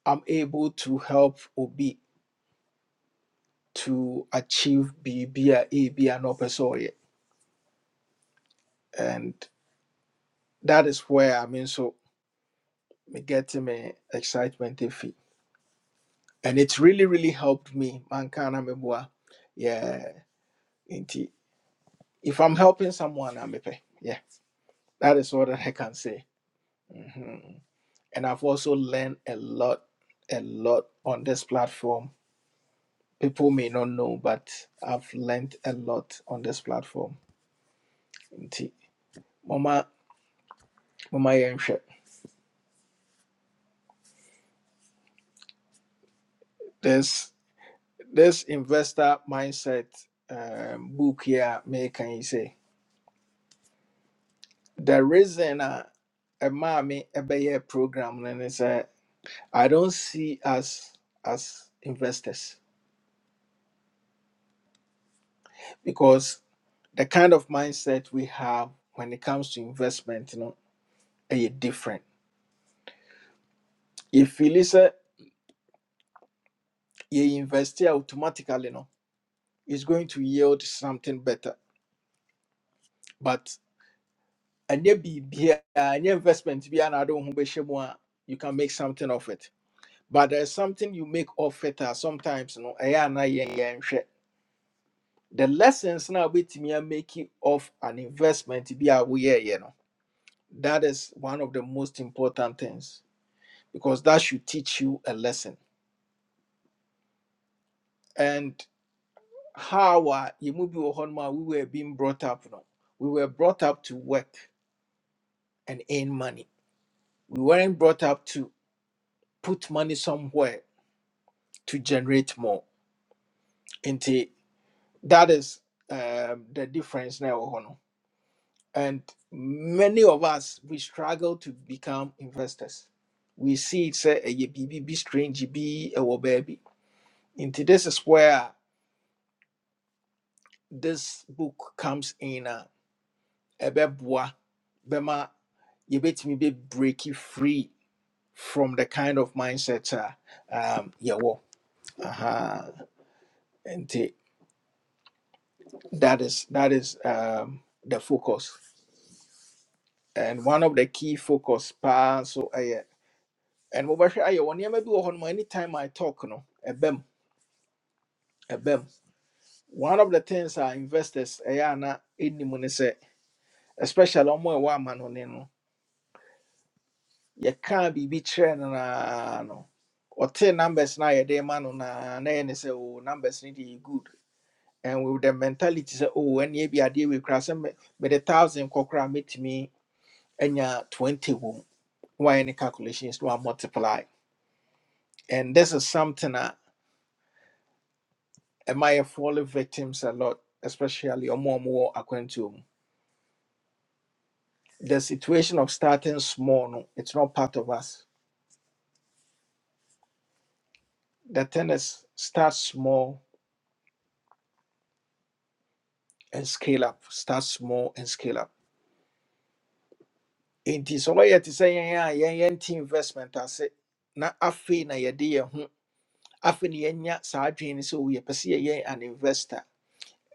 i'm able to help obi to achieve biribi a ebia na ɔpɛ sɛ and that is where i mean so me get me excitement efi and it's really really helped me manka na meboa yeah indeed. if i'm helping someone i a mepɛ yeah that is all that i can say Mm. And I've also learned a lot, a lot on this platform. People may not know, but I've learned a lot on this platform. Nti, Mama, mama yɛnhwɛ. This this investor mindset um, book here may can you say the reason uh, a mommy a bear program and it's uh, I don't see us as investors because the kind of mindset we have when it comes to investment, you know. ɛyɛ different yɛfili sɛ yɛ invest a automatically no is going to yield something better but ɛnyɛ biribiaa ɛnyɛ investment biaa na ade wo ho bɛhyɛ you can make something of it but there's something you make of it a sometimes no ɛyɛ ana yɛnyɛnhwɛ the lessons now wobɛtumi a make it of an investment be aware, you know. that is one of the most important things because that should teach you a lesson and. how a move bi wɔ we were being brought up no we were brought up to work and earn money we weren't brought up to put money somewhere to generate more nti that is um, the difference now, ɛwɔ hɔ no and many of us we struggle to become investors we see it's sɛ ɛyɛ biribi bi strange b a ɛwɔ baabi this is where this book comes in Uh, ɛbɛboa bɛma yɛbɛtumi be break breaki free from the kind of mindset a um, yɛwɔ Aha. nti that is that is um, the focus and one of the key focus paa So ɛyɛ and mobɛhwɛ ayɛ wɔ nneɛma bi wɔ hɔ no ma anytime i talk no ɛbɛm ɛbɛm one of the things our investors ɛyɛ ana ɛnim ne sɛ especially ɔmo a ɛwɔ amannɔne no yɛkaa biribi kyerɛ no naa no ɔtee numbers no a yɛde man, no naa na yɛne sɛ "Oh, numbers need to yɛ good and with the mentality sɛ o ɛneɛ bi adeɛ wei koraa sɛ But mede thousand kɔ koraa mɛtumi anya 20 wɔ Why any wayɛ ne calculations na wamultiply and this is something a Am yɛ fall victims a lot especially or more, more according to the situation of starting small no it's not part of us the tennis start small and scale up start small and scale up nti sɛ ɔyɛ te sɛ yɛn a yɛn yɛn ti investment ase na afei na yɛde yɛn ho afei na yɛnya saa adwene no sɛ o yɛpɛ sɛ yɛyɛ an investor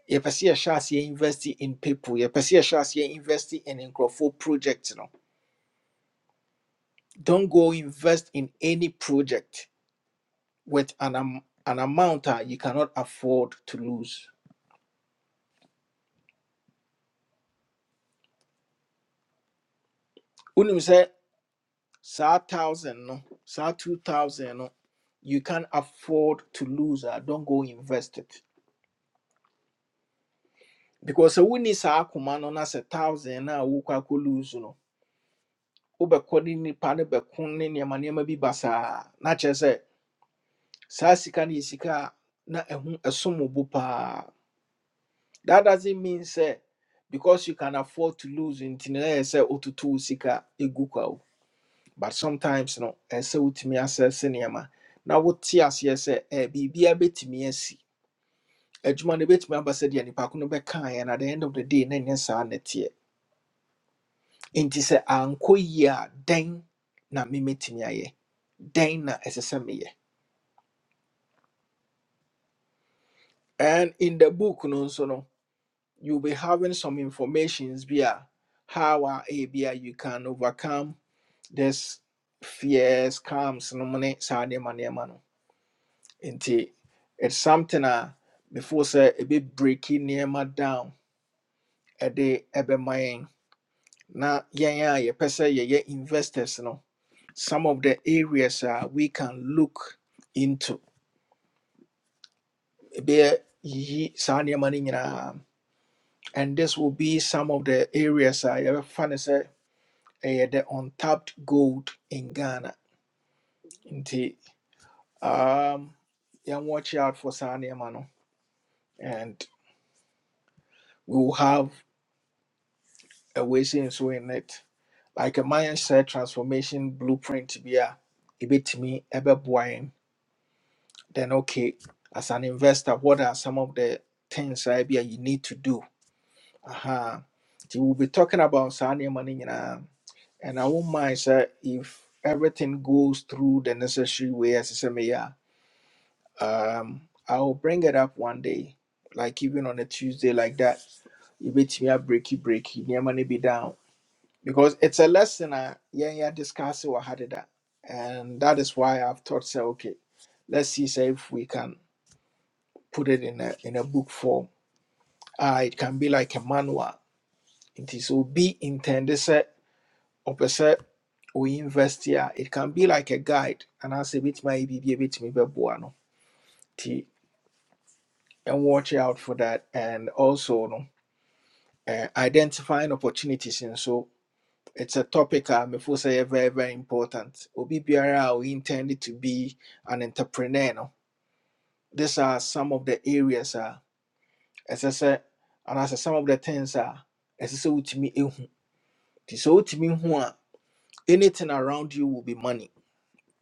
yɛpɛ sɛ yɛhyɛ aseɛ invest in people yɛpɛ sɛ yɛhyɛ aseɛ invest in nkurɔfoɔ project no don't go invest in any project with an, am- an amount a you cannot afford to lose wonim sɛ saa thousand no saa two thousand no you can afford to lose a don't go invest it because sɛ wonni saa akoma no na sɛ thousand na wokɔ akɔ lose no wobɛkɔ ne nipa ne bɛko ne nneɛma nneɛma bi ba saa na kyerɛ sɛ saa sika no yɛ sika a na ɛho ɛsom wo bo paa that doesn't mean sɛ because you can afford to lose nti no na ɛyɛ sɛ wototo wo sika ɛgu kwa wo but sometimes no ɛyɛ sɛ wotumi asɛse nneɛma na wote aseɛ sɛ eh, biribiaa bɛtumi asi adwuma no bɛtumi aba sɛ deɛ nipa ko no bɛkaeɛ na at the end of the day na ɛnyɛ saa nɛteɛ nti sɛ ankɔ yie a dɛn na memetumi ayɛ dɛn na ɛsɛ sɛ meyɛ and in the book no nso no you'll be having some informations bi a how a ɛyɛ bi a you can overcome this fears calms no mu ne saa nneɛma nneɛma no nti it's something a before sɛ ɛbɛ breaki nneɛma down ɛde ɛbɛma yɛn na yɛn a yɛpɛ sɛ yɛyɛ investors no some of the areas a we can look into ɛbɛyɛ yiyi saa nneɛma no nyinaa and this will be some of the areas a yɛbɛfa no sɛ ɛyɛ the untapped gold in ghana nti um, yɛn watch out for saa nneɛma no and we will have a way saying so in it like a mindset transformation blueprint bi a ɛbɛtumi ɛbɛboa yɛn then okay as an investor what are some of the things I be you need to do aha nti we will be talking about saa nneɛma no nyinaa And I won't mind, sir, if everything goes through the necessary way as SMA. Um, I'll bring it up one day, like even on a Tuesday like that. You beat me up, breaky breaky, near money be down. Because it's a lesson I yeah, yeah, discuss or had it. And that is why I've thought say, okay, let's see say if we can put it in a in a book form. Ah, it can be like a manual. It is will be intended sir, ɔpɛ sɛ we invest here. it can be like a guide and as a bit my baby a bit me no t and watch out for that and also no eh, identifying opportunities and so it's a topic I'm um, say very very important. Obi biara a we intended to be an entrepreneur no. These are some of the areas uh, as I said and as some of the things are uh, as I said to me so to me anything around you will be money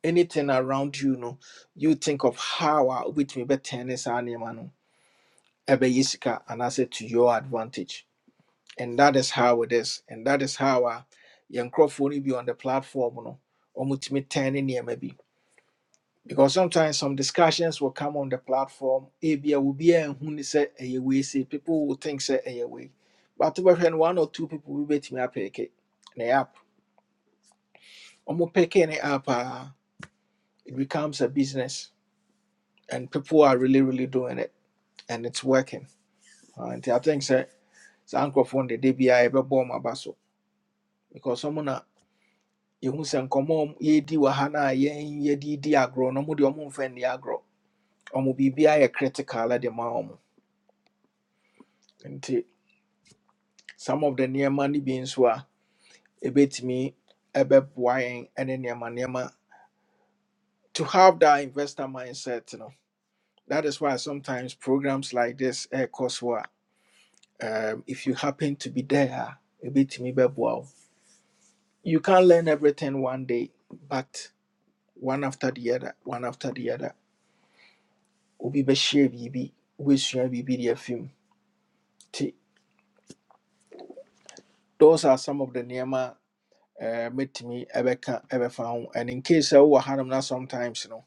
anything around you no you think of how I wobɛtumi bɛtɛne saa nneɛma no ebe yisika and I say to your advantage and that is how it is and that is how a yɛn nkurɔfoɔ no bi on the platform no ɔmotumi tɛne nneɛma maybe because sometimes some discussions will come on the platform ebia obiaa nhu ne sɛ ɛyɛ wei sei people will think sɛ ɛyɛ wei but when one or two people will bet me bi bɛtumi apɛɛke ne app ɔmo pɛke ne app ah, it becomes a business and people are really really doing it and it's working. Uh, I think sɛ saa nkurɔfoɔ no dede biara yɛbɛbɔ wɔn so because someone na yɛhu sɛ nkɔmɔ a ɔmo- yɛdi wɔ ha ye a yɛn di di agro no ɔmo deɛ ɔmo mfa nni agorɔ. Ɔmo biribiara yɛ critical at the ɔmo nti some of the nneɛma no bi nso a bit ɛbɛboa and then nneɛma nneɛma to have that investor mindset You know that is why sometimes programs like this ɛɛkɔ so a um, if you happen to be there a bit me wo. you can't learn everything one day, but one after the other, one after the other. Obi be share biribi, wobɛsua biribi de afi mu. Nti those are some of the nneɛma a eh, mɛtumi ɛbɛka ɛbɛfa ho. And in case I wowɔ hanom na sometimes no,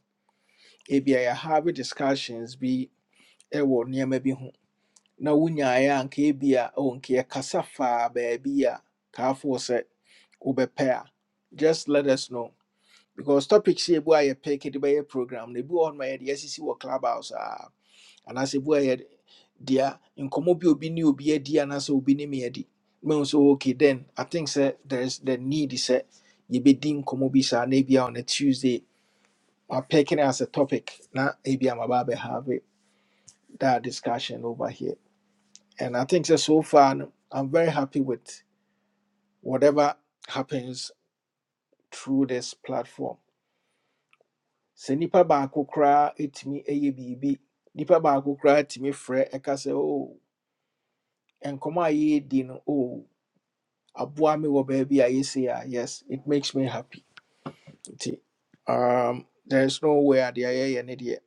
ebi a yɛhave discussions bi ɛwɔ nneɛma bi ho. Na wonyaeɛ a nka ebi a oh, nka yɛkasa faa baabi a kaafoɔ sɛ wobɛpɛ a, just let us know. because topics yɛ bu a yɛ pɛ kɛde bɛyɛ program na ebi wɔ hɔ no ma yɛde asisi wɔ clubhouse aa anaasɛ ebi a yɛde dea nkɔmɔ bi a obi ne obi adi anaasɛ obi ne me adi mehu sɛ okay then i think sɛ there is the need sɛ yɛbɛdi nkɔmɔ bi saa na ebi on a tuesday wapɛke no as a topic na ebi about maba abɛhave that discussion over here and i think sɛ so far no i'm very happy with whatever happens through this platform sɛ nipa baako koraa ɛtumi ɛyɛ biribi nipa baako koraa tumi frɛ ɛka sɛ oh nkɔmɔ a yɛredi no oh aboa me wɔ baabi a yɛsi a yes it makes me happy nti um, there's no way a deɛ yɛyɛ ne deɛ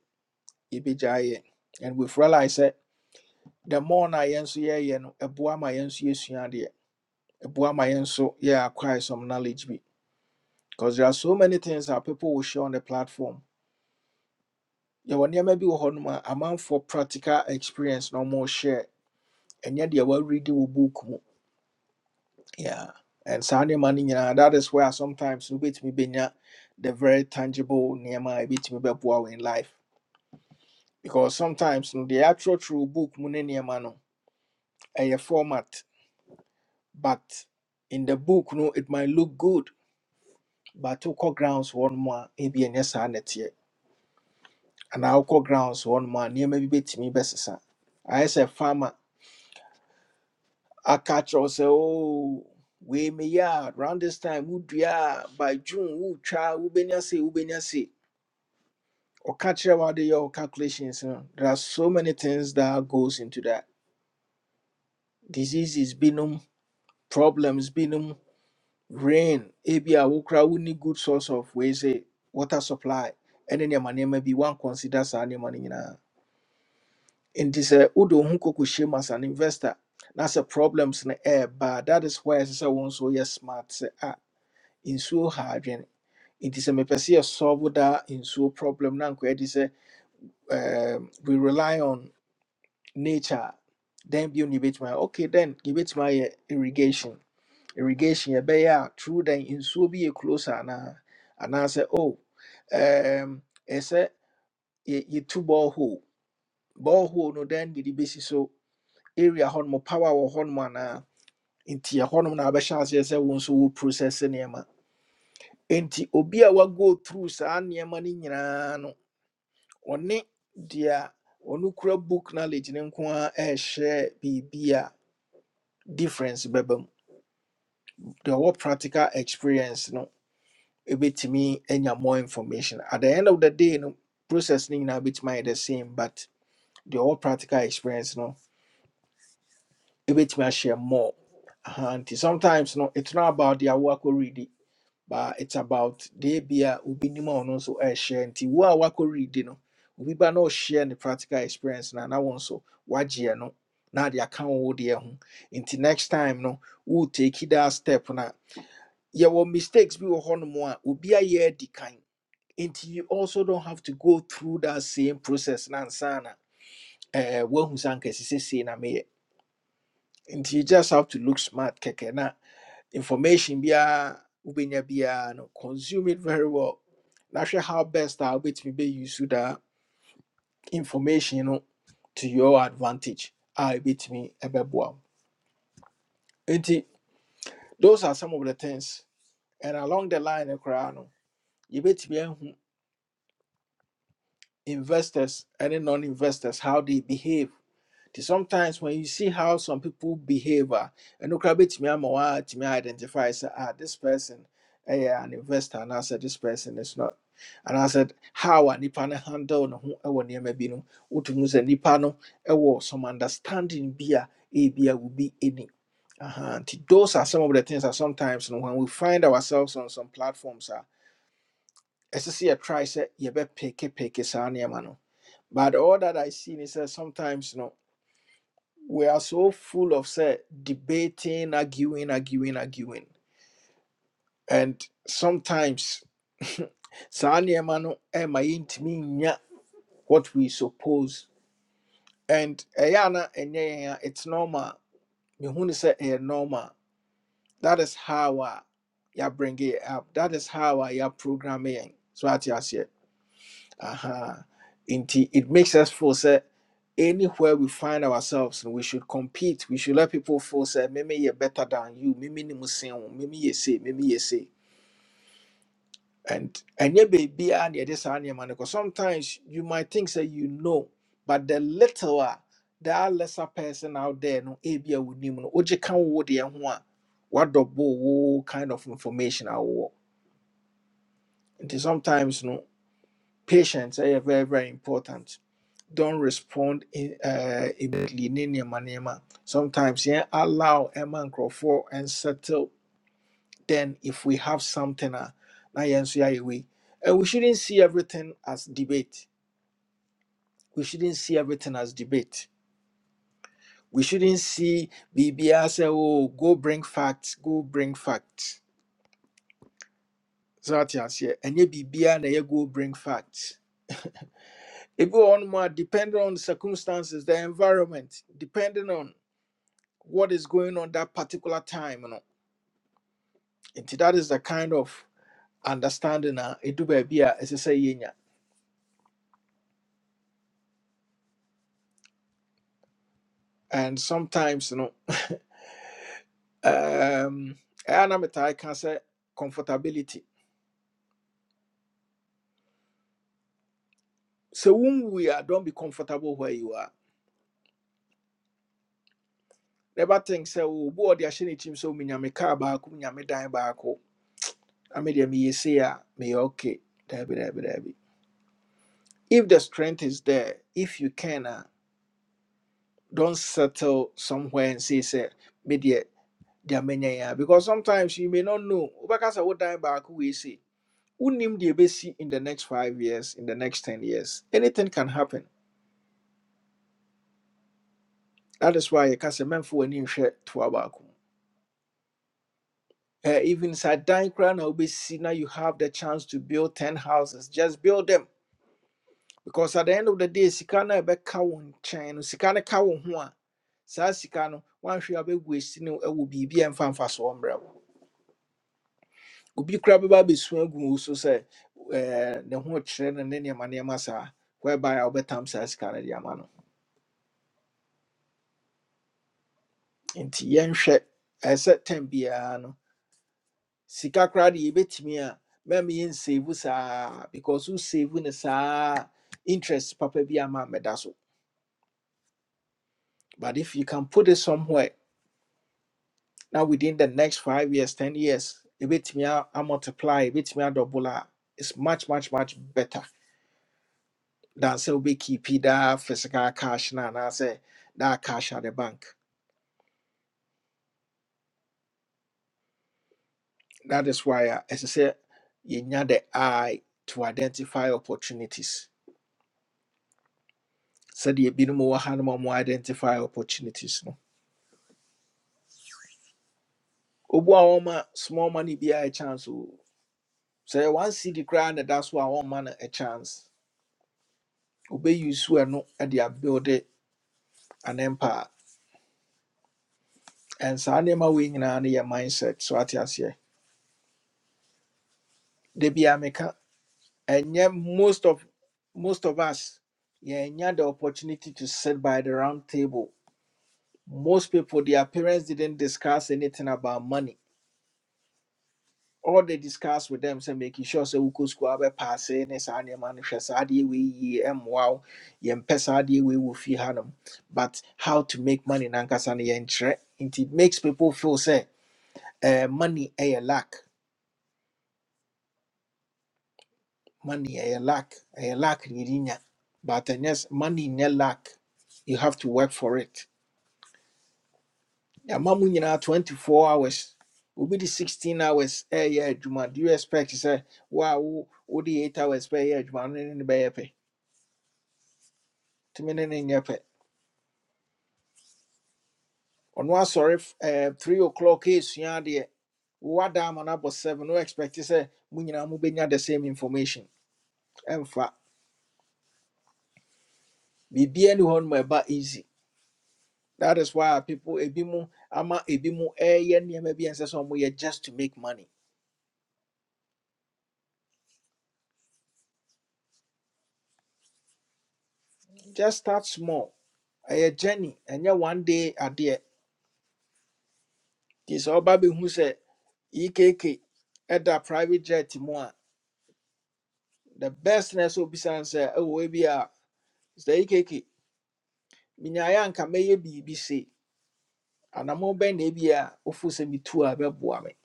yɛbɛgya yɛ and we've realized sɛ the more na yɛn nso yɛyɛ no ɛboa ma yɛn nso yɛsua adeɛ ɛboa ma yɛn nso yɛ acquire some knowledge bi because there are so many things that people will share on the platform yɛwɔ nneɛma bi wɔ hɔnom a man for practical experience na more share And yet ɛnyɛ deɛ wɔareadi wɔ book mu yeah and saa money, no that is where sometimes wobɛtumi bɛnya the very tangible nneɛma a ɛbɛtumi bɛboa wo in life because sometimes no deɛ yɛatwerɛtwerɛ wɔ book mu ne nneɛma no ɛyɛ format but in the book no it might look good but wokɔ grounds hɔ nom a ebi ɛnyɛ saa nɛteɛ anaa wokɔ grounds one more nom a nneɛma bi bɛtumi bɛsesa ayɛ sɛ farmer I catch us say, oh, we may yard round this time, would ya by June, who try, who benyasi, who benyasi. Or catch about the your calculations. You know? There are so many things that goes into that. Diseases, binum, problems, binum, rain, ebia wokra, we need good source of we say water supply. And then your money may be one considers any money. And this uh Udo Hunko shame as an investor. That's a problems in the air, but that is why I say one so yes smart. say ah. nsuo ha adwene nti sɛ mepɛ sɛ yɛsɔlve daa nsuo problem na nkɔyɛ de sɛ um, we rely on nature then bio ne yɛbɛtumi ayɛ okay then yɛbɛtumi ayɛ irrigation irrigation yɛbɛyɛ a through then nsuo bi yɛ close anaa anaasɛ oh um, ɛsɛ yɛ- yɛtu bɔɔhoo bɔɔhoo no then de de bɛsi so area hɔnom power wɔ hɔnom anaa nti ɛhɔnom na abɛhyɛ aseɛ sɛ wo nso wo process nneɛma Enti obi a wago through saa nneɛma no nyinaa no, ɔne deɛ ɔno kura book knowledge ne nko ara ɛɛhyɛ biribi a difference bɛba mu. Deɛ ɔwɔ practical experience no ɛbɛtumi anya more information. At the end of the day no, process no nyinaa bɛtumi ayɛ the same but deɛ ɔwɔ practical experience no ɛbɛtumi ahyɛ more. Aha, nti sometimes no, it's not about deɛ wɔakɔ read. but it's about they be a ubinima or no so a share and ti wa wako read no obi ba no share the practical experience na na one so wagye no na the account wo de ho nti next time no wo take it that step na your mistakes be wo hono mo a obi a ye di until you also don't have to go through that same process na sana eh wo husanke si san kesi na me until you just have to look smart keke na information biara wobɛnya biara no consume it very well na hwɛ how best a wobɛtumi bɛ use that information no to your advantage a ɛbɛtumi ɛbɛboa wo nti those are some of the things and along the line no koraa no yɛbɛtumi ahu investors ɛne non-investors how they behave Nti sometimes when you see how some people behave ah, and a ɛno koraa bɛtumi ama woatumi identify sɛ ah this person eh, an investor And I said, this person is not And I said, how a nipa no handle ne ho ɛwɔ nneɛma bi no wotumi sɛ nipa no ɛwɔ some understanding bi a ebi a wobi ɛni Aha, nti those are some of the things that sometimes no, when we find ourselves on some platforms a ɛsɛ sɛ yɛ try. sɛ yɛbɛpeke peke peke saa nneɛma no but all that i see is sɛ sometimes no we are so full of say debating, arguing, arguing, arguing. And sometimes saa nneɛma no ɛma yɛntumi nya what we suppose. And ɛyɛ ana ɛnyɛ yɛn a it's normal. Mehu ne sɛ ɛyɛ normal. That is how a yɛabringe it up. That is how a yɛaprogramme yɛn. So ate aseɛ. Aha. Inti, it makes us feel say anywhere we find ourselves, we should compete. We should let people feel say, "Mimi, you're better than you. Maybe ni musin. Mimi, you say. Maybe you say." And and yeah, baby, and yeah, this and yeah, man. Because sometimes you might think say you know, but the littler, there are lesser person out there. No, ebi a wunim no. Oje kan wo de ho a. What the kind of information I want. And sometimes no patience, eh, yeah, very very important don't respond in, uh, immediately ne nneɛma nneɛma sometimes yeah, allow a ɛma for and settle then if we have something a na yɛn nso yɛayɛ wei and we shouldn't see everything as debate we shouldn't see everything as debate we shouldn't see biribiaa say oh go bring facts go bring facts sɛ wate aseɛ ɛnyɛ biribiaa na ɛyɛ go bring facts It go on a depending on circumstances the environment depending on what is going on that particular time no Nti that is the kind of understanding a ɛdu baabi a ɛsɛ sɛ yɛnya. And sometimes no, um, ɛyɛ a na metaa ka sɛ comfortability. So when we are, don't be comfortable where you are. Never think say, sɛ obi ɔde ahyɛ ne tirim sɛ menya me car baako, menya me dan baako, na medeɛ meyɛ sei a, meyɛ okay. Daabi, daabi, daabi. If the strength is there, if you can a, don't settle somewhere and say say, sɛ, They are many Jamenya, because sometimes you may not know. Obakasa what die back who we see. Unim the ABC in the next five years, in the next ten years. Anything can happen. That is why you can say men for any share to abaku. Uh, even inside dying crown obesi, now you have the chance to build ten houses. Just build them. Because at the end of the day, Sikana ebe kawon chain, Sikana kawon hua. Sa Sikano, one should have a wasting it will be BM fan for obi koraa bɛba abɛsua agu wo so sɛ ɛɛ, ne ho kyerɛ no ne nneɛma nneɛma saa whereby a wobɛtam saa sika no de ama no nti yɛnhwɛ ɛɛ sɛ tam biara no sika koraa de yɛbɛtumi a mɛma yɛnsave saa because wosave no saa interest papa bi ama mmɛda so but if you can put it somewhere now within the next five years ten years ɛbɛtumi a- amultiply ɛbɛtumi adɔbol a double, a, it's much much much better than sɛ wobɛkeepi daa physical cash na na say, that cash at the bank that is why uh, as I say, you need the eye to identify opportunities sɛdeɛ ebinom wɔ ha no ma identify opportunities no obua wɔma small money be a e chance o sɛ one cd that's why one man a chance. Obey a chance no, ɛno de build an empire and saa nneɛma wei nyinaa no your mindset so ate they be a meka and yet most of most of us yeah and yet the opportunity to sit by the round table most people their parents didn't discuss anything about money all they discussed with them say making sure say we could school be pass eh, ne saa nneɛma no hwɛ saa adeɛ wei yie ɛmmoa wo yɛmpɛ saa adeɛ wei wɔ fie hanom but how to make money nankasa no yɛnkyerɛ nti it makes people feel say uh, money ɛyɛ lack money ɛyɛ lack ɛyɛ lack na but yes, money nyɛ lack you have to work for it yɛama mu nyinaa 24 hours Will be the 16 hours Eh, ɛyɛ juma. do you expect to say, a wo the 8 hours bɛyɛ adwuma no ne ne bɛyɛ pɛ tumi ne ne nyɛ pɛ ɔno asɔre f- eh, 3 o'clock ɛsua adeɛ wowada damn, no about 7 no expect sɛ mo nyinaa mobɛnya the same information ɛmfa biribia ni hɔ no ma ɛba easy That is why people ebimu ama ebimu ɛyɛ nneɛma bi a ɛnsɛ sɛ wɔyɛ just to make money. Just start small. A journey. and Ɛnyɛ one day adeɛ. Nti sɛ ɔba bɛhu sɛ EKK ɛda private jet mu a the best na ɛsɛ obisa n sɛ ɛwɔ ebi a sɛ EKK minyaeɛ anka mɛyɛ biribi se anamo bɛn na ebi a ofu sɛ mitu a ɛbɛboa me.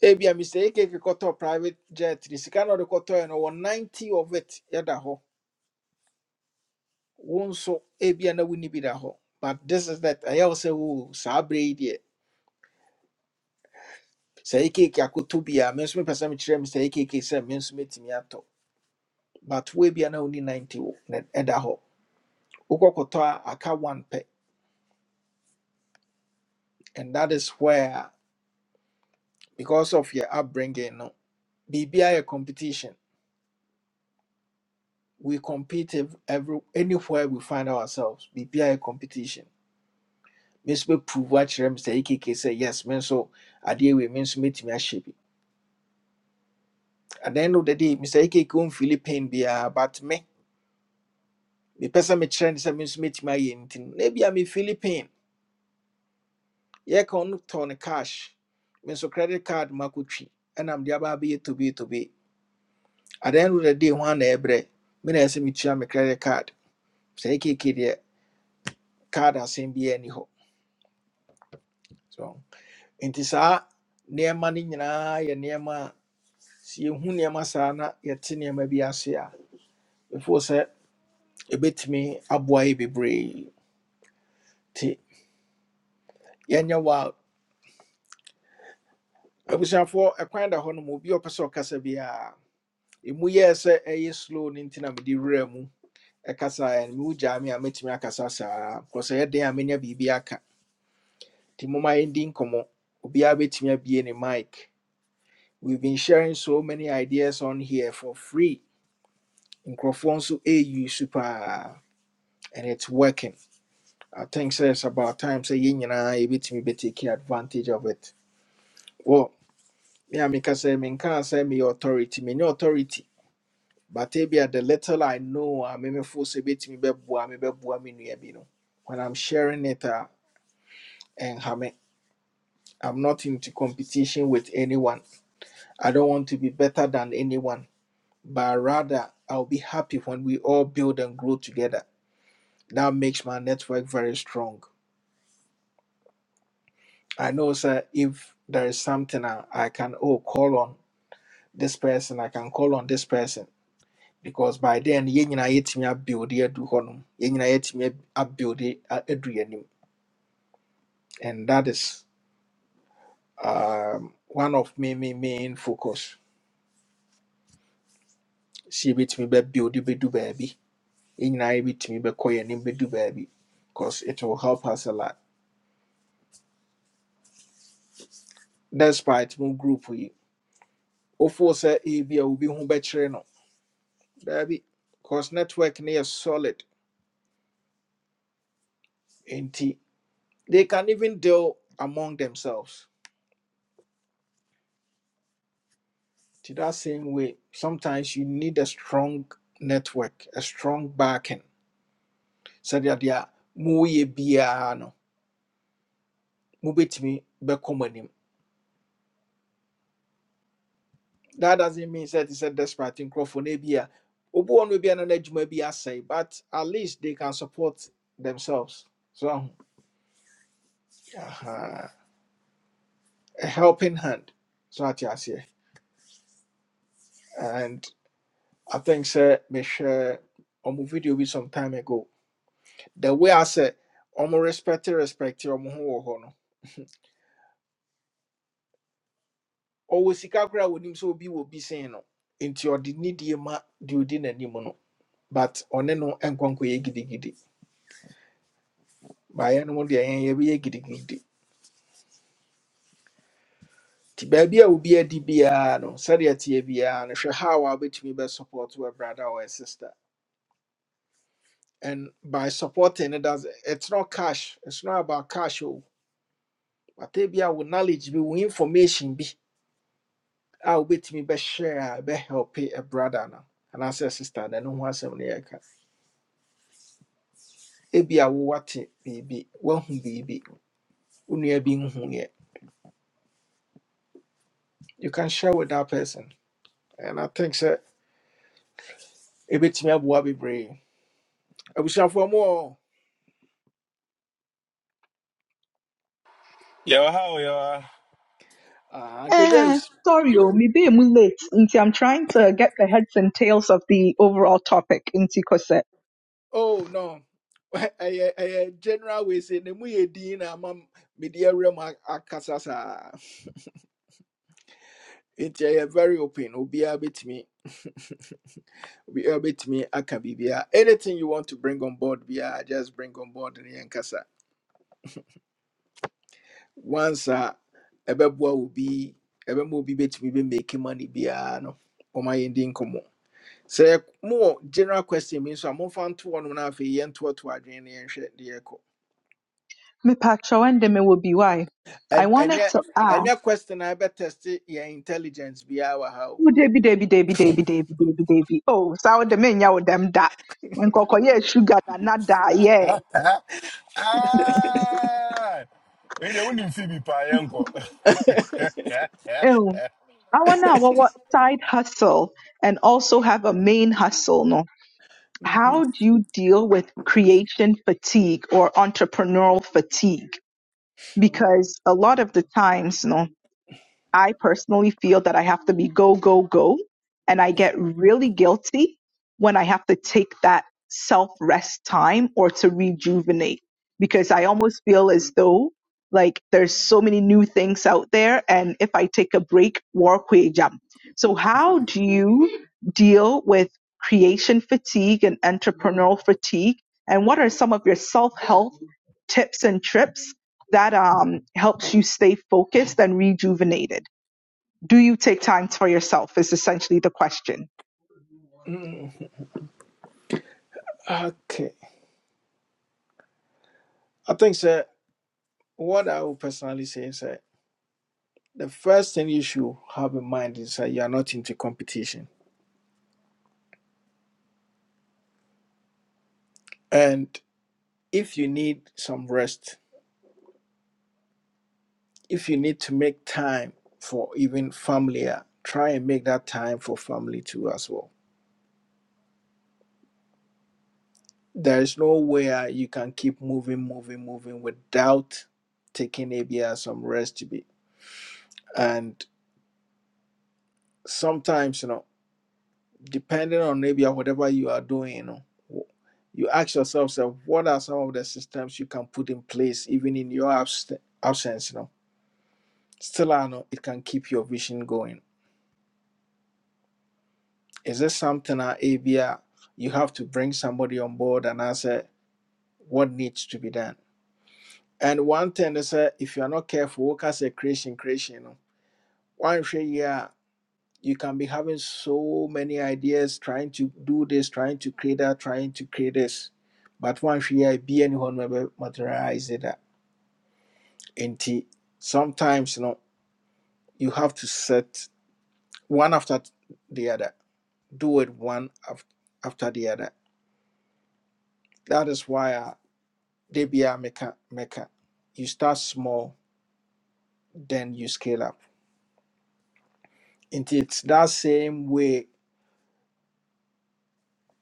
Ebi a Mr. EKK kɔtɔ private jet ni, sika na ɔde kɔtɔɛ no wɔ ninety of it yada ho. wo nso ana na wonni bi da ho, but this is that ɛyɛ wo wo saa berɛ yi deɛ sɛ yi keeki bi a me nso mepɛ sɛ mekyerɛ me sɛ yi keeki me nso mɛtumi atɔ but we bi ana wonni 90 wo na ɛda hɔ wokɔkɔtɔ a aka one pɛ and that is where because of your upbringing no biribiaa a competition we compete ev- every anywhere we find ourselves biribiaa a competition me nso bɛprove akyerɛ me sɛ yi keeki yes me nso adeɛ wei me nso mɛtumi ahyɛ bi at the end of the day mr ekeke on philippine bia but me me person me kyerɛ ne sɛ me nso metumi ayɛ nti no na bia me philippine yɛ ka ɔno tɔ ne cash me nso credit card ma kɔtwi ɛna mede aba abɛyɛ to tobe at the end of the day ho ana ɛbrɛ me na ɛsɛ metua me credit card mr ekeke deɛ card asɛm biaa ni hɔ so nti saa nneɛma no nyinaa yɛ nneɛma a sɛ yɛhu nneɛma saa na yɛte nneɛma bi ase a before sɛ ɛbɛtumi aboa yɛ bebree nti yɛnyɛ wild abusuafoɔ ɛkwan da hɔ nom obi a ɔpɛ sɛ ɔkasa biara ɛmu yɛɛ sɛ ɛyɛ slow no nti na mede werɛ mu ɛkasaeɛ no mewu gyaa me a mɛtumi akasa saa kɔ sɛ ɛyɛ a menya biribi aka nti moma yɛndi nkɔmmɔ obiara bɛtumi abie ne mic we've been sharing so many ideas on here for free nkurɔfoɔ nso ɛyu super, and it's working i think sɛ it's about time sɛ yɛn nyinaa yɛbɛtumi bɛtake advantage of it well me a meka sɛ menkaa sɛ meyɛ authority menya authority But ebia the little I know, I may full say bit me bebwa, me bebwa me no. When I'm sharing it, uh, and hame, I'm not into competition with anyone. I don't want to be better than anyone, but rather I'll be happy when we all build and grow together. That makes my network very strong. I know, sir, if there is something I, I can oh call on this person, I can call on this person because by then yɛn nyinaa yɛtumi abuild yɛadu hɔnom yɛn nyinaa yɛtumi ab- abuild yɛ- a- adu yɛn anim. and that is um, one of me me main focus sɛ yɛbɛtumi bɛbuild bɛdu baabi yɛn nyinaa yɛbɛtumi bɛkɔ yɛn anim bɛdu baabi because it will help us a lot despite mo group yi wofoo sɛ ebi a obi ho bɛkyerɛ no baby, because network no solid And they can even deal among themselves to that same way sometimes you need a strong network a strong backing So that they are biara no mobɛtumi bɛkɔ that doesn't mean that te sɛ desperate nkurɔfoɔ no Obu one obi be an bi a na n'adwuma bi but at least they can support themselves so ahu, a helping hand so ate aseɛ and i think Sir sɛ mehwɛ ɔmo video with some time ago the way I said, ɔmo respect respect ɔmo ho wɔ hɔ no Always sika koraa a wɔnim sɛ obi wɔ bi sen no into ɔde nidie ma deɛ odi n'anim no but ɔne no nkɔnkɔyɛ gidigidi baeɛ no mu deɛ yɛn yɛbɛyɛ gidigidi nti baabi a obi adi biara no sɛdeɛ teɛ biara no hwɛ how a wobɛtumi bɛsupport wɔ brother or a sister and by supporting it does it's not cash it's not about cash o wata bi a wo knowledge bi wo information bi a wobɛtumi bɛ share, a bɛ help a brother no anaasɛ sister no ɛno ho asɛm no yɛka ebi a wowate biribi woahu biribi wo nua bi nhuneɛ you can share with that person and i think sɛ ɛbɛtumi aboa bebree abusuafoɔ mu hɔ,
Yo, how you are?
Ah, good
Eh,
James.
sorry, oh, maybe I'm late. Nti, I'm trying to get the heads and tails of the overall topic into Cosette.
Oh no. I, I, general we say, ne mu yɛ din na ama m- mede awura mu a- very open. nti ɛyɛ very me. obiaa bɛtumi obiaa me. aka biribiaa anything you want to bring on board biaa just bring on board ne yɛnkasa once a ɛbɛboa wo bi ɛbɛma obi bit me be bɛmake money biaa no ɔma yɛndi nkɔmmɔ sɛ mowɔ general question means, I'm momfa nto hɔ nom na afei yɛntoɔtoɔ adwene ne yɛnhwɛ deɛ ɛkɔ
Me pacho and me will be why. I
And and
wanted
yet
to
and
ask,
your question I better test it, your intelligence be our how.
oh, Debbie, Debbie, Debbie, Debbie, Debbie, Debbie, Debbie. Oh, so the men yaw them da. And koko yeah, sugar da na da, yeah.
Ah, we don't even feel me, pa, yanko.
Oh, I wanna what what side hustle and also have a main hustle, no?
Mhm.
How do you deal with creation fatigue or entrepreneurial fatigue? because a lot of the times, you know, I personally feel that I have to be go, go, go. And I get really guilty when I have to take that self rest time or to rejuvenate because I almost feel as though like there's so many new things out there. And if I take a break, war way jump. So how do you deal with creation fatigue and entrepreneurial fatigue? And what are some of your self help tips and trips that um, helps you stay focused and rejuvenated. Do you take time for yourself? Is essentially the question.
Mm. Okay. I think sir what I would personally say is that the first thing you should have in mind is that you are not into competition. And if you need some rest, if you need to make time for even family, uh, try and make that time for family too as well. There is no way uh, you can keep moving, moving, moving without taking maybe uh, some rest to be. and sometimes you know depending on maybe or whatever you are doing you know w- you ask yourself so what are some of the systems you can put in place even in your abs- absence you know still I know it can keep your vision going is this something at abia you have to bring somebody on board and answer what needs to be done and one thing is that if you are not careful work as a creation creation you know one you can be having so many ideas trying to do this trying to create that trying to create this but one fear be anyone will materialize it and sometimes you know you have to set one after the other do it one af- after the other that is why uh, they be a maker maker. you start small then you scale up and it's that same way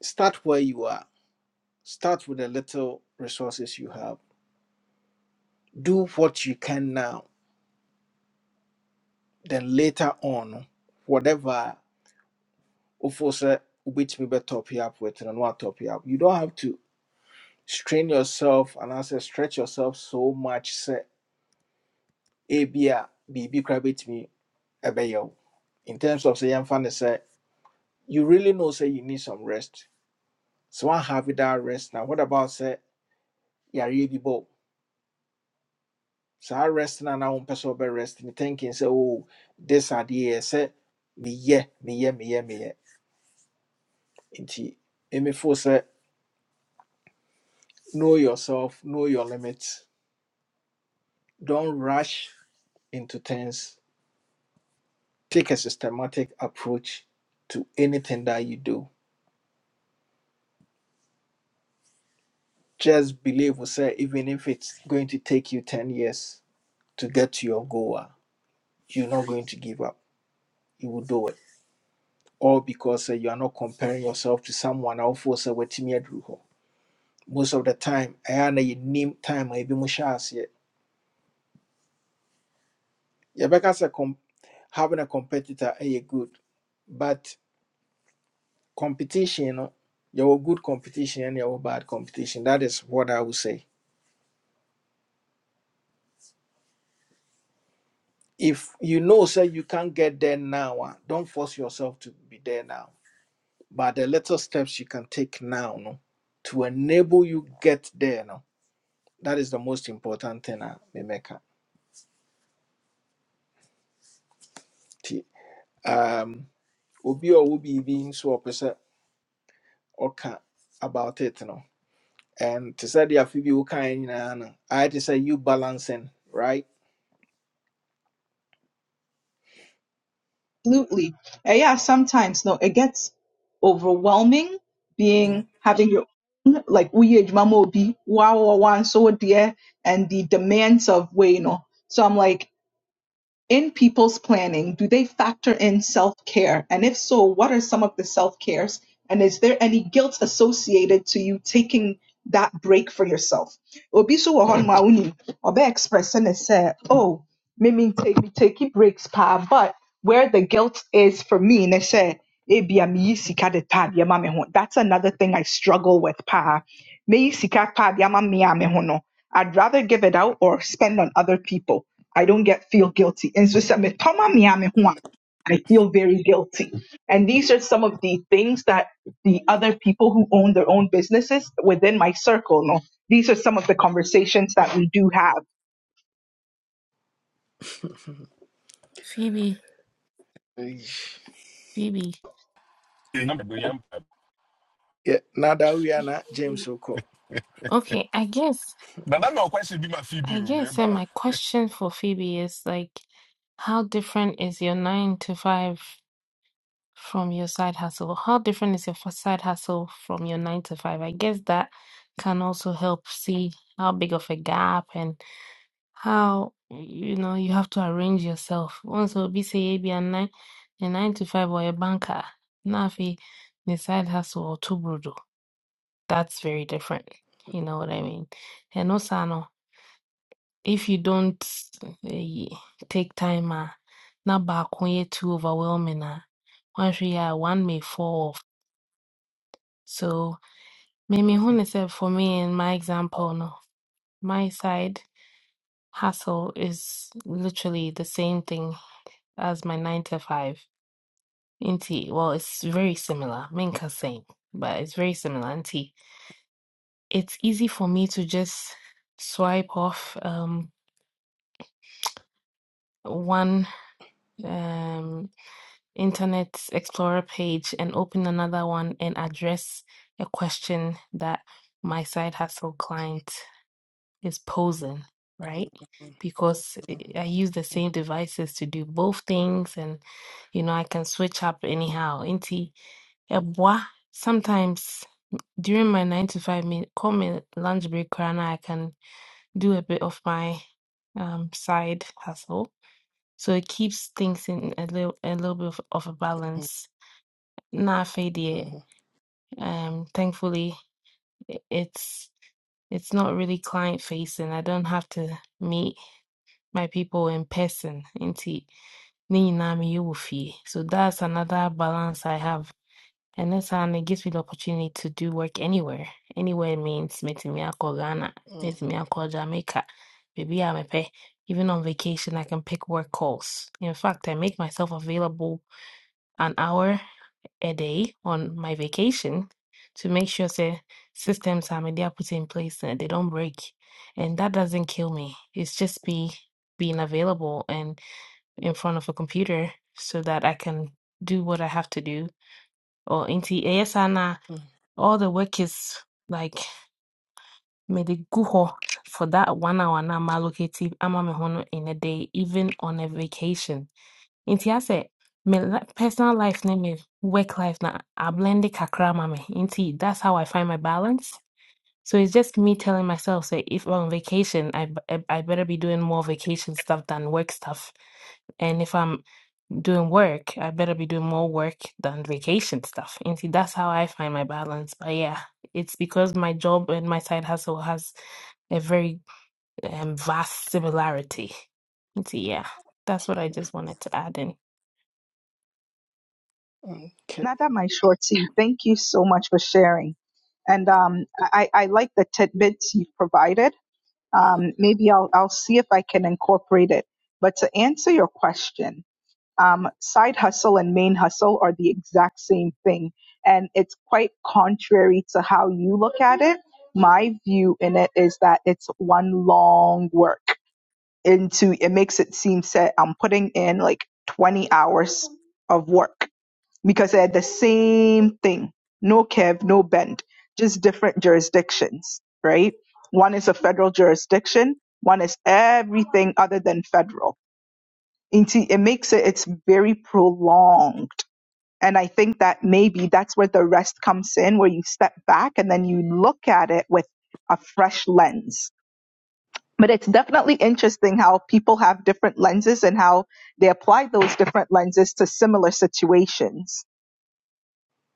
start where you are start with the little resources you have do what you can now then later on whatever ofosa ubitimi be top you up with and what top you up you don't have to strain yourself and as I stretch yourself so much say abia bb crabit me a in terms of say young fan say you really know say you need some rest so i have it that rest now what about say yeah really bo so i rest now now on person rest me thinking say oh this idea say me yeah me yeah me yeah me yeah. nti ɛmɛfo sɛ know yourself know your limits don't rush into things take a systematic approach to anything that you do just believe We say even if it's going to take you 10 years to get to your goal a, you're not going to give up you will do it all because sɛ you are not comparing yourself to someone a wofoɔ sɛ watumi aduru hɔ most of the time I ɛyɛ a na time i ebi mu hyɛ aseɛ yɛbɛka sɛ com- having a competitor ɛyɛ good but. competition your good competition and your bad competition that is what i would say if you know say you can't get there now a, don't force yourself to be there now but the little steps you can take now no to enable you get there no that is the most important thing a memeka nti um obi a ɔwɔ biribi nso a ɔpɛ about it no and to say the afi bi wokae nyinaa no ayɛ te you balancing right
Absolutely. Uh, yeah, sometimes no, it gets overwhelming being having your own like we age mama will be wow wow wow, and so dear and the demands of way, you know. So I'm like in people's planning, do they factor in self care? And if so, what are some of the self cares? And is there any guilt associated to you taking that break for yourself? Obi so wɔ hɔnom a wonim, ɔbɛ express ne sɛ, oh, me me take me take breaks pa, but where the guilt is for me ne sɛ, ebia meyi sika de pa adeɛ ma me ho. That's another thing I struggle with pa. Meyi sika pa adeɛ ama me a me ho no. I'd rather give it out or spend on other people I don't get feel guilty. And so some- toma mi ame ho a, I feel very guilty. And these are some of the things that the other people who own their own businesses within my circle, no, these are some of the conversations that we do have.
Phoebe, Phoebe.
I'm going yanko.
Yeah, na da we are na James Oko.
Okay, I guess,
But I'm not question be my Phoebe,
I guess,
remember?
and my question for Phoebe is like, how different is your nine to five from your side hustle? How different is your f- side hustle from your nine to five? I guess that can also help see how big of a gap and how, you know, you have to arrange yourself. Once will be say, "Hey, be a nine, a nine to five or a banker. Now, if the side hustle or two that's very different. You know what I mean? And also, I know, if you don't eh, take time, uh, not back when you're too overwhelming, uh, once we are one may fall off. So, maybe when I said for me in my example, no, my side hustle is literally the same thing as my nine to five. Inti, well, it's very similar. Minka saying, but it's very similar. auntie. it's easy for me to just swipe off. Um, one um, Internet Explorer page and open another one and address a question that my side hustle client is posing, right? Because I use the same devices to do both things, and you know I can switch up anyhow. Inti eboa sometimes during my nine to five minute call me lunch break, koraa I can do a bit of my um, side hustle so it keeps things in a little a little bit of, of a balance. Not fade Um thankfully i- it's it's not really client facing. I don't have to meet my people in person. Nti ni nyinaa meyɛ wɔ fie. So that's another balance I have. And that's how it gives me the opportunity to do work anywhere. Anywhere means meeting me akɔ Ghana, meeting me akɔ Jamaica, baby I'm a pay. Even on vacation, I can pick work calls. In fact, I make myself available an hour a day on my vacation to make sure say systems are media put in place and they don't break. And that doesn't kill me. It's just be being available and in front of a computer so that I can do what I have to do. Or into ASANA, all the work is like mede gu hɔ for that one hour na I'm allocated ama me ho no in a day, even on a vacation. Nti asɛ my personal life ne me work life na ablend kakra ama me. Nti that's how I find my balance. So it's just me telling myself say if I'm on vacation, I, b- I I better be doing more vacation stuff than work stuff. And if I'm doing work, I better be doing more work than vacation stuff. Nti that's how I find my balance. But yeah, it's because my job and my side hustle has a very um, vast similarity. Nti yeah, that's what I just wanted to add in.
Okay.
Nada, my shorty, thank you so much for sharing. And um, I, I like the tidbits you've provided. Um, maybe I'll, I'll see if I can incorporate it. But to answer your question, um, side hustle and main hustle are the exact same thing. And it's quite contrary to how you look at it. My view in it is that it's one long work into it makes it seem set I'm putting in like 20 hours of work because they're the same thing. No kev, no bend, just different jurisdictions, right? One is a federal jurisdiction. One is everything other than federal into it makes it it's very prolonged and i think that maybe that's where the rest comes in where you step back and then you look at it with a fresh lens but it's definitely interesting how people have different lenses and how they apply those different lenses to similar situations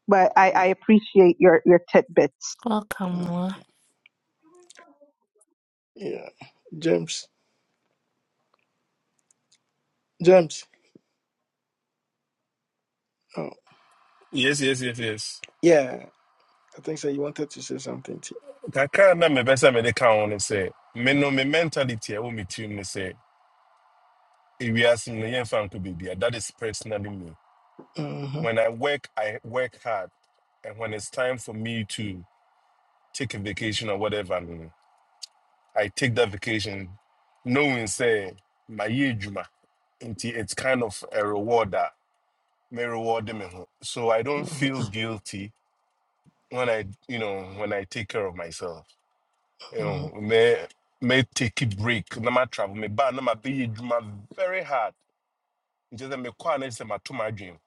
but i, I appreciate your your tidbits
Welcome.
Yeah. James. James. Oh,
Yes, yes, yes, yes.
yeah. I think so. You wanted to say something, T.
Kaka na me besa me de kan on say. Me no me mentality e wo me tune ne say. If we ask me yen fan ko baby, that is personally me.
Mhm,
When I work, I work hard. And when it's time for me to take a vacation or whatever, mm, I take that vacation knowing say my juma. It's kind of a reward that may reward them. So I don't
mhm,
feel guilty when I you know when I take care of myself. You
mhm,
know, may may take a break. No matter travel, may ban no my be juma very hard. It's Just that me kwa na say my to my dream.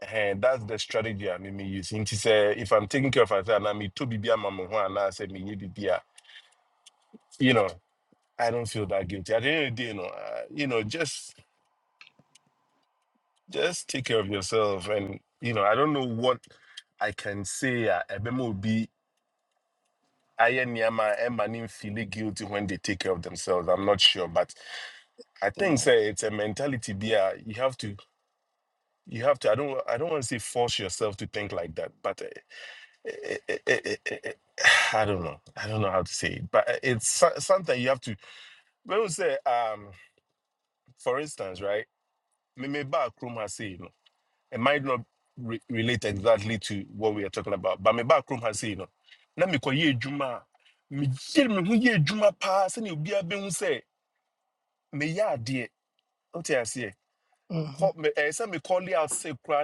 And that's the strategy I mean me use. Nti say if I'm taking care of myself and I me to be be a mama ho and I say me you be be a, you know I don't feel that guilty. At the end of the day, you know, uh, you know just just take care of yourself. And you know, I don't know what I can say. uh, Ebema will be Iron Yama and Manin feeling guilty when they take care of themselves. I'm not sure, but I think
mhm,
say it's a mentality. Be uh, you have to. You have to. I don't. I don't want to say force yourself to think like that, but uh, eh, eh, eh, eh, eh, eh, I don't know. I don't know how to say it. But uh, it's so- something you have to. When we say, um, for instance, right? Me me ba krum ha it might not re- relate exactly to what we are talking about. But my backroom has said, you know, na me kwa juma, me ye me hu ye juma pa, se ni ubi abe hu me ya adie, ote ya siye,
mhm,
Call- me, eh, se me call it out se kwa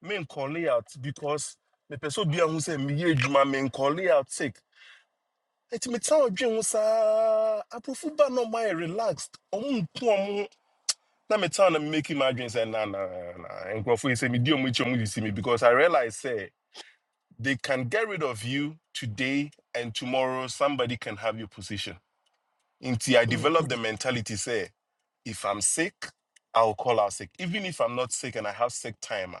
me call it out because me peso bia hu se, me ye juma, me call it out se, eti me tan odwe hu sa, aprofu ba no my relaxed, omu mpu omu, na me tan na me make him adwin Say, na na na, nkrofo say me di omu ichi omu di si me because I realize say, They can get rid of you today, and tomorrow somebody can have your position. Until I
mhm,
develop the mentality, say, if I'm sick, I'll call out sick. Even if I'm not sick and I have sick time, ah,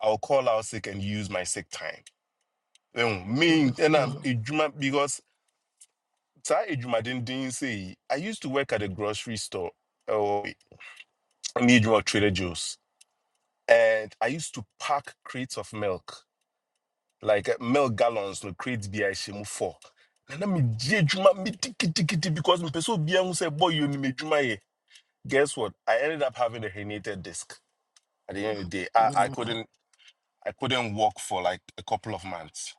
I'll call out sick and use my sick time. Um, Me
mhm,
and I'm because Sa Ejuma didn't, say I used to work at a grocery store or Ejuma Trader Joe's, and I used to pack crates of milk. like uh, milk gallons no crate bi a ɛhyɛ mu four na na megye adwuma medikitikiti because me sɛ obia hu say boy you ni me juma ye. guess what i ended up having a herniated disc at the end of the day i, I
mhm,
couldn't i couldn't walk for like a couple of months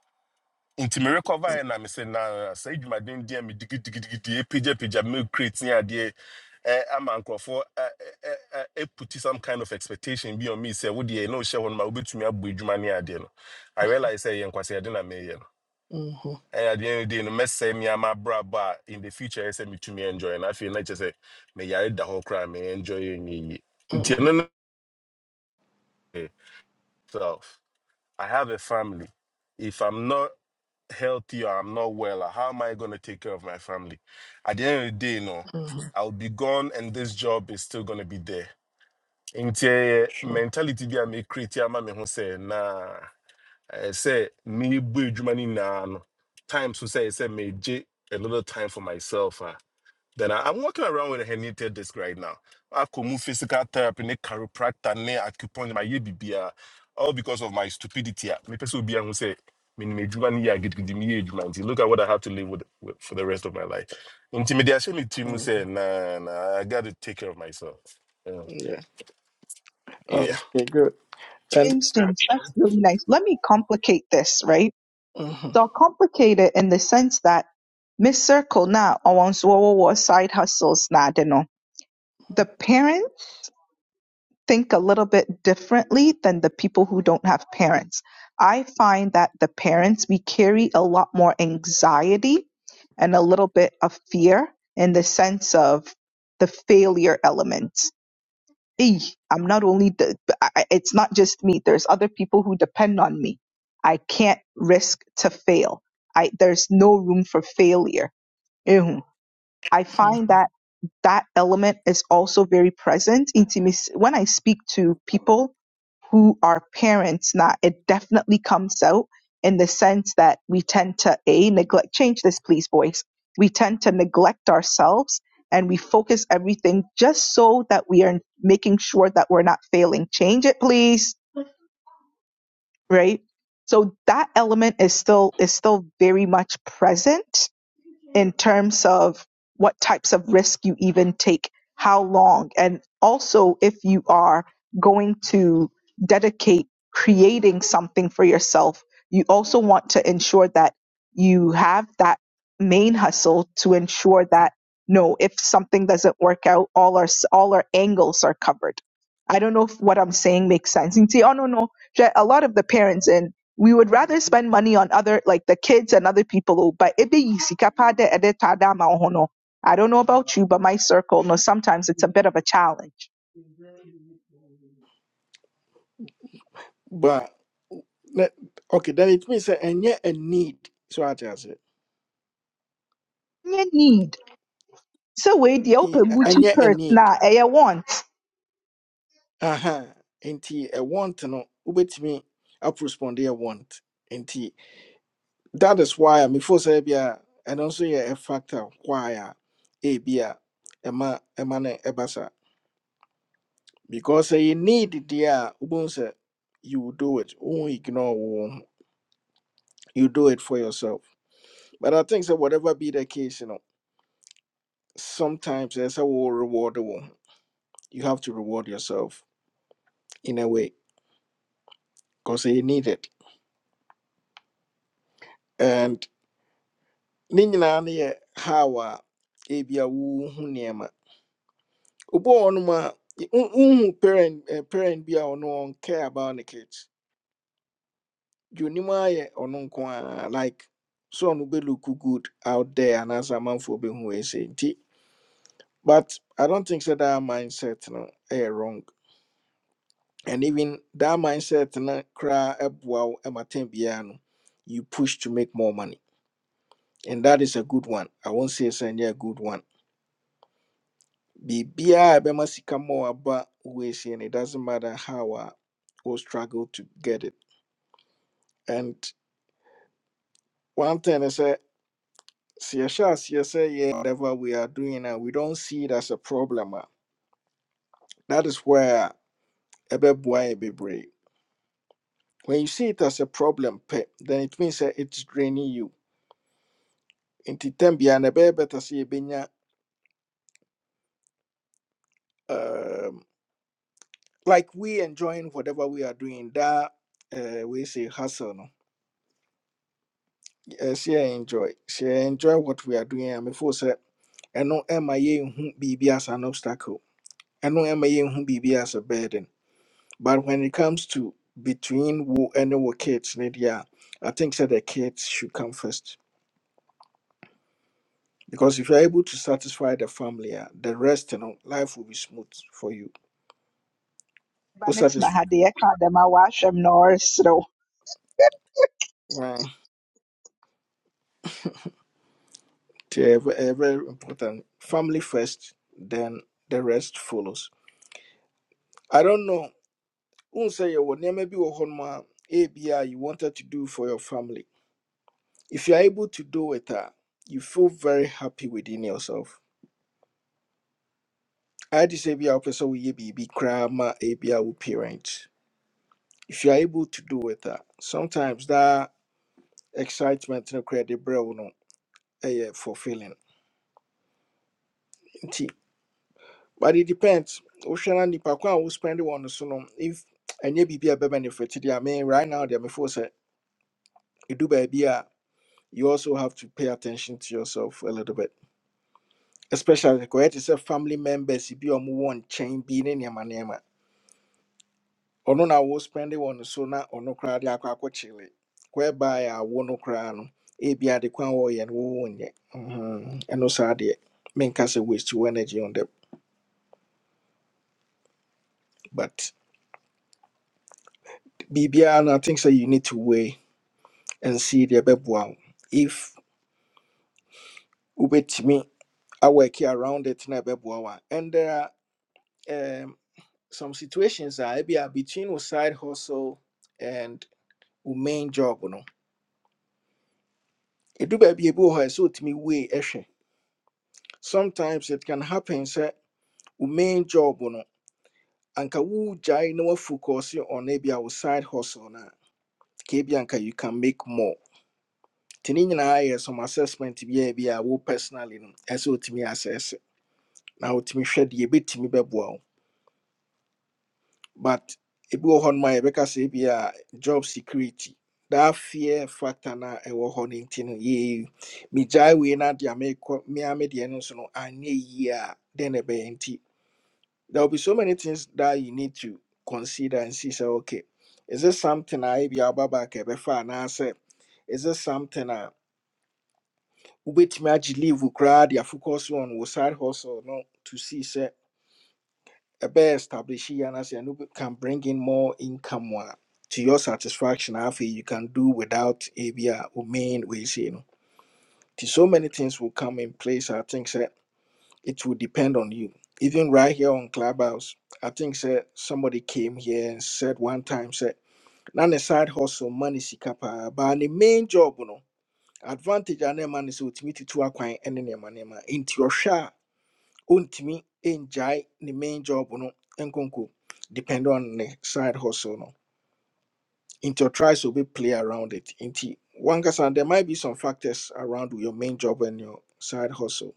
Into me recover
mhm,
yɛ na me sɛ na sɛ adwumaden deɛ medikitikiti ɛpagyapagya milk crate ne adeɛ eh, ama nkurɔfoɔ ɛputi some kind of expectation bi on me sɛ wodeɛ na wohyɛ hɔ no ma wobɛtumi abɔ adwuma ne adeɛ no i realize sɛ yɛ nkwasɛde na meyɛ no
mhm,
and at the end of the day, no mess say me and my bra but in the future, I say me to me enjoy. And I feel like just say me yare the whole crime, me enjoy me. Nti
Mm-hmm,
ɛno ne- eh, So I have a family. If I'm not healthy or I'm not well, uh, how am I gonna take care of my family? At the end of the day, no,
hmm
I'll be gone and this job is still gonna be there. Nti ɛyɛ
Sure.
mentality bi a me create ama me ho say nah, I say me bu edwuma ni na no. Times so say say me je a little time for myself. ah. Then I, I'm walking around with a herniated disc right now. I could move physical therapy, ne chiropractor, ne acupuncture, my UBBR, all because of my stupidity. ah. Me person will be and will say, "Me ni medwuma ni yɛ agidigidi, me yɛ adwuma nti, Look at what I have to live with, with for the rest of my life. Intimidation, me team will
Mhm.
say, nah, nah, I got to take care of myself. Yeah.
Yeah.
yeah.
Okay, good. And
james james that's really nice let me complicate this right
mhm,
So complicated in the sense that Miss Circle now owns World War side hustles now. do The parents think a little bit differently than the people who don't have parents. I find that the parents we carry a lot more anxiety and a little bit of fear in the sense of the failure element eh, I'm not only the, I, I- it's not just me. There's other people who depend on me. I can't risk to fail. I there's no room for failure. Ehun. I
mhm.
find that that element is also very present. Intimacy. When I speak to people who are parents, now it definitely comes out in the sense that we tend to a neglect. Change this, please, boys. We tend to neglect ourselves and we focus everything just so that we are making sure that we're not failing. Change it, please. Right. So that element is still is still very much present in terms of what types of risk you even take, how long, and also if you are going to dedicate creating something for yourself, you also want to ensure that you have that main hustle to ensure that no, if something doesn't work out, all our all our angles are covered. I don't know if what I'm saying makes sense. You can see, oh no, no. A lot of the parents in we would rather spend money on other like the kids and other people oh, but ebe yi sika pa dɛ ɛde taa da ama ho no, i don't know about you but my circle no sometimes it's a bit of a challenge
but let- okay, then it means that and yet a need. So I just said,
you need so we the
e-
open
and
gucci
yet a
purse
need.
na ɛyɛ want
Uh-huh. And t a want no wait me up respond a want. And t that is why I'm before Serbia and also yeah, a factor why a eh, be a ɛma ɛma no ɛba saa. Because a need there, you will do it. Won't ignore. you do it for yourself. But I think that whatever be the case, you know, sometimes there's a will rewardable, You have to reward yourself in a way because you need it. And ne nyinaa ne yɛ how a ebi a wohu nneɛma. Obi wɔ hɔnom a wohu parent eh, parent bi a ɔno ɔncare about ne kids. Deɛ onim ara yɛ ɔno nko ara like so ɔno bɛlook good out there anaasɛ amanfoɔ bɛhu wei sei nti but I don't think sɛ that mindset no ɛyɛ wrong and even that mindset na cry wow no you push to make more money and that is a good one i won't say it's any a good one bibia ebema sika more about ways and it doesn't matter how uh, we struggle to get it and one thing is that say Siasha Siasa yeah whatever we are doing and we don't see it as a problem a, that is where ebe boy be brave when you see it as a problem pe, then it means that it's draining you nti tam biara no ɛbɛyɛ better sɛ yɛbɛnya um, like we enjoying whatever we are doing that uh, we say hustle no she enjoy She enjoy what we are doing a mefoo sɛ ɛno ɛma yɛnhu biribi as an obstacle ɛno ɛma yɛnhu biribi as a burden but when it comes to between wo and wo kids ne deɛ a i think sɛ the kids should come first because if you are able to satisfy the family a the rest you know, life will be smooth for you Who
but ne tena ha
satisfy
deɛ ɛka dɛm a wahwɛ m na ɔreserew
Yeah, ve- eh, very important. Family first, then the rest follows. I don't know. Who say you maybe ABI you wanted to do for your family. If you're able to do it, ah, you feel very happy within yourself. I just ABI person will be be grandma ABI will parents. If you're able to do it, ah, sometimes that excitement no credit bro no eh, yeah, fulfilling. but it depends wohwɛ na nipa ko wo spend one, no so no if ɛnyɛ biribi a ɛbɛ benefit deɛ I mean right now deɛ mefo sɛ ɛdu baabi a you also have to pay attention to yourself a little bit especially correct. te sɛ family members bi a ɔmowɔ nkyɛn bi ne nneɛma nneɛma Ono na wo spend one, no so na ɔno koraa de akɔ akɔkyele whereby a wo no koraa no ebi ade kwan a wɔyɛ no wowɔ nyɛ Mhm. ɛno saa deɛ menka sɛ waste your energy on them but biribiara no i think sɛ you need to weigh and see the beboa. If ubetimi I work around it na beboa. And there are um, some situations I be between wo side hustle and wo main job no. It do be able her so to me way ehwe. Sometimes it can happen say wo main job no anka wo jai no focus on ebi a side hustle na. kebi anka you can make more. Tini nyinaa yɛ some assessment bi a ebi a wo personally no ɛsɛ otumi assess na otumi hwɛ deɛ ebetumi bɛboa wo but ebi wɔ hɔ nom a yɛbɛka sɛ ebi a job security that fear factor na ɛwɔ hɔ no nti no yee megyae wei na deɛ merekɔ mea me deɛ no nso no anyɛ yie a dɛn na ɛbɛyɛ nti there will be so many things that you need to consider and see sɛ okay is it something a ebi a woba back a ɛbɛfa anaasɛ is it something a wobɛtumi agye leave wo koraa de afocus on wo side hustle no to see sɛ ɛbɛyɛ establish yi anaasɛ ɛno bɛ- can bring in more income a to your satisfaction afei you can do without ebi a wo main weesei no nti so many things will come in place i think sɛ it will depend on you even right here on clubhouse i think sɛ somebody came here and said one time sɛ na ne side hustle money sika paa but ne main job no advantage a na ɛma ne sɛ otumi tutu akwan ne nneɛma nneɛma nti ɔhwɛ a ɔntumi ngyae ne main job no nkonko depend on the side hustle no nti ɔtry sɛ be play around it nti wankasa there might be some factors around your main job and your side hustle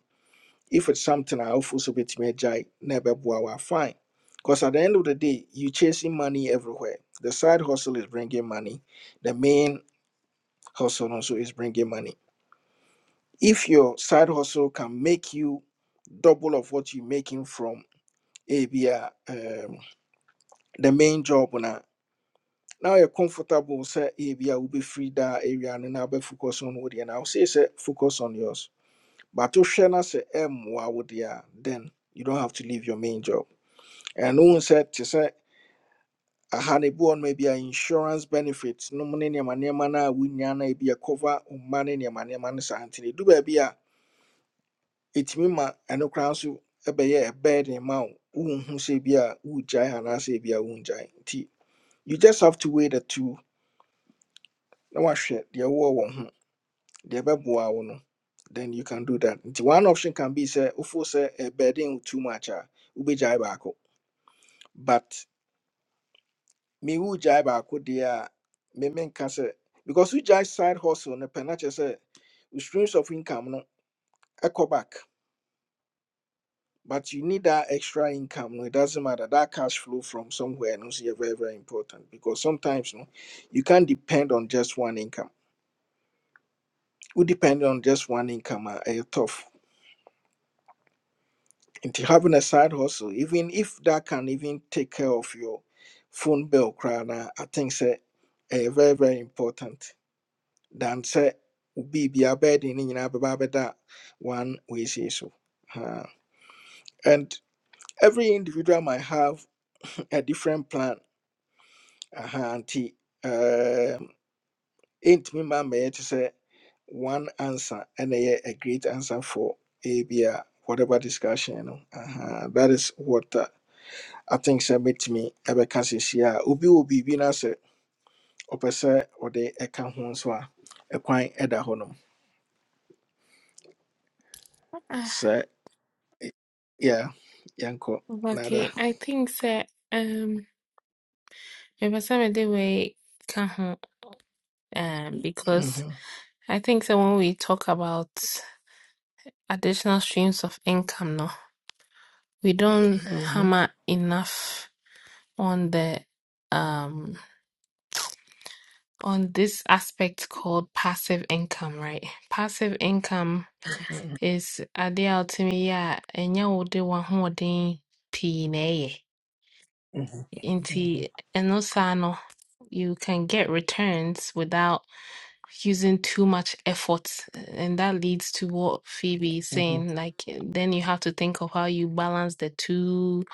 if it's something i wofo so bɛtumi agyae na ɛbɛboa wo fine because at the end of the day you chasing money everywhere the side hustle is bringing money the main hustle also is bringing money if your side hustle can make you double of what you're making from ABR the main job na now you're comfortable sɛ ebia will be free that area no na be focus on wodeɛ no Now, say say focus on yours but to wohwɛ no sɛ ɛmmoa wo deɛ a then you don't have to leave your main job and wohu sɛ te sɛ aha no ebi wɔ maybe ebia insurance benefit nom ne nneɛma nneɛma no a wonya no a ebia cover wo money ne nneɛma nneɛma no saa nti no ɛdu baabi a ɛtumi ma ɛno koraa nso ɛbɛyɛ ɛbɛɛden ma wo wonhu sɛ ebia wogyae anaasɛ jai. wongyae you just have to weigh the two na wahwɛ deɛ wowɔ wɔ ho deɛ ɛbɛboa wo no then you can do that nti one option can be sɛ wofoo sɛ ɛbɛden wo too much a wobɛgyae baako but me wogyae baako deɛ a me menka sɛ because wogyae side hustle no pɛ na kyerɛ sɛ wo streams of income no ɛkɔ back but you need that extra income no it doesn't matter that cash flow from somewhere no so very very important because sometimes no you can't depend on just one income wo depend on just one income a ɛyɛ tough Into having a side hustle, even if that can even take care of your phone bill, crana, I think say a very very important. Than say be be a bed in in that one way say so. Uh, and every individual might have a different plan. Uh, auntie, um, ain't me man to say one answer and a, a great answer for a, be a whatever discussion. You know. uh, that is what. Uh, I think sɛ mɛtumi ɛbɛka sisi a obi wɔ biribi na sɛ ɔpɛ sɛ ɔde ɛka ho nso a ɛkwan ɛda hɔnom
Ah,
sɛ yɛ yɛnkɔ nada
okay, I think that um mepɛsɛ mede way can ho um because
Mhm,
I think that when we talk about additional streams of income no, we don't
mhm,
hammer enough on the um on this aspect called passive income, right? Passive income
mhm,
is adeɛ a wotumi yɛ a ɛnyɛ wode w'ahoɔden pii na ɛyɛ.
mhm, mhm,
Indeed. And also, I you can get returns without using too much effort. And that leads to what Phoebe is
mhm,
saying. Like, then you have to think of how you balance the two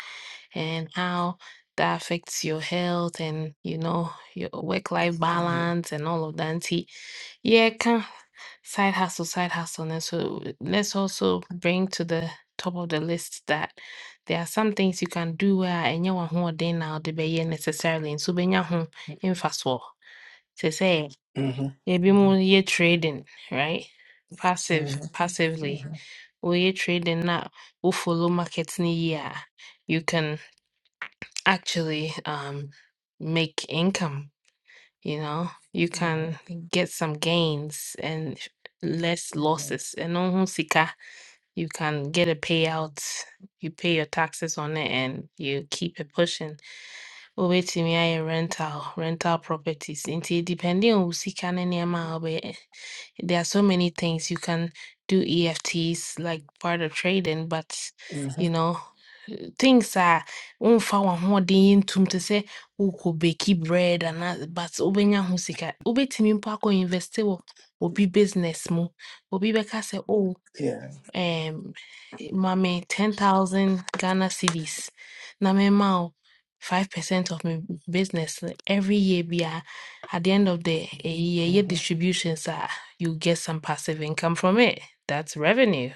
and how that affects your health and you know your work-life
mhm,
balance and all of that. Nti, yeah, can side hustle, side hustle. And so let's also bring to the top of the list that there are some things you can do a ɛnyɛ w'ahoɔden na ɔde bɛyɛ necessarily And so nso wobɛnya ho mfasoɔ. say, sɛ
mhm,
ebi mu yɛ trading, right? Passive, passively. We Woyɛ trading na We follow markets yie a you can actually um, make income. You know, you
mhm,
can
mhm,
get some gains and less
mhm,
losses. And on Hunsika, you can get a payout. You pay your taxes on it, and you keep it pushing wobɛtumi ayɛ rental rental properties nti depending on wo sika ne nneɛma a wobɛyɛ there are so many things you can do EFTs like part of trading but
mhm.
you know things a womfa w'ahoɔden yɛ ntom te sɛ wokɔ beki bread anaa but wobɛnya ho sika wobɛtumi mpo akɔ investe wɔ obi business mu obi bɛka sɛ oh
Yeah.
um mame ten thousand Ghana cedis na mema five percent of my business every year be a- at the end of the eh, year year
Mhm,
distributions are you get some passive income from it that's revenue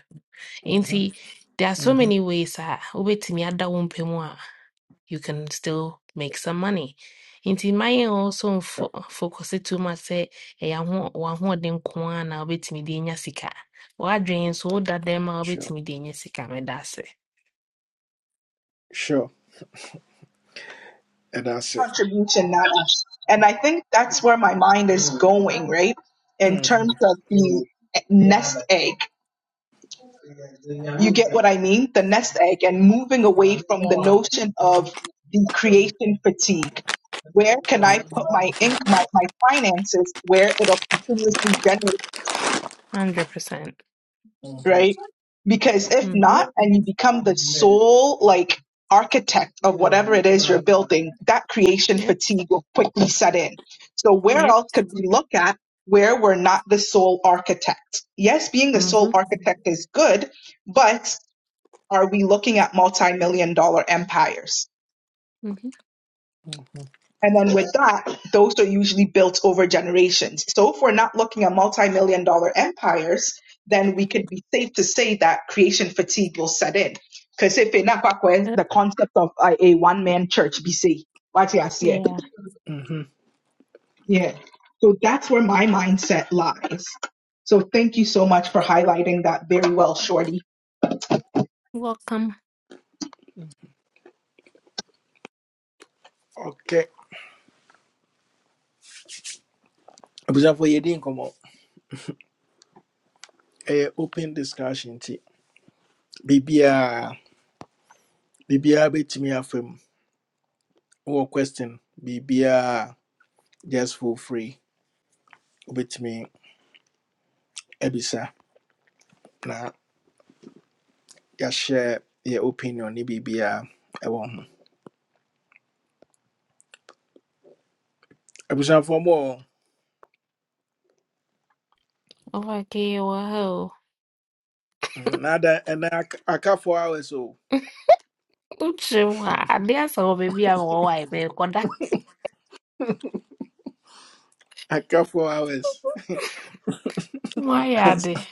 mhm,
nti there are so
mhm.
many ways a wobɛtumi ada wo mpɛ you can still make some money. Nti mma also mfo focus it too much Say, sɛ ɛyɛ aho w'ahoɔden nko ara na wobɛtumi de anya sika. W'adwene nso woda dɛm a
sure sure
wobɛtumi de anya sika meda ase.
sure ɛda ase
contribution na and i think that's where my mind is going right in terms
Mhm,
of the nest egg You get what I mean? The nest egg and moving away from the notion of the creation fatigue. Where can I
mhm,
put my ink, my, my finances where it'll continuously generate,
Hundred percent.
mhm,
right? Because if
Mm-hmm.
not, and you become the sole like architect of whatever it is you're building, that creation
Yep.
fatigue will quickly set in. So where
Yeah.
else could we look at where we're not the sole architect? Yes, being the
Mm-hmm.
sole architect is good, but are we looking at multi-million dollar empires?
Mm-hmm.
mhm,
And then with that, those are usually built over generations. So if we're not looking at multi-million dollar empires, then we could be safe to say that creation fatigue will set in. Because if in Akwakwe,
Yep.
the concept of uh, a one-man church, BC, what you ask
Yeah.
mhm.
yeah. So that's where my mindset lies. So thank you so much for highlighting that very well, Shorty.
Welcome.
okay abusuafoɔ yɛdi nkɔmmɔ A open discussion nti biribiaa biribiaa bɛtumi afa mu question biribiaa just for free wobɛtumi Ebisa. na ya Share your opinion ne biribiaa ɛwɔ ho abusuafoɔ mu ɔ
Over here. Wow.
nada ɛnɛ aka four hours o
Uche wa ade asa wo baby a wo wa ibe koda.
aka four hours
Why are
Ans-
they?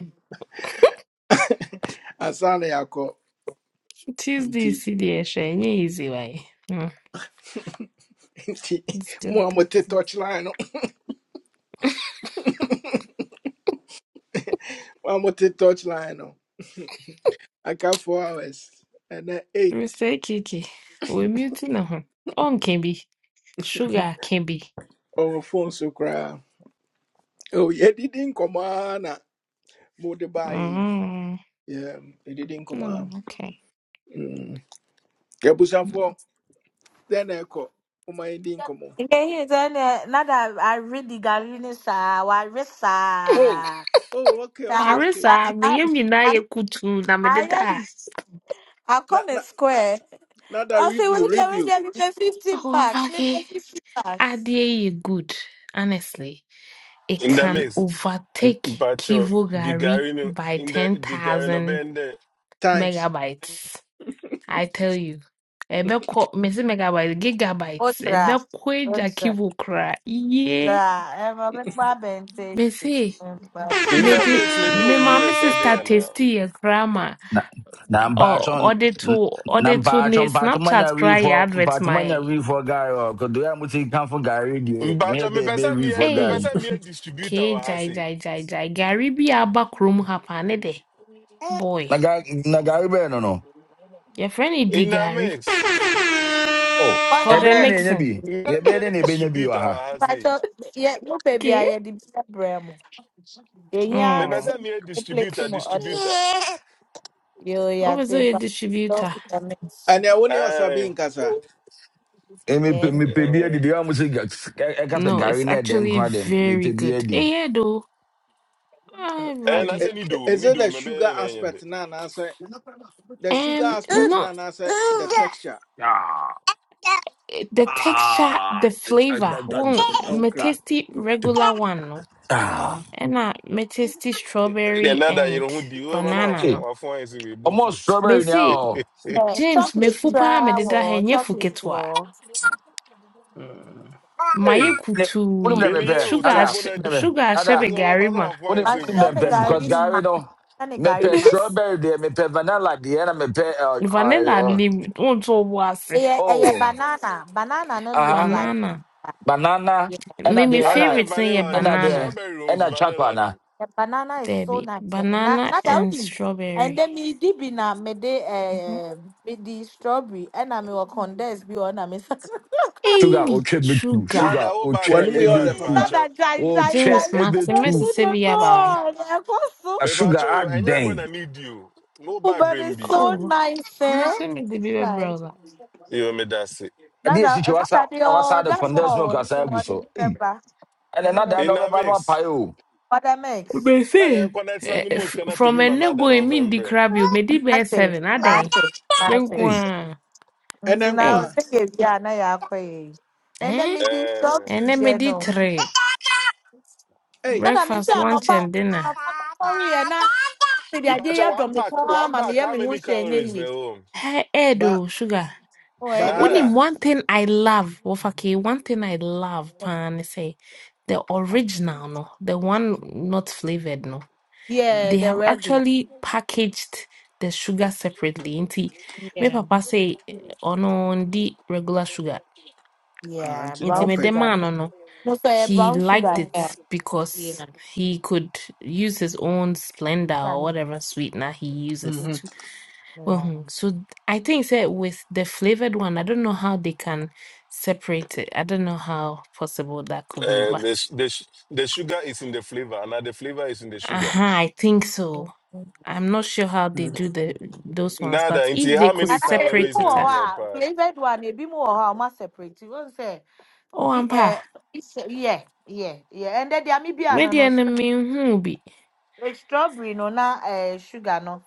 ansa na yɛakɔ
Tis
nti
this CDS, any easy way. Hmm,
nti
It's good
mo a
though.
touch line no mo a touch line no aka four hours ɛnɛ eight
Mr. Kiki, we're muting now. huh? On can be. Sugar can be.
Oh, phone so cry. Oh, yeah, didn't come on. Mode by.
Mm.
Yeah, it didn't come
No,
on.
okay.
Mm. Kebusa
Mm.
for then echo. Oh, my didn't come on.
Yeah,
Oh,
Ah,
oh, okay, okay,
I,
okay.
I,
Marissa,
I,
me yemi na
I,
ye kutu na me
I
deda.
am. I call
Na na
it square.
na that
I say,
review,
wait there, wait
review.
there. Me pay fifty
Oh,
packs. Me pay
okay.
fifty packs.
Adie ye good. Honestly, it
In the
Sir.
can
mix,
overtake
Pacho, the
Kivogari
Garino,
by
in the the Garino
10,000
band,
Times.
megabytes. I tell you. Ebeko mese megabytes, gigabytes ebeko eja
Otra.
kivu kra Yeah,
Ra, ẹran pípa bẹ̀ǹtẹ̀
mese
ẹ̀ǹpa.
in the
mede
mix, maybe
me
we
maame
US are
sister
there now.
tasty ye krama
Na na mpacho
or order to
na
order to
mpacho
ne
mpacho manya
Snapchat kra ye
refo
advert
mpacho manya
my
refo guy o kodo ya muti kanfo gari die me
Mbacha, me
be be
pesa me
refo
me
guy
Hey,
pesa me distributor
ke
wa
jai
hasi.
jai jai jai Gary bi aba krom hapa ne de boy
na guy na gari be no no
your friend is di
In a
Gary.
mix.
oh
for
Ọ̀dà
ebe
the
ne
make,
nya
mixing
bi
Me pesa
ebe ne
me
ne be nya bi wa
distributor
ha
wa hasi.
pàṣọ yẹ mú bèbí
ke
ayẹdi bí ẹ̀bùrẹ̀ mu. Èyí á
Me
ní
mm
sọ
pesa me
pé plẹ̀tì
distributor
bremo. ọ̀dẹ̀ yóò others.
distributor.
yoo ya ti
over your
pàṣọ
distributor
ìtàmì.
And I only was a
Aye.
being kasa.
e me pe me
Eh
pe bi edi
eh.
de ya muti e ka se
no
gari
it's
ne de
actually
nko de me
very
pe bi
good
edi
eh yeah, though
Uh,
I'm
Eh,
i-
na
ready.
se
i-
ni
i-
do,
Is
ni
it
do
the
me
sugar
be na yende.
aspect now? And I say the sugar
Um,
aspect now.
not
And I say the texture.
ah
the texture,
ah
the flavor.
ah
Well, me
Okay.
tasty regular one, no.
Mm-hmm.
ah
And I me tasty
De
strawberry
na da
and
yero hu di, we ba no
banana,
ah
afon
no.
afon ese we bo
Almost
fruit.
Me
strawberry
say
now.
James, me
Chocolate ra
fupa me
wọ̀
deda
ọ́,
he nye
chocolate
fuketwa.
wọ̀
Mm.
Ma
Hey,
ye
Ne- Put him
kutu
there, me
tweni ye
pair.
o
sugar
to
Ada,
bo
ahy-
put
na
him
di.
there, me.
sugar
Eh
Ada,
ashebe
so we ba
gari
no
ma.
put
afon
him,
ọ́.
ese
put him
show
there,
we
me
ni
pair.
bo
Because
gàrí
fruit.
mà,
Gary, no,
ṣọ́ ni
me
gàrí
pair
mà.
strawberry there, me pair vanilla there, and I me pair, uh,
Vanilla
uh, uh,
nim unto wase.
Ẹyẹ ẹyẹ
oh,
banana, banana no looks
uh-huh,
like.
Banana.
that.
banana, and I
Me me
there,
Na
and I,
de
favorite ne ye
vanilla
and I
nim,
there,
banana.
strawberry
and
rose
I chocolate
vanilla
na.
nim.
The banana is so
Debbie,
nice. Eh? Na
banana
na
and
daudi. And
strawberry.
then me dibi na me de eh me di strawberry and I me wa condense bi on na me sakra.
Sugar, oh,
Hey,
check me too.
sugar.
Na da
Sugar,
o
oh,
ba
check
wanum
brem bi
yɛ
me
wa
ɔdɛ
too.
papa
impacho.
That dry
Oh,
dry dry.
check
James
me
Martin, Messi
too.
The
Sebiaba.
god. I so.
A
Me
sugar, ah,
mepacho enya
dang.
gonna need you no
Oh,
ba
But it's
brembi
so
Oh,
nice, eh?
Messi me the baby
Guys,
brother.
yo me dase
I
now
did see
that uh,
you
now
outside,
that the
outside the
order
condensed milk, I
more, you
said, I
know, the
so. hey,
beaver,
And
the
another
beaver,
that no
in
be
a
no
mix
pay o.
what I mix,
i
Messi.
am connecting na
eh,
me most
f-
cannot to be
From a no
manada
go
no
in mean the
fembrem
crab you may be
I
bear
say,
seven, are
I
they?
say,
Hey.
Benqua.
ɛnɛ
nti na
nko
wo
Hey,
a
sɛ yɛ wie a na yɛakɔ yɛ yi na ɛnɛ
eh?
mede
eh
And
strawberry
then me
deɛ
di
no
three.
ei
ɛna me sɛ
Breakfast, lunch,
anɔpa
and dinner.
anɔpa nɔpɔreyɛ na mede adeɛ
mepacho
yɛ
one
dɔm tɔn ama me
pack
kɔn ara
one
ma
pack
meyɛ
how
me ho
many
hwɛ ɛnyɛ
calories na
yie
home
Hey,
ba
Edo, sugar.
ɔyɛ
ba
dɛ
Only
nada
nada
one thing I love, Wofaki, one thing I love, pan, say, the original, no, the one not flavored, no.
yeah
they
Mhm.
the
have
regular
actually packaged the sugar separately. Nti me
yeah
papa say eh, ono ndi regular sugar.
Ah,
yeah
nti na
Nti
brown
me the
ɔpɛ
sugar
man
no
ono
no sɛ
he
brown
liked
sugar
it
yeah
because
yeah
he could use his own Splenda
Brown Sugar
or
no
whatever sweetener he uses
bi-
Mhm.
to. Well,
yeah.
hmm, so th- I think say with the flavored one, I don't know how they can separate it. I don't know how possible that could be,
and
but
the, su- the su- the sugar is in the flavor and now the flavor is in the
uh
sugar
I think so.
Mhm.
I'm not sure how they
Mm. not just
do the those ones,
nada
but if
into
they
how
could
many
anaka ebi
separate
mu
calories
it,
wɔ
is
hɔ
ah,
in the
a
pack
flavoured one ebi mu wɔ hɔ a ɔmo aseparate wɔn sɛ
oh,
Eh.
I'm pa.
ɛɛ yeah, yeah, yeah. And then they are maybe
Maybe
anonymous.
enemy who be
The strawberry no na uh, sugar no.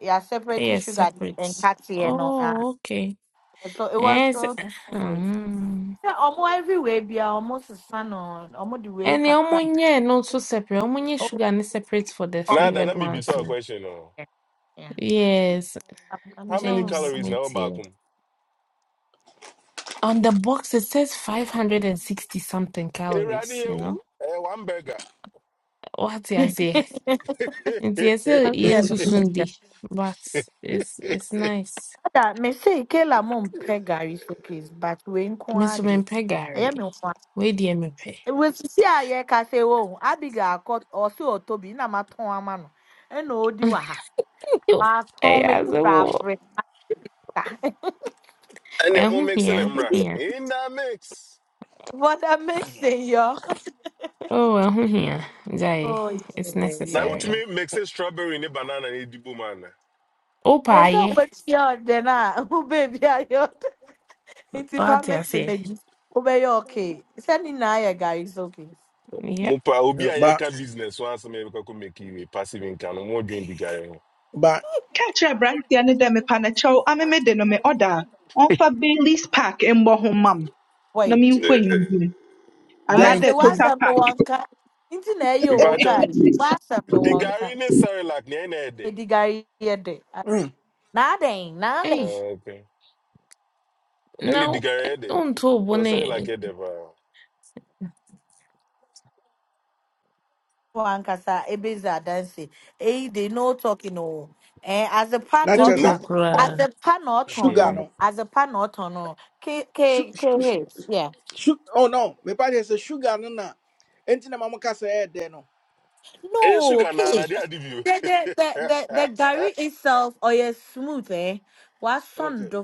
Yeah, separating
yes
sugar
separate.
and katia no. Uh,
Oh, okay.
so it was
Yes.
so always.
Um,
Yeah, almost everywhere be almost a sun on almost the way
and the
kakra.
omunye not so separate. Omunye
Oh,
sugar and separate for the
um,
nada
flavored
let me be
ones.
so a
no.
question Oh,
yeah. yeah.
Yes,
I'm, I'm
how many
done.
James,
calories na
me too.
obakum
On the box it says 560 something
eradi
calories, you know.
ewu eh one burger
What
Now.
is it? It's yes,
I'm done.
yes, but it's it's nice.
That me say Kela mum pegari showcase, but we ain't
Mr.
kwadi.
Mempɛ
I
gari,
am in one.
weidie mepɛ.
It was see I can say oh Abigail caught or so na maton amano. And no E na odi wa ha.
Ɛyɛ
Macomb
asɛm wɔ.
robbery.
And
Ɛho
I'm
hia,
mixing them,
ɛho
right?
hia.
In that mix.
what a mixing, yo.
Oh, ɛho hia. Gyae,
Oh
it's
yeah,
Now, which
necessary.
yeah.
me mix a strawberry in a banana and a dibu man.
Wopɛ
Also,
ayɛ,
but you're then ah, oh baby, yo. It's if I
wate
mix it,
aseɛ.
baby. Oh baby, okay. Send in now, yeah, guys. Okay.
Yep.
Mupa, obi
Eh,
a
ba
yeka business once me could make you a passive income. No more drink the gary.
ba
Catch a aberanteɛ no dɛ mepa no kyɛw ame me de no me ɔda a ɔmfa baileys park mmɔ ho ma m na
Wait,
menhwɛ nhim
I was
dɛn
the what's
Mm.
total
up no
park
one can. Into na yo
Mpacho,
okay. What's up no
the
one can.
gary ne sorry like ne ne de.
Eddie guy here. day.
Mm.
Nothing, nothing.
Ei,
Okay.
na
And the
wo-
gary
ɛ-
de.
wontoo bo
Because sorry like
ne
it ever.
wankasa ebeza dansi Eh, they no talking no. eh as a pan
na kyerɛ
Na,
ọtọn
simple
sɛ
oh,
as a
koraa.
pan ọtọn
sugar
hmm.
no
no
as a pan ọtọn no k k
su
k
su
h yeah
su- oh no mepa kyerɛ sɛ sugar no na enti na ma moka sɛ ɛyɛ dɛ no
Eh,
no
sugar na
k
na dia dibu.
the the the the the gari
120
itself or yes, smooth eh wasọn
okay
do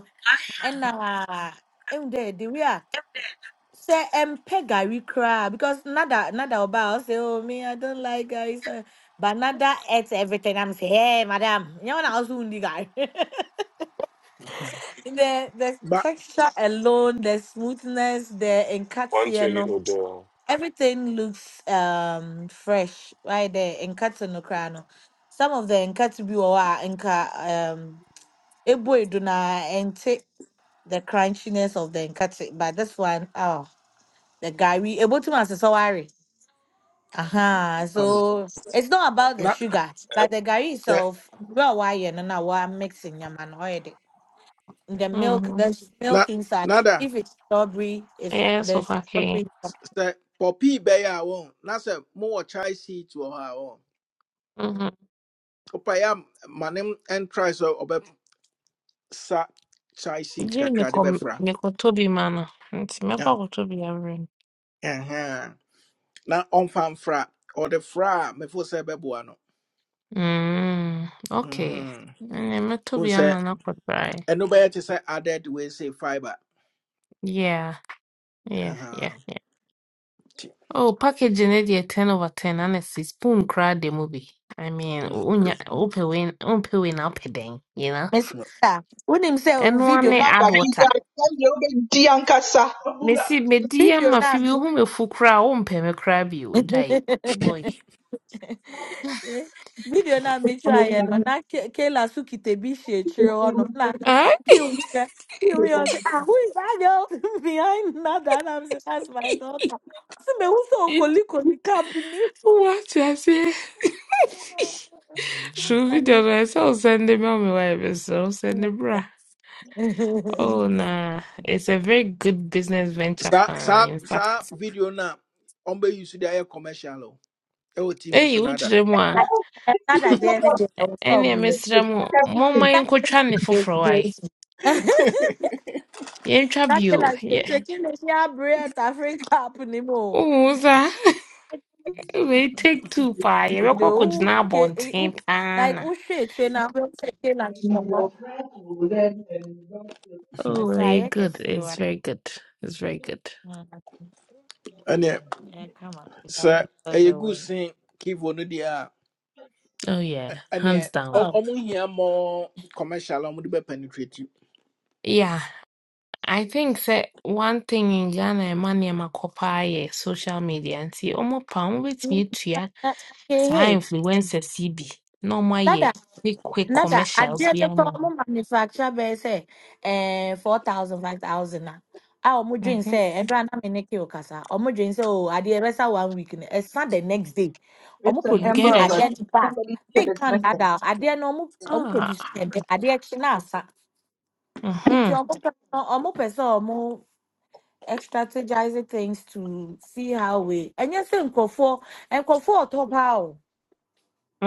ɛna ehu dɛ the way a sɛ ɛmpɛ gari cry because nada nada ɔba say, oh me i don't like gari so but nada ate everything i'm say hey madam you wɔn na also undi gari
Mhm.
the the
ba
texture alone, the smoothness, the encatino,
odor.
everything looks um fresh right there. Encatino crano. Some of the encatino are enca um eboy duna ente the crunchiness of the encatino, but this one oh the gari able to answer so worry. uh-huh.
um,
So it's not about the
na
sugar,
Eh,
but the gari
eh,
itself, well, why you know, now what I'm mixing your man already. the milk,
Mhm.
there's
na
milk inside.
nada
If it's strawberry, if
Ɛyɛ so
there's
kakee.
strawberry.
s- sɛ pɔpii bɛyɛ a wɔn na sɛ mowɔ chai seat wɔ hɔ a wɔn
Mhm.
wopa yɛ a ma ne m- ɛntry sɛ sa chai seat
Gye
kakra de
nekɔ
bɛfra
nekɔtɔ bi ma no, nti mɛkɔ akɔtɔ bi awerɛ.
Na- on fan fra or ɔde fra me mefo sɛ ɛbɛboa no
Mm, okay.
Mhm.
I'm
Wohu sɛ
not right.
ɛno ba te sɛ added we se fiber
Yeah, yeah, yeah,
Ɛhɛn.
yeah.
Nti,
Oh, packaging it yeah, 10 over 10, honestly. Spoon crowd the movie. I mean,
mm,
unya
good.
open win, open win up then, you know?
Miss
Sure.
Rita, when him say "Oh,
And one
Eh,
video
ne
na
na
add
dabiga
water.
sɛdeɛ wobɛdi ankasa
Me see, me dear,
video
my
na
few whom a fool crowd, won't pay me cry be you,
me-
die. Boy.
video na me try no na Ke- Kela suki te bi she chiro no na
Ah,
kill me kill me say ah who is that girl behind Nada and I'm saying that's my daughter. I say me who so
it's
koli koli kapili.
what I say. Should be the rest, I'll send them on my way, so send the bra. Oh, nah. It's a very good business venture
saa
plan,
saa
in
saa
fact.
video na on be use de ayɛ commercial o tv so
Hey,
nada
wokyerɛ mu
I-
a,
I- Not at the end of the day, I will come
ɛne
with you.
mesrɛ mo, momma
That
yɛnkɔtwa ne
is
foforɔ ae.
crazy.
Yɛntwa
That is
bio.
like the
Yɛ-
chicken is here, bread, Africa, happening more.
Wohu saa? Wei take two paa. Yɛbɛkɔ
No,
akɔgyina
okay, eh,
abɔnten
who-
paa
like
na.
who should train up? Who should train up? Someone. But
Oh,
so
very
I can
good.
see
It's
why.
very good. It's very good.
Mhm.
ɛneɛ
Yeah, come on, because I
sɛ
know
ɛyɛ
the
good
way.
sen kivo no deɛ a
Oh, yeah.
ɛ-
Hands
ɛneɛ
down.
ɔm-
Oh,
ɔmo hia mɔ commercial a ɔmode bɛpenetrate
Yeah. I think that one thing in Ghana ɛma nneɛma kɔ paa social media nti ɔmo pa ɔmo betumi atua
that's
saa
okay.
influencers yi bi na wɔayɛ
Hey,
quick quick
nada
commercials
adeɛ
bi
no pɛ
ama
ɔmo
no
manufacture bɛyɛ sɛ ɛɛ four thousand five thousand a a ɔmo dwen
Mhm.
sɛ ɛbra na me ne keo kasa ɔmo dwen sɛ o adeɛ one week ni. It's not the next day
It's
ɔmo
an
you
produce
Amber
get it
Alert.
again. no ba
Somebody's kid
big
is
can
missing.
dada adeɛ no ɔmo ɔmo
ah
produce yɛ dɛ adeɛ na asa Into
mhm
ɔmo pɛ no ɔmo pɛ sɛ things to see how we ɛnyɛ sɛ nkorɔfoɔ nkorɔfoɔ ɔtɔ paa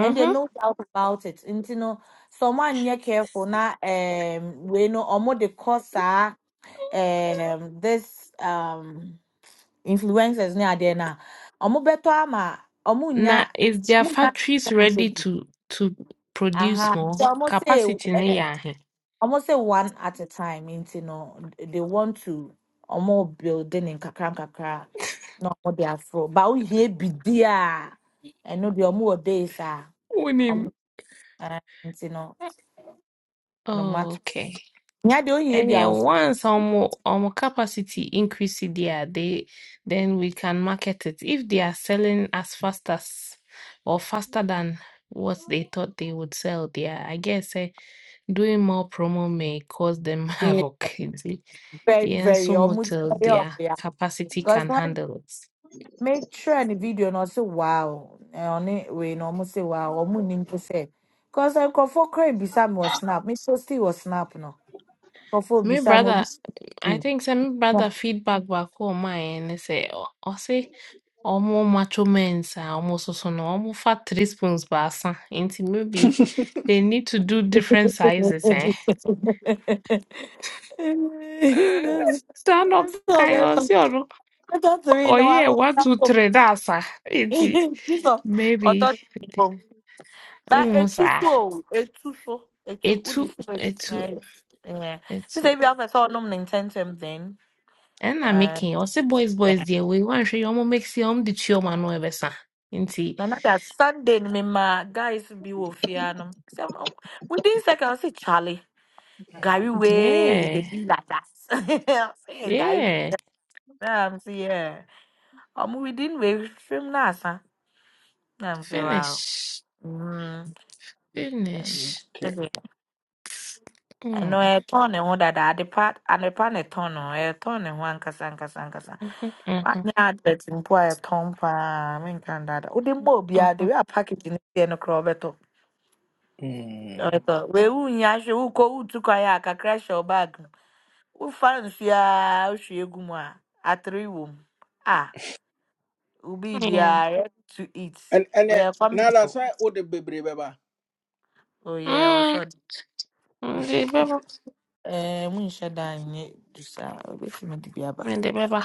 and there's no doubt about it. And you know, someone near careful now um we know Almost the cause are um this um influencers near there now. Omo beto ama omo
now
nya
is their
omo nya
factories ready
something.
to to produce
aha.
more
So almost say
capacity ne
uh,
yɛ ahe
almost say one at a time And You know, they want to almost building in kakram kakra no what they are for. But we here be there and no the omo days are
wonim
omo you know. no
oh
matter.
okay
Yeah, the only
And
baby I
yeah,
was
once um um capacity increase it there, they then we can market it. If they are selling as fast as or faster than what they thought they would sell there, I guess eh, doing more promo may cause them havoc. you see.
very,
Yeah, and
very
so much
almost
till
very up
their
yeah.
capacity
Because
can
when
handle it.
make sure in the video and I say wow, and on it we no almost say wow, or moon to say. Because I go for crane beside me or snap, me so still was snap no. Go for
Me
beside me be.
brother, I
be-
think some brother feedback back home my and they say, oh, Omo macho men, sir, Almost so so no, Almost fat three spoons basa. Inti maybe they need to do different sizes, eh?
No.
Stand up,
That's all.
guy,
That's
or
all.
see,
That's all.
oh
No, I
yeah,
don't.
one, two, three, that's sir. Inti
That's all.
maybe,
That's all. That
omo
etu
sir,
so etu so etu who the
two, a
stress.
two.
Yeah.
a
She
two.
said we have a saw num intention then.
And I'm
Uh,
making, I say boys, boys, dear, we want to show you, omo make see, omo the chio man, no ever, sir. Inti,
and that Sunday me ma guys be wo fear no. So within seconds I say Charlie Gary way is the
yeah,
be like that. I say Gary.
yeah,
Yeah, I'm say yeah. I'm within we film na I'm say wow.
finish,
Mm. And
finish.
Okay.
and and no,
Mm.
I turn and wonder that the part and the part I turn on, I turn and one kasa kasa kasa. Anya advert mpo a yɛtɔn paa menka dada wode ma obiaa de
Mhm.
wei a package no deɛ no koraa ɔbɛtɔ
Mm.
ɔbɛtɔ wei wonya hwɛ wokɔ wotu kwan a kakra hyɛ wo bag mu wofa nsuo a wohwie gu mu a atere wɔ mu a wobii
Yeah.
biaa ready to eat
And and uh,
weyɛ family
now that's
o
why all the baby baba.
oyɛ wɔ sɛ
Mm.
ɔde
Ndị be ba.
Eh, monhyɛ da nyɛ du saa wobɛtumi de bi aba
Ndị be ba.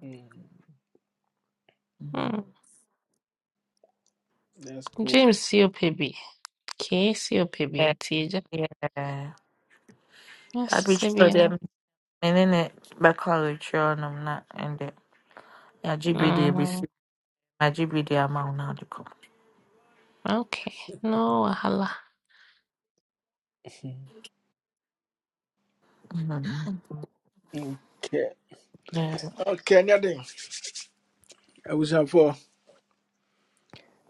Mm,
Mm.
Mm.
That's cool.
James C O P B. ope bi. Kee si ope bi
Eh,
nti eja.
yeah.
Asịsị
Abikyi
bi
sɛ
ya.
deɛ me ne ne bɛkɔ awotwerɛ nom na Yeah, GBD, BC,
Mm.
my GBD amount now to come.
Okay. No wahala.
hmm
Okay.
Yeah.
Okay, nothing. I was up for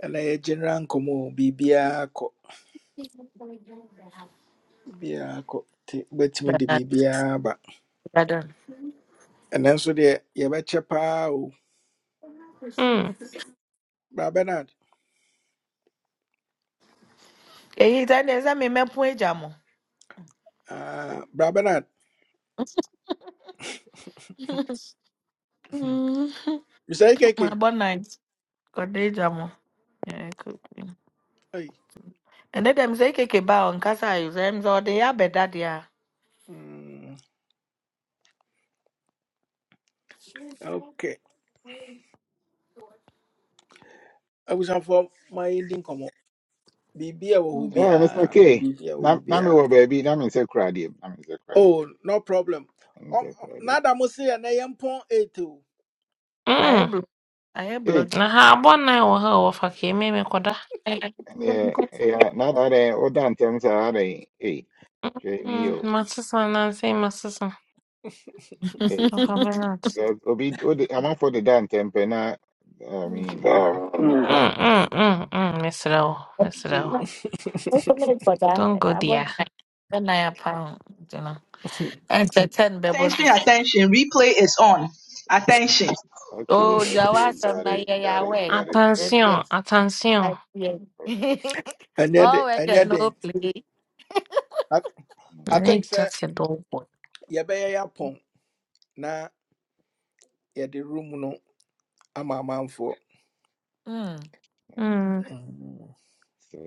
and I general komo bibiako. Bibiako. Bet me
But,
the
uh,
bibiaba.
brother.
And then so the yabacha pao.
Mm.
Brabanad.
Hey, then there's a me me point jamo.
Uh Brabanad. You
Mm.
say
My
keke.
bon night. God day jamo. Yeah, cool.
Hey.
And then them say keke ba on kasa use them so they are better there.
Mm, Okay. I was up for my ending komo. Bibia wo
Mm.
Oh, Mr.
bia. Na
K.
bibia
Na na
wo
me wo baby, na me se krade, na me se krade.
Oh, no problem.
Na me
Um,
se krade.
nada mo say na yempon 8 o.
I
Mm.
am bloody. I am
Eh,
bloody.
Na ha abụọ na wɔ ha a wɔfa ka eme me koda.
Eh,
yeah, yeah, na na de o dan tem sa na de. Eh, hwe ni
Mm.
yo.
Ma sisa na nsị ma sisa.
Eh,
Ɔfa Bernard.
eh, obi o de am for the dan tem pe na I mean,
Mm.
Mm.
Mm. Mm. Mm. Mm. Mesrɛ wo. Mesrɛ wo.
the
Wait for me for that.
Don't go
I bought
there.
nine. When I pound, you know. And it's ten bebos.
Attention,
is.
attention. Replay is on. Attention.
okay,
Oh,
okay,
Jawasam
got
na
it,
ye
got it,
Yahweh.
got it. Yeah,
Yes,
Attention.
yeah.
yes.
Attention.
I yes.
All right.
Anya
Yeah.
de
Oh, we
anya
can no
de.
play.
I
mm,
I think
Make
sir
that a dog
ye be ye yapon na ye de room no ama manfo
Hmm.
yeah.
Mm.
So,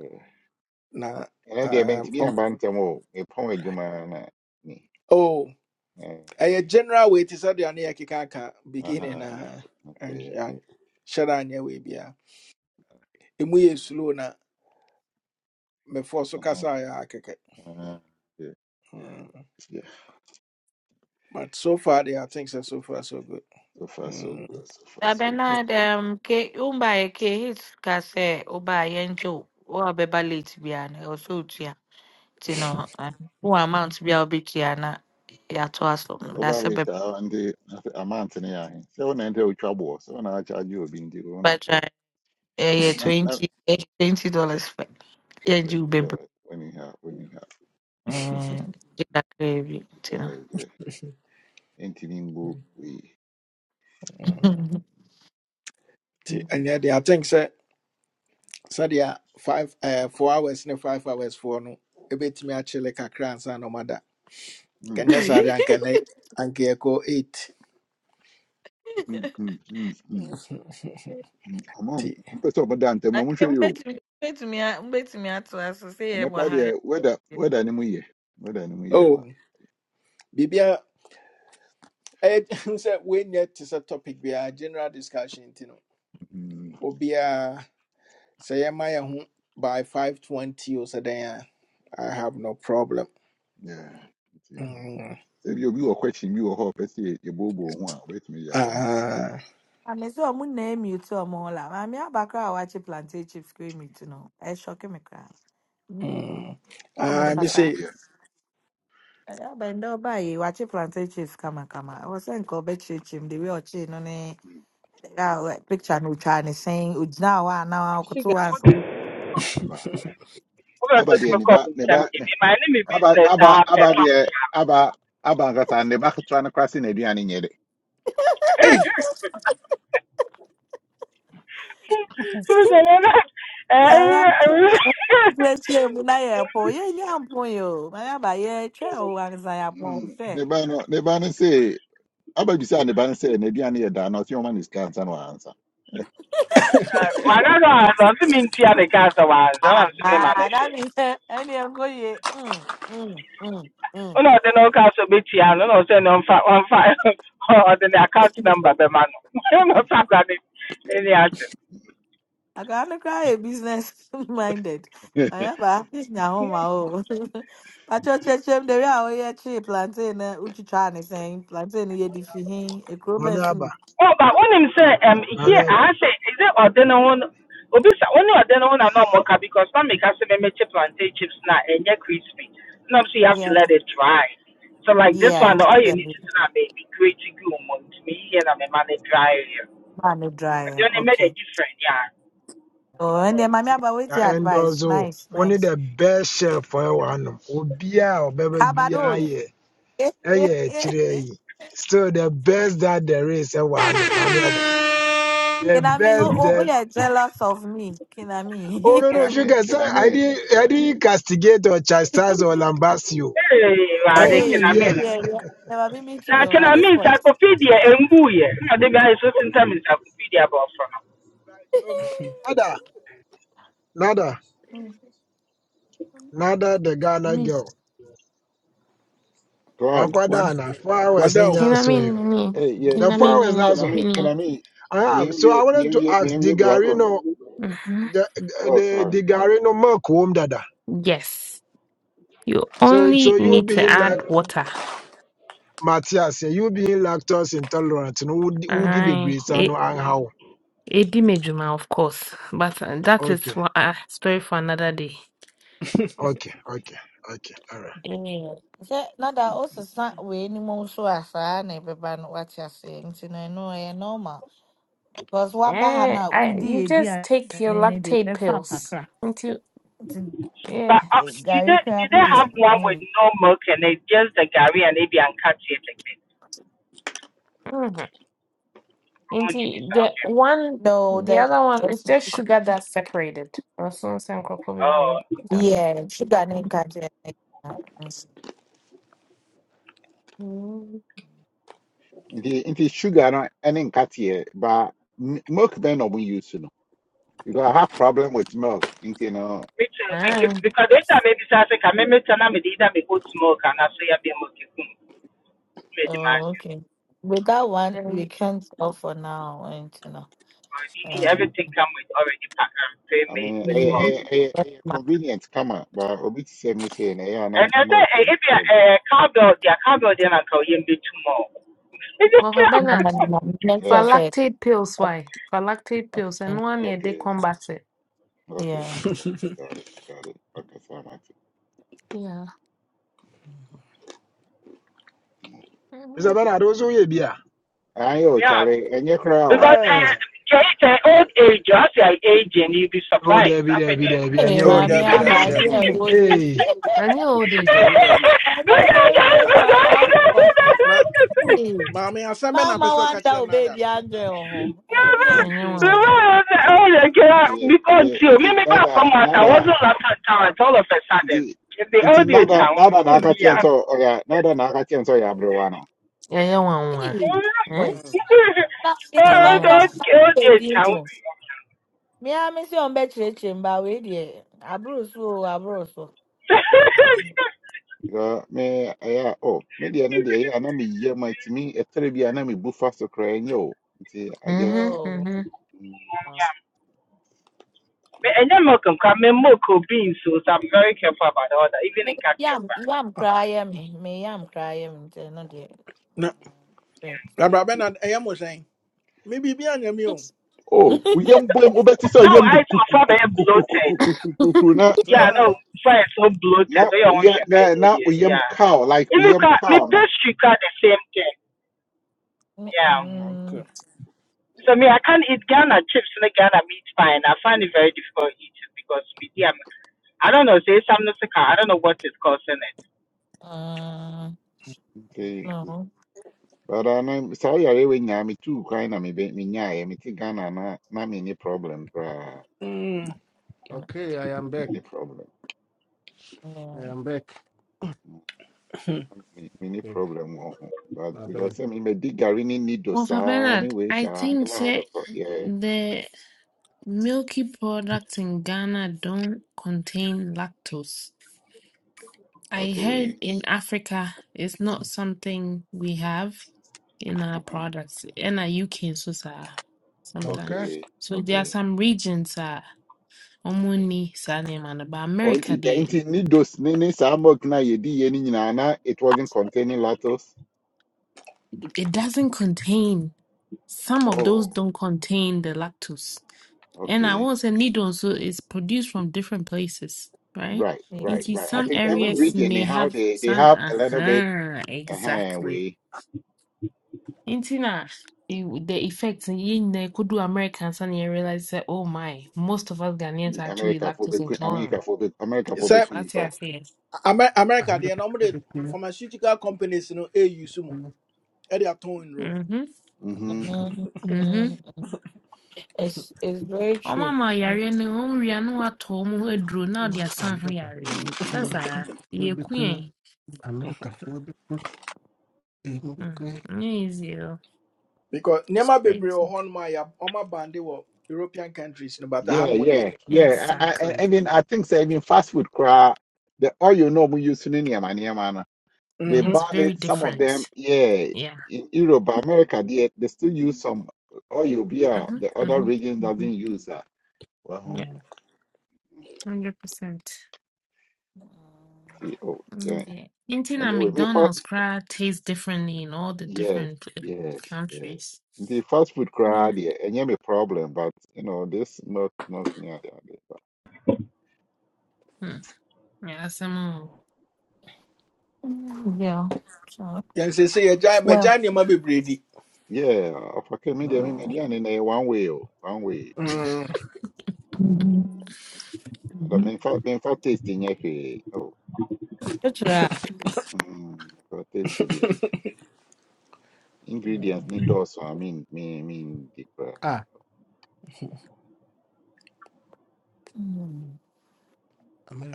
na
and I dey been
um
to be
um,
am ban tem o. E pon adwuma na ni.
oh
Eh,
a general way to say the na kikaka beginning
aha.
na and
Okay.
and shada anya we bia. Emu ye slow na me force
Uh-huh.
kasa ya akeke.
Uh-huh. yeah.
Mm.
Yeah,
But so far they are things are so far so good.
so far so
nti
good. So far so good.
Abena dem ke umba e ke hit kase uba yenjo o abeba late bia o so tia. Tino who amount bia obi na ya to asom.
Over
That's a beba
later, uh, and the I'm Anthony. I seven ninety with trouble. Seven I charge you being the owner.
try. Eh, yeah, yeah,
Not not
twenty, eh, twenty dollars for
twenty
yenjo bebe.
dollars when you have when you have
Eh, jika krevi tino.
dollars there. Anything book we.
ɛnyɛ deɛ i think sɛ are five eh, four hours ne five hours foɔ no ɛbɛtumi akyele kakra ansa na ɔmada
Hmm.
kɛnyɛ can de i nɛ anka yɛkɔ eight
Hmm. Hmm. Hmm. Hmm. hmm. I'm on.
nti
I'm pressed up. But damn, I'm not
Okay,
sure you.
mbetumi mbetumi a- mbetumi ato aso sɛ yɛ
And I
wɔ
quite
ha yɛ.
there. Whether whether any more year. Whether any more year.
oh biribia ɛyɛ sɛ woanyɛ te sɛ topic biara general discussion nti no
Hmm.
obiaa sɛ yɛma yɛ ho by 520 o So dɛn I have no problem
Yeah. Say
mm.
you be a question. You a hope. Say you bobo. one. Wait me. ya ba na,
ah,
Maame sɛ ɔmo na emute ɔmo la. Maame abakra a wakye plantain chips kɔ emute no, ɛhyɔke me koraa. Mm,
Mm.
Sɛ ɔmo
Ah,
about
me
just
kasa.
say,
Ɛyɛ abɛn dɛ ɔbaa yi wakye plantain chips kamakama. Ɔwɔ sɛ nka ɔbɛkyerɛkyerɛ mu de wei ɔkyee no ne a ɔ- picture no otwaa ne sɛn ogyina hɔ a na wakoto
Sugar.
hɔ ansa.
there.
Oge
aba
ọsọ dị
deɛ
m
ne
ka ọ
ba
bụ
ne
ncha m
ba ne-
kemi, ma anyị mi
aba
biznes
aba aba
hapen ma.
deɛ aba aba ankasa ne ba ketewa no koraa se n'aduane nyɛ de
hey,
Biznes
Yɛyɛ kyerɛkyerɛ mu na yɛ pɔn. Yɛnyɛ yi o. Maame aba yɛtwɛn o ansa yɛ apɔn
Mm,
sɛ.
ne ba no ne ba no se aba bisa ne ba no sɛ n'aduane yɛ daa na ɔse ɔma ne sika ansa na wansa
na mana no azọ nsị mi ntia ne ka asọ wa azọ
Ah,
na nsị mi ma ne
ah,
hwe.
that means eh, any uncle ye. Mm, mm, mm, mm.
Ụlọ ọdị n'ụka asọ betia no na ọsọ na ọmfa ọmfa ọdị na akaụntụ namba bema no. Ụlọ ọsọ agwa ne ne
I can't cry a business minded.
can
I have a fish now home. Oh, but your church, the real year tree plantain, eh, which you trying to say, plantain, ye defihin, a crowbar
maame aba
soon.
Oh, but when him say um
maame
here
aba
I say is it ordinary one? ho no obi sa wo ne ɔde ne ho na na ɔmɔka because na meka sɛ mɛmɛkyɛ plantain chips na ɛnyɛ crispy. No, so you have to
Yeah,
let it dry. So like this
yeah,
one, all you
yeah.
need to do now may be great to go on to me here and man it dry here.
Man, no
But
dry.
then it made a
Okay.
difference, yeah.
Oh, and then, mommy, about with
na
your advice.
ɛndɔɔso wo
Nice, nice.
the best chef for ɛwɔ Obia, obiaa a ɔbɛba biaa
Cabados.
yɛ ɛyɛ
Kinami,
still the best that there is ɛwɔ hanom maame aba the best
who, who,
that
who, are jealous of me?
oh
Kinami.
no no
I mean
sugar
can
sɛ
I
i
mean
didn't i didn't castigate or chastise or lambast you
Hey, I
manyɛ
can I
Hey, what
biribiaa
mean.
the Never be mean to me
Now can
at
I
this
mean
point.
encyclopedia and boo yeah. No, the guy is so sometimes encyclopedia about from.
nada nada nada the ghana
me.
girl
Tom
Thanks
wakwada
what,
ana four
what
hours no
do?
nya so
Tinamini,
hey yeah
the four
yeah
hours na
tinamini,
can I
so
mean can I
mini.
mean
I have. so I
miemie
wanted to
miemie
ask,
miemie black on
Digarino.
hmm
the
oh
the
sorry
the Gary no milk womb dada.
Yes, you
So
only
so you
need to
being
add
like
water.
Matthias, yeah, you being lactose intolerant, no woody
Aye,
baby so no
a
and how.
a dimejuma, of course, but uh, that is
Okay,
what a story for another day.
okay, okay, okay, all right.
Yeah,
Sɛ na da wosesa wei ni mu nso a saa na ɛbɛba no wate you nti no I ɛyɛ normal because woaba ha no
eh,
a
I you
wodi
just
aduane
take your
ne deɛ
lactate
bɛfa
pills
kakra
into
nti
yeah.
But uh,
eh,
do
gari
they
koraa
do
po
they
deɛ
have one with no milk and it's just the Gary and maybe and catch it like this?
hmm
Come on,
Into
you miss out.
the
Jim.
one,
no
the
the
other one is just sugar that's separated. Or some some probably
Oh,
break. Don't.
yeah sugar ne nka kyerɛ Mm.
Mm.
nti nti sugar no ɛne nkateɛ ba m- milk bɛn na ɔmo use no because I have problem with milk nti no
me too. Make it-
Aye.
Because every time maybe I say, "Can I make turn with either me go to milk and I say I be milk?" You can already
oh
imagine.
okay with that one we
Then,
can't offer now and you know
Already need
um,
everything come with already packed and
I
pre-made
mean, a
with milk.
ɛyɛ ɛyɛ convenient kama but obi te sɛ me sei na ɛyɛ a
And
na
I say,
milk
eh,
yɛ me
if you
problem.
uh, cowbell, yeah, cowbell, then I call you be too more. Is it
No,
well,
no, no,
cowbell?
no. Let's just
Yeah,
say it.
Phylactic pills, why? Phylactic pills, and one year they
okay,
combat it.
okay.
Yeah.
uh, Got it, got it. Okay, so much.
Yeah.
Mr.
Mhm.
Bernard, also you be Ah,
Ayo, at it. Ayé o
Yeah.
Charlie, ɛnyɛ koraa o.
Because uh, it's an old age, as an age, and you'll be
oh
surprised.
there be
After
there be
that.
there be and
Hey,
you
Oh,
mommy,
woody
Debbie,
I'm
Debbie,
just
bad.
Debbie,
Yeah, old age.
Hey,
And you old age,
Debbie,
though.
Debbie.
I'm not the first time I'm for.
Na
Hey,
mommy, I send na
Mama,
person
want
catch
that
na
baby
dano.
angel. Eh, damn,
And you
baby.
one.
Nti
because
the
you, me,
nti
me, back come
nada
out, I
nada
wasn't last at town all of a sudden.
nti
If the
nti
old age
nada
come,
nada na
oh,
aka kyɛn
yeah.
sɛ ɔyɛ nada na aka kyɛn sɛ ɔyɛ aberewa no.
Yeah, you one one.
Hey,
Mhm.
no.
Eh?
boy.
Mm.
That baby
Ah,
oh,
man can't
the old age
baby.
come.
Me, I'm missing on bed church, but wait, yeah. Abro so, abro so.
Because me ɛyɛ oh me deɛ no deɛ ɛyɛ a na me yie ma timi ɛtɛrɛ bi a na me bu fa so koraa ɛnyɛ o. Nti I just.
Mm-hmm,
Oh.
mm-hmm.
mm.
wow.
Me enye milk um kwa me milk or beans, so so I'm very careful about all that, even
Me
in catching
yam,
fat.
yam
ah,
crying. Me me, yam crying. No,
na
dear.
Rabbi Ben, I am saying, maybe be on your meal.
Oh, we yam bom obeti so
Now
yam the
I to father bloated.
kuku na
Yeah, no,
Ah,
fry is so bloated.
na
They want
yeah
sugar.
na na
Yeah,
we yam
yeah.
cow like we
Even
yam
kwa me
cow no.
pastry kwa the same thing. Yeah.
mm, okay.
Mm,
So me I can't eat Ghana chips and Ghana meat pie, and I find it very difficult to eat it because me yeah, I don't know, say something sick. I don't know what is causing it.
uh,
Okay.
no.
But I know sorry I we nya me too kind na me be me nya me ti Ghana na na me ni problem bra.
Mm.
uh,
okay i am
Me
back
ni problem.
i am back
Mm, Me me ni
Yeah,
problem go. But
my brother.
because I mean me dig garini need do
Well, for
sa
Bernard,
anyway
I
sa I
think
never had a
say
pro- yeah.
the milky products in Ghana don't contain lactose. I heard
Okay.
in Africa, it's not something we have in our
Uh-huh.
products. In our UK, so sir, sometimes.
Okay.
Okay.
So there are
Okay.
some regions, uh, Omuni, Sanemana, but
Oh, nti
America,
da-
they,
nti ne dos ne ne saa milk na yedi yɛ no nyinaa na it wasn't containing lactose.
it doesn't contain, some of those
Oh,
don't contain the lactose. And I
okay.
won't say needle, so it's produced from different places, right?
Right,
yeah,
right,
Into
right. I
yeah,
some
think every
areas
region
may
they have
have
they they
some,
have a little bit
uh-huh,
uh
exactly.
we
Nti na e- the effects in yin na kudu Americans and you realize that oh my, most of us Ghanaians are actually
America
lactose
phobic America
intolerant.
phobic America phobic
Say,
That's what I
nipa.
say.
Amer- America, they are
America for
normally
the queen.
pharmaceutical companies, you know, a use mo,
queen.
e they are towing row
Mm-hmm.
Mm-hmm.
America
mm,
for
Mm-hmm.
mm. It's it's very
Oh
true.
mama
Mm,
yare ne onwia no ato mu aduro na de asan ho
America
yare.
for
Mm,
the
mm,
queen.
mm,
Sasa
mm.
you
ye
be
queen.
queen. America for the queen. Eh, You be
Mm.
queen.
Nye easy. oh.
because
It's
never be brave or
crazy.
horn my, or my bandy or European countries, no, but I had
Yeah,
no idea.
yeah, yeah. I, I, I
Exactly.
I mean, I think say, I mean, fast food, cra, the oil no more use in any man, They
It's
banned
very
it. Some of them,
different.
yeah,
Yeah.
in Europe, but America, they, they still use some oil beer.
Mm-hmm.
The other
Mm-hmm.
region
Mm-hmm.
doesn't use that. Well, huh,
Yeah.
Mm,
Hundred percent.
see, oh, yeah.
Yeah. Eating at
Anyway, me first,
McDonald's crowd tastes differently in all the
yes,
different pla-
yes, yes.
countries.
The fast food
Yeah.
crowd, yeah, and yeah, me problem, but you know, this not not yeah, yeah, yeah. but-
Mm. Yeah, some more.
mm, Yeah. So
yɛn say sɛ yɛgya magya
well.
nneɛma bebree be
yeah, of okay, me there, me me
mm,
there, and eh, one way, oh, one way, you know.
Mm.
Mhm,
I don't
mhm.
mean fact, mean fact, tasting, yeah, eh, oh,
That's
mm, for tasting, yeah ingredients
mm.
need also I mean me mean deep.
Ah,
right.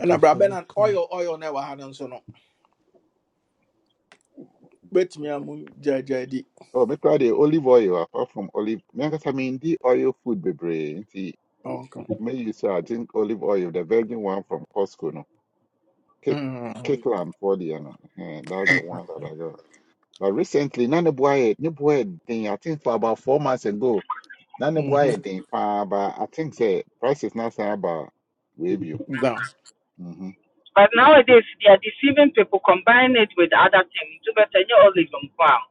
ɛna
for
brabɛ
the
na
queen.
oil oil na ɛwɔ ha no Bet me, no bɛtumi a mu gyaagyaa di
Oh, me try the olive oil apart from olive. Me because I mean the oil food bebre. Nti
ɔnko
me you say I drink olive oil, the virgin one from Costco no. Cake cake land for the you know, Eh, that's the one that I got. But recently, na ne boy ne boy thing. I think for about four months ago, na ne boy thing. But I think the price is not say about way view.
down
Mm-hmm.
But nowadays, they are deceiving people, combine it with other things. You better, you olive and palm.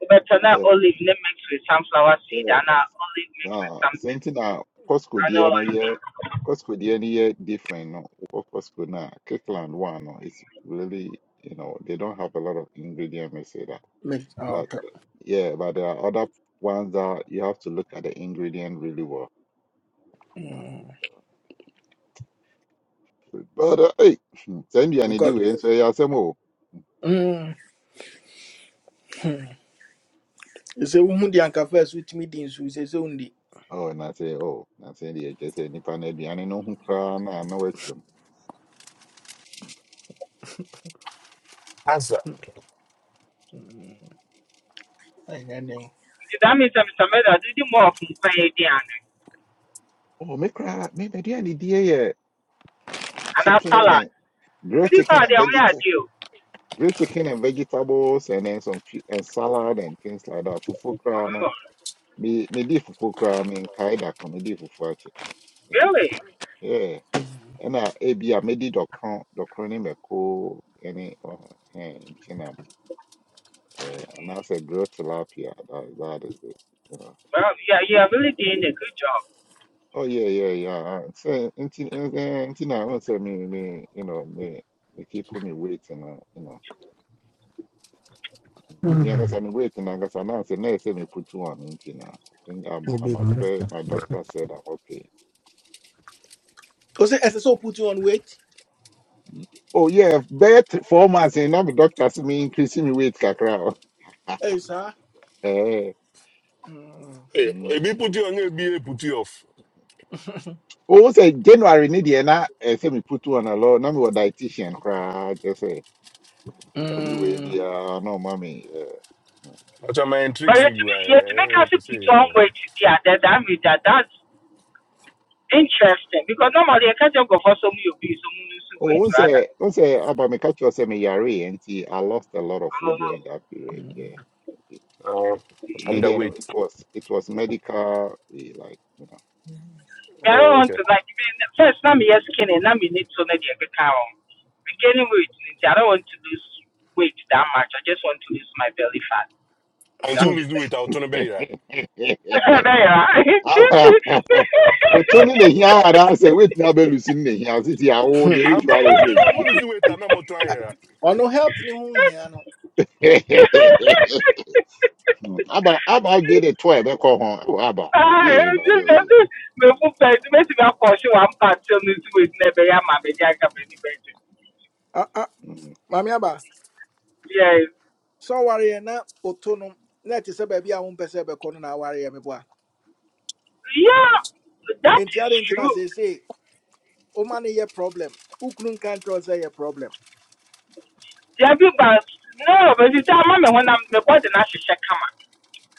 Do better, not
Eh,
olive mixed with sunflower seed, and
eh,
not olive mixed with
na sɛ
something.
nti na Costco
and all
deɛ no
like
yɛ
this.
Costco deɛ no yɛ different no wokɔ Costco no Kirkland one no it's really you know they don't have a lot of ingredient may say that but
ɔka
the- yeah but there are other ones that you have to look at the ingredient really well no. but uh, hey sɛ nduane di
because
wei nso ɛyɛ asɛm o
mm, sɛ wohu deɛ anka first wotumi di you sɛ sɛ wondi
oh na say, oh na sɛ deɛ kyerɛ sɛ nnipa no aduane no ho koraa na ana watwam
Asa.
Mm, ɛnyɛ den
that means that Mr. Meda did more of Mupay Diana
oh me koraa me m'aduane die yɛ
and a
chicken
salad.
and grilled
What is
chicken
that? They
and
are
vegetables
deal.
grilled chicken and vegetables and then some chi- and salad and things like that. Fufu kra no me me di fufu kra me nkae da ko me di fufu akye, you know.
Really?
Yeah. Ɛna ebi a me di dɔkron dɔkron Ni. mako ɛne ɔho ɛn chinam eh anaasɛ grilled tilapia that that is it. You know.
Well, yeah, you are really doing a good job.
Oh yeah yeah yeah. So nti ɛn- ɛn- nti na ɔn sɛ me me you know me me keep me waiting you know. ni ankasa
You'll
ne weight n'ankasa na asɛ na ɛsɛ me put one nti na I think I'm,
be
I'm at
America.
where my doctor said I'm okay.
o sɛ ɛsɛ put you on weight
Y- Oh yeah, bɛyɛ th- four months and now my doctor see me increasing my weight kakra.
ɛyi saa
Eh.
Mm.
Eh,
Mm.
ebi put you on, ebi put you off.
Oh, say January ni deɛ na ɛsɛ me put two on a alɔ Now me wɔ dietitian koraa kyɛ sɛ every way
Mm.
biara na ɔma me. eh, mm.
Acha my
But
tricks
yet
hivi
to make,
bwana.
yet to make
Eh,
us put
pese.
on weight, yeah, that, that, means that that's interesting because normally I can't just go for some you be some
Oh,
weight
once
rather.
I, once I, about me catch yourself, me yare, and I lost a lot
I
of weight
don't
during
know.
that period. Yeah.
Uh,
The media, no, it
underweight.
was it was medical. We like you
I don't
Oh,
want
okay.
tó like ibi first na mi yẹ skinny na mi need to na deɛ ɛkeka ho regaining weight i don't want to lose weight that much i just want to lose my belly fat
And
that
you
Hmm,
is
lose
it.
weight I'll out on beira.
know.
bẹ́ẹ̀ yà á.
Ah, We Well, truly, the here and I say, wait, now be losing the here. Sit here, oh, they
hmm.
which
And po,
one is
ebi
which?
no mo lose weight I'm na mo try
Ɛ,
era.
ɔno health ne ho nhia no
Hmm. Aba, Aba, get a toy, be call home. Oh, Aba,
Ah,
yeah, but
ẹ̀jú
really.
mi- mi fún pẹ̀lú méjì bá kọ̀ ṣé wàá ń pa tí ó ní sí wèé ní ẹ̀bẹ̀ yá màmí ní àgàmì níbẹ̀
Ah ah,
Bra,
maame aba
Yes.
sɛ ɔware yɛ na oto no na ɛte sɛ baabi a wompɛ sɛ ɛbɛkɔ no na aware yɛ meboa
Yeah, that
enti
is
ade nti na
true.
seesei woma no yɛ problem wokunu nka nkyerɛ wo sɛ problem
Yeah, but no, but you tell me when I'm the body now she check come out.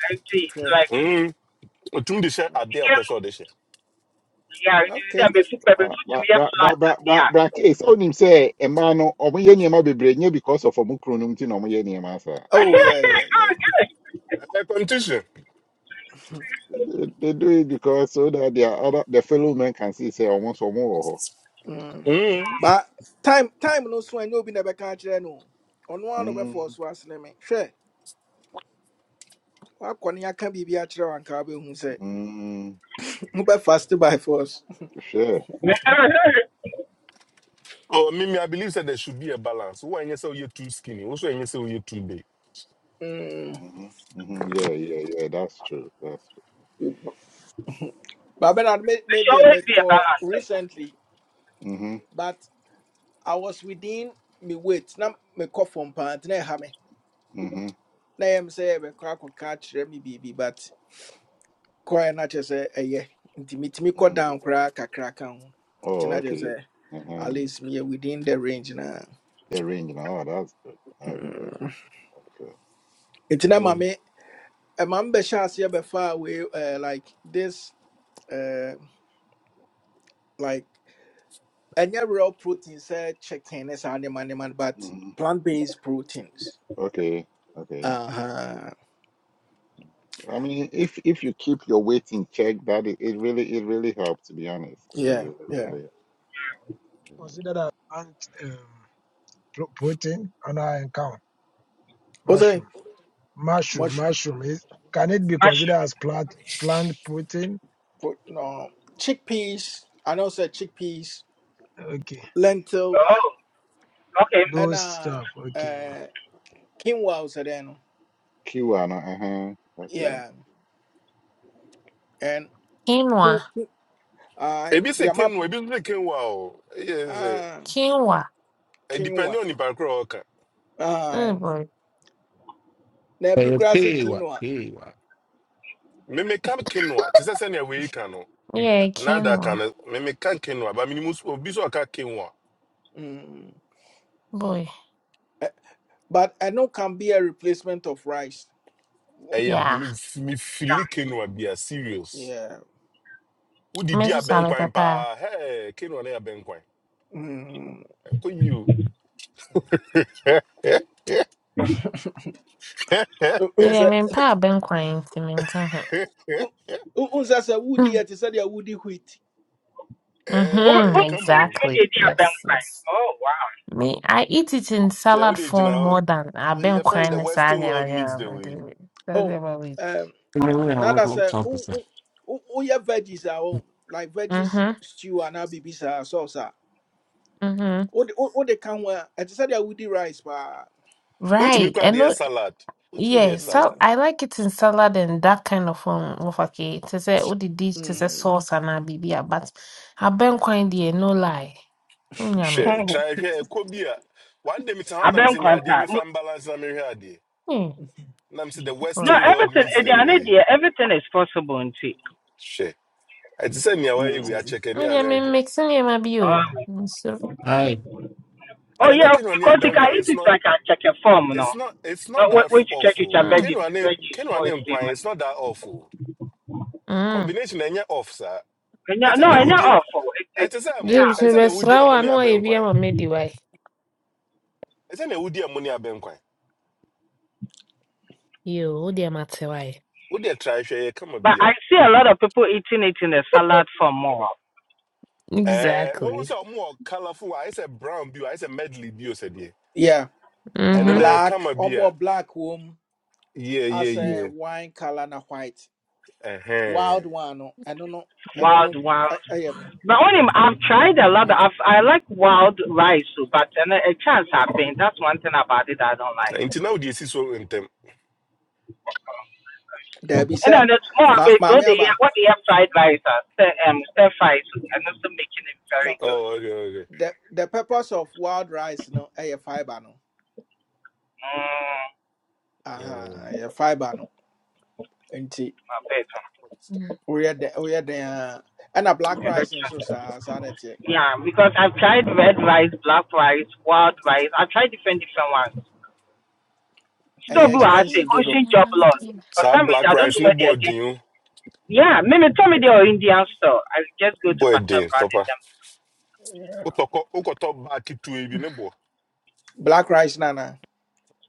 And see,
hwɛ
like
Mm. Otun de share ade
you
o
can
person de share.
yeah, it is
okay
a bit super but to
bra,
me a
bra,
flat
bra, bra,
yeah.
bra. Case on him say, a man, or me, any man be brain, because of a mukronum tin, or me, any man, sir.
oh yeah yeah yeah
A competition.
They they do it because so that their other, the fellow men can see, say, almost or more.
mm.
Hmm.
but time time no so ɛnyɛ obi na ɛbɛka akyerɛ no Ono ano be na ɔbɛfa
Mm,
so asene me hwɛ woakɔ ne aka biribi akyerɛ wo anka wobɛhu sɛ
mm,
wobɛfaste by force
for sure.
there
Oh, me I believe that there should be a balance. Who anya say you are too skinny, who so anya say you are too big.
Mm.
hmm hmm Yeah, yeah, yeah. That's true. That's true.
but bernard made me
should always
deɛ
be a
call
balance though.
recently
hmm
but. I was within me weight. Now me cough from pant. Now have me.
hmm
Now I'm say "Eh, me crack on catch me baby, but quite not just say eh yeah. Inti me me cut
hmm
down crack a crack on. Inti
Oh,
not just
okay.
say at
Uh-huh.
least me within the range now.
They're ringing. Oh, that's good. That's good.
Mm.
That's good.
Inti na
Hmm.
mami. A man be shas here before away uh, like this uh, like any real protein say chicken is animal animal but
hmm
plant based proteins.
Okay. Okay.
Uh huh.
I mean, if if you keep your weight in check, that it, it really it really helps. To be honest, it
Yeah
really
yeah.
really. helps.
consider that plant um, pro- protein and I count
What's
mushroom. Mushroom, mushroom is can it be considered
Mushroom.
as plant plant protein?
put no chickpeas. I know say chickpeas,
Okay,
lentil,
Oh, okay.
and
those
uh,
stuff. Okay.
uh quinoa was there. no?
Q and uh-huh. Okay.
Yeah, and quin-
quinoa.
quin- uh,
Ebi se
the
ken,
map
ebi se ken wow. Yes. eh,
uh
Quinoa.
It depends
quinoa.
on the background. okay.
Uh,
Oh boy.
there be
Eh,
grassy
Hey, what?
quinoa.
Hey, what?
memeka kenwa te sɛ sɛnea wei ka no
Yeah,
nada ka
quinoa.
no memeka kenwa ba menim so- obi so ɔka kenwa
Mm.
Boy.
Eh, But I know can be a replacement of rice. Wha-
ɛyɛ
Yeah.
mef-
Yeah.
mefili kenwa bia serious
Yeah.
Me
wodidi
so sabe
abɛnkwan
pepper.
paa he kenwa no yɛ abɛnkwan
Mm.
ɛkɔ yi o
Me dey
Unza,
me pa ben kwan si me nka
unza sa
ho.
woody. I said woody wheat.
Who
Ɛɛ,
who
Mhm.
let
ɛyɛ
me
kama o
the
Exactly.
idea bank
Yes,
crime?
yes.
Oh wow.
Me I eat it in
hwɛ
salad
wode gyina
form
hɔ
more than I ben
woyɛ friend
kwan
the
ni sa
western
nyara
world meets the way
nyara. That's
Oh.
what we.
Now that's a oh oh oh oh yeah veggies are on like veggies
Mhm.
stew and now baby sauce ah.
Mhm.
Oh the oh they can wear. I just said I would rice but
What wotumi
Right.
kora
And
the
no
salad What wotumi the
Yeah,
salad
so
Mm,
I like it in salad and that kind of um of okay. To say all the dish, it is say
mm,
sauce and a bibia, but I been quite there, no lie. Nyame.
hwɛ
Mhm.
try here. ɛkɔ bi one day mita
I
hɔ nam
bank
sɛ no
crime.
adeɛ mefa mbalance na mehwɛ adeɛ
Hmm,
nam say the
No,
boy.
western world
everything
meets
eh, there
the
are no
way
idea, everything is possible in tea.
Share. I just hwɛ ɛte sɛ nea wayɛ wei
mm.
akyɛ kani
Nyame me
abɛnkwa
mixing him a bio. So,
Hi.
Oh
anasɛ
yeah,
kenua ne
because you can
abɛnkwa
eat
it's
it
not
like a chicken form, you
it's
know.
not it's
No,
not
when
that
when you check it, a
awful
mm,
veggie,
kenua ne
veggie,
kenua
no
ne
steam.
nkwan it's not that awful
mm.
combination ɛnyɛ off saa
And
ɛte
yeah,
sɛ
no,
nea
and yeah,
wodie
awful. It, it,
ɛte sɛ mo
yeah.
James,
ɛte
me
sɛ nea
best raw,
wodie mo
I
ne
know I be
abɛnkwan
a medi why.
ɛte sɛ nea wodie mo ne
You, what the matter why?
Would wodeɛ try hwɛ Come kama
But
bi
I see a lot of people eating it in a salad form more.
Eh, what
Exactly.
was a more colorful? I said brown beer. I said medley beer said yeah.
Yeah,
And
Mm-hmm.
then uh,
Mm.
black
come a
or
beer.
more black womb
Yeah,
as a
yeah,
wine color na white
yeah. Uh
wild
huh.
one. No, I don't know. I don't
Wild,
know. I,
wild.
I, yeah.
But only I've tried a lot. Of, I've, I like wild rice, too, but and a chance happened. That's one thing about it I don't like.
Until now, this is so intem.
There be
And
said,
then it's more of
ma,
it. So
maame
they have,
aba.
what they have fried rice, are, stir, um, stir fries, and also making it
No,
very good.
Oh, okay, okay.
the the purpose of wild rice no, a fiber no.
Mm,
Aha,
Mm.
uh-huh, a fiber no. Nti.
my favorite.
Mm.
We are woyɛ dɛ woyɛ dɛn a ɛna black
ever
rice nso
tried.
sa saa na ɛteɛ
Yeah, because I've tried red rice, black rice, wild rice. I've tried different different ones. Stop
ɛyɛ
who I say
expensive dodo
ocean job lot. For
So
some reason
black
I don't
rice
know
ne
where they
boy
are getting.
din
Yeah, maybe tell me they are Indian store. I just go to
boy
Patel
din
Brothers
papa.
them.
Utoko ukoto back to ebi ne boy.
black rice nana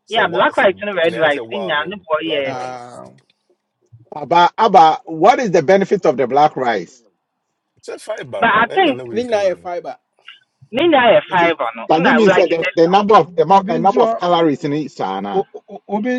Say
Yeah, black
wild say
rice and red
ne I
rice.
say wild
Nina, no
no
boy
black
yeah. yeah, yeah.
one. no.
um,
Abba, Abba, what is the benefit of the black rice?
It's a fiber
But I
no. And
think
na
ne
we
nyinaa yɛ
clean.
fiber
Nina a
You see,
five or no. I
does it
know,
mean that
like it.
the, the number of the amount, the
obi
number of calories in it, Sana?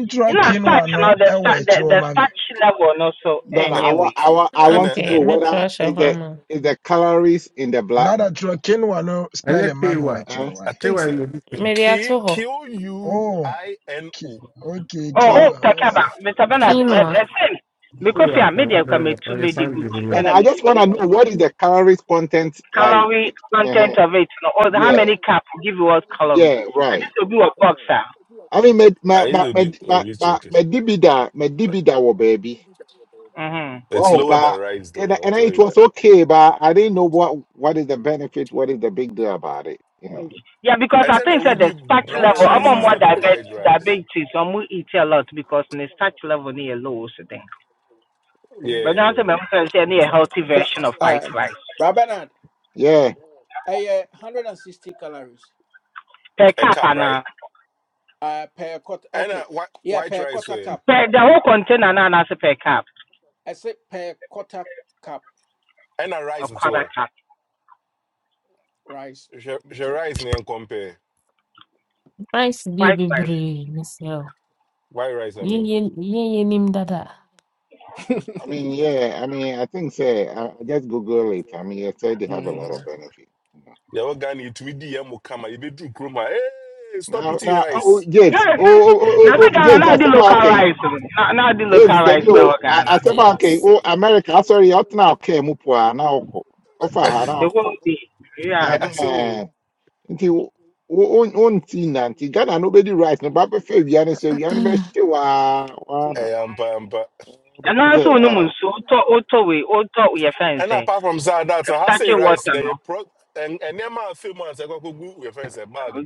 ntwerɛ
You know,
kinwa
starch, you
no
know, the,
ɛwɔ
starch, the
akyiri
the
mami. ma me
starch level, and also
No, no.
no. Eh,
I want,
anyway.
I want, I
And
want
uh,
to
uh,
Okay,
know
me
whether
trash a
is the
hama.
is the calories in the black.
nada twerɛ kinwa no spelling ma
Hey,
me wɔ
what?
akyiri
Uh,
hɔ
I
wae
Hey,
think say
what? You be.
K
Mediato
K O U
oh
I N
ki-
O.
okay
Oh,
uh,
oh,
kiwa
Takaba,
ɔsɛ
Mr.
uh,
Bernard,
uh,
I
Quinoa.
said,
Hey,
because you are
what? I
media, come
don't know. Oh,
to
Your
media
son
good
is the
no, no,
container,
I
with
just want to
many
know what is the calories content like.
calorie
uh huh.
content of it, no, or the- how
Yeah,
many cup will give you what calorie.
yeah,
And this
right.
will be a boxer.
I mean,
I
my my my
will
my
be
my
be
my
check.
my dibida, my
But
dibida, wo baby.
Mm-hmm.
It's
Oh,
lower than
but
rice, though.
and
I'll
and
tell
it
you
was
that.
okay, but I didn't know what what is the benefit, what is the big deal about it, you know.
Yeah, because
I
I
tell you,
think that the
woody
starch
brown
level, I'm
rice
on more
Quinoa.
instead of white
diabetes,
rice.
diabetes, so I'm going to eat a lot because the starch level near low, so then.
Yeah,
Mm.
But now
yeah,
I'm
yeah.
saying I need a healthy
but
version of white
um,
rice.
rabenard
Yeah.
ɛyɛ 160 calories
Per
a
cup,
cup,
and uh,
right?
uh, per quarter
And a
okay
white
yeah
white
per
rice
quarter
way,
cup
per, the whole container, and I per cup,
I ɛsɛ per quarter cup
and a
A
rice as
quarter
well.
cup,
rice
She
Let me
she
check it.
rice name compare
Christ dey
white rice.
miss ne
white rice. I
Ye
mean,
ye ye ye nim dada.
I mean, yeah, I mean, I think say I, I just Google it. I mean, I said they have a lot
Mhm.
of benefit. You know.
yeah, what Ghana to me DM kama. You be do kroma. Hey, stop
Now,
eating
now, oh,
rice.
James,
Yeah,
oh, oh, oh, oh,
now they
oh,
Ghana
James,
now
I
they
said, "Ma, okay,
localize them. Now, now they
James, then
localize now
you, I,
Ghana.
I said, "Ma, okay,
James.
oh, America, I'm sorry, out now, okay, mupua, now, okay, offer her
The
now,
whole thing, yeah.
Eh,
okay,
I say,
eh,
oh,
until one, one thing, until Ghana, nobody right, no, but if you are, so you are, but
Ah,
she wa, wa, na,
hey, ampa ampa.
eh,
And
but,
also no mun
uh,
so auto auto we auto we fence.
And
I'm
apart from that, that's I say
sucking water
rice. They
no.
pro and and them are few months. I go go go. We friends a bag. You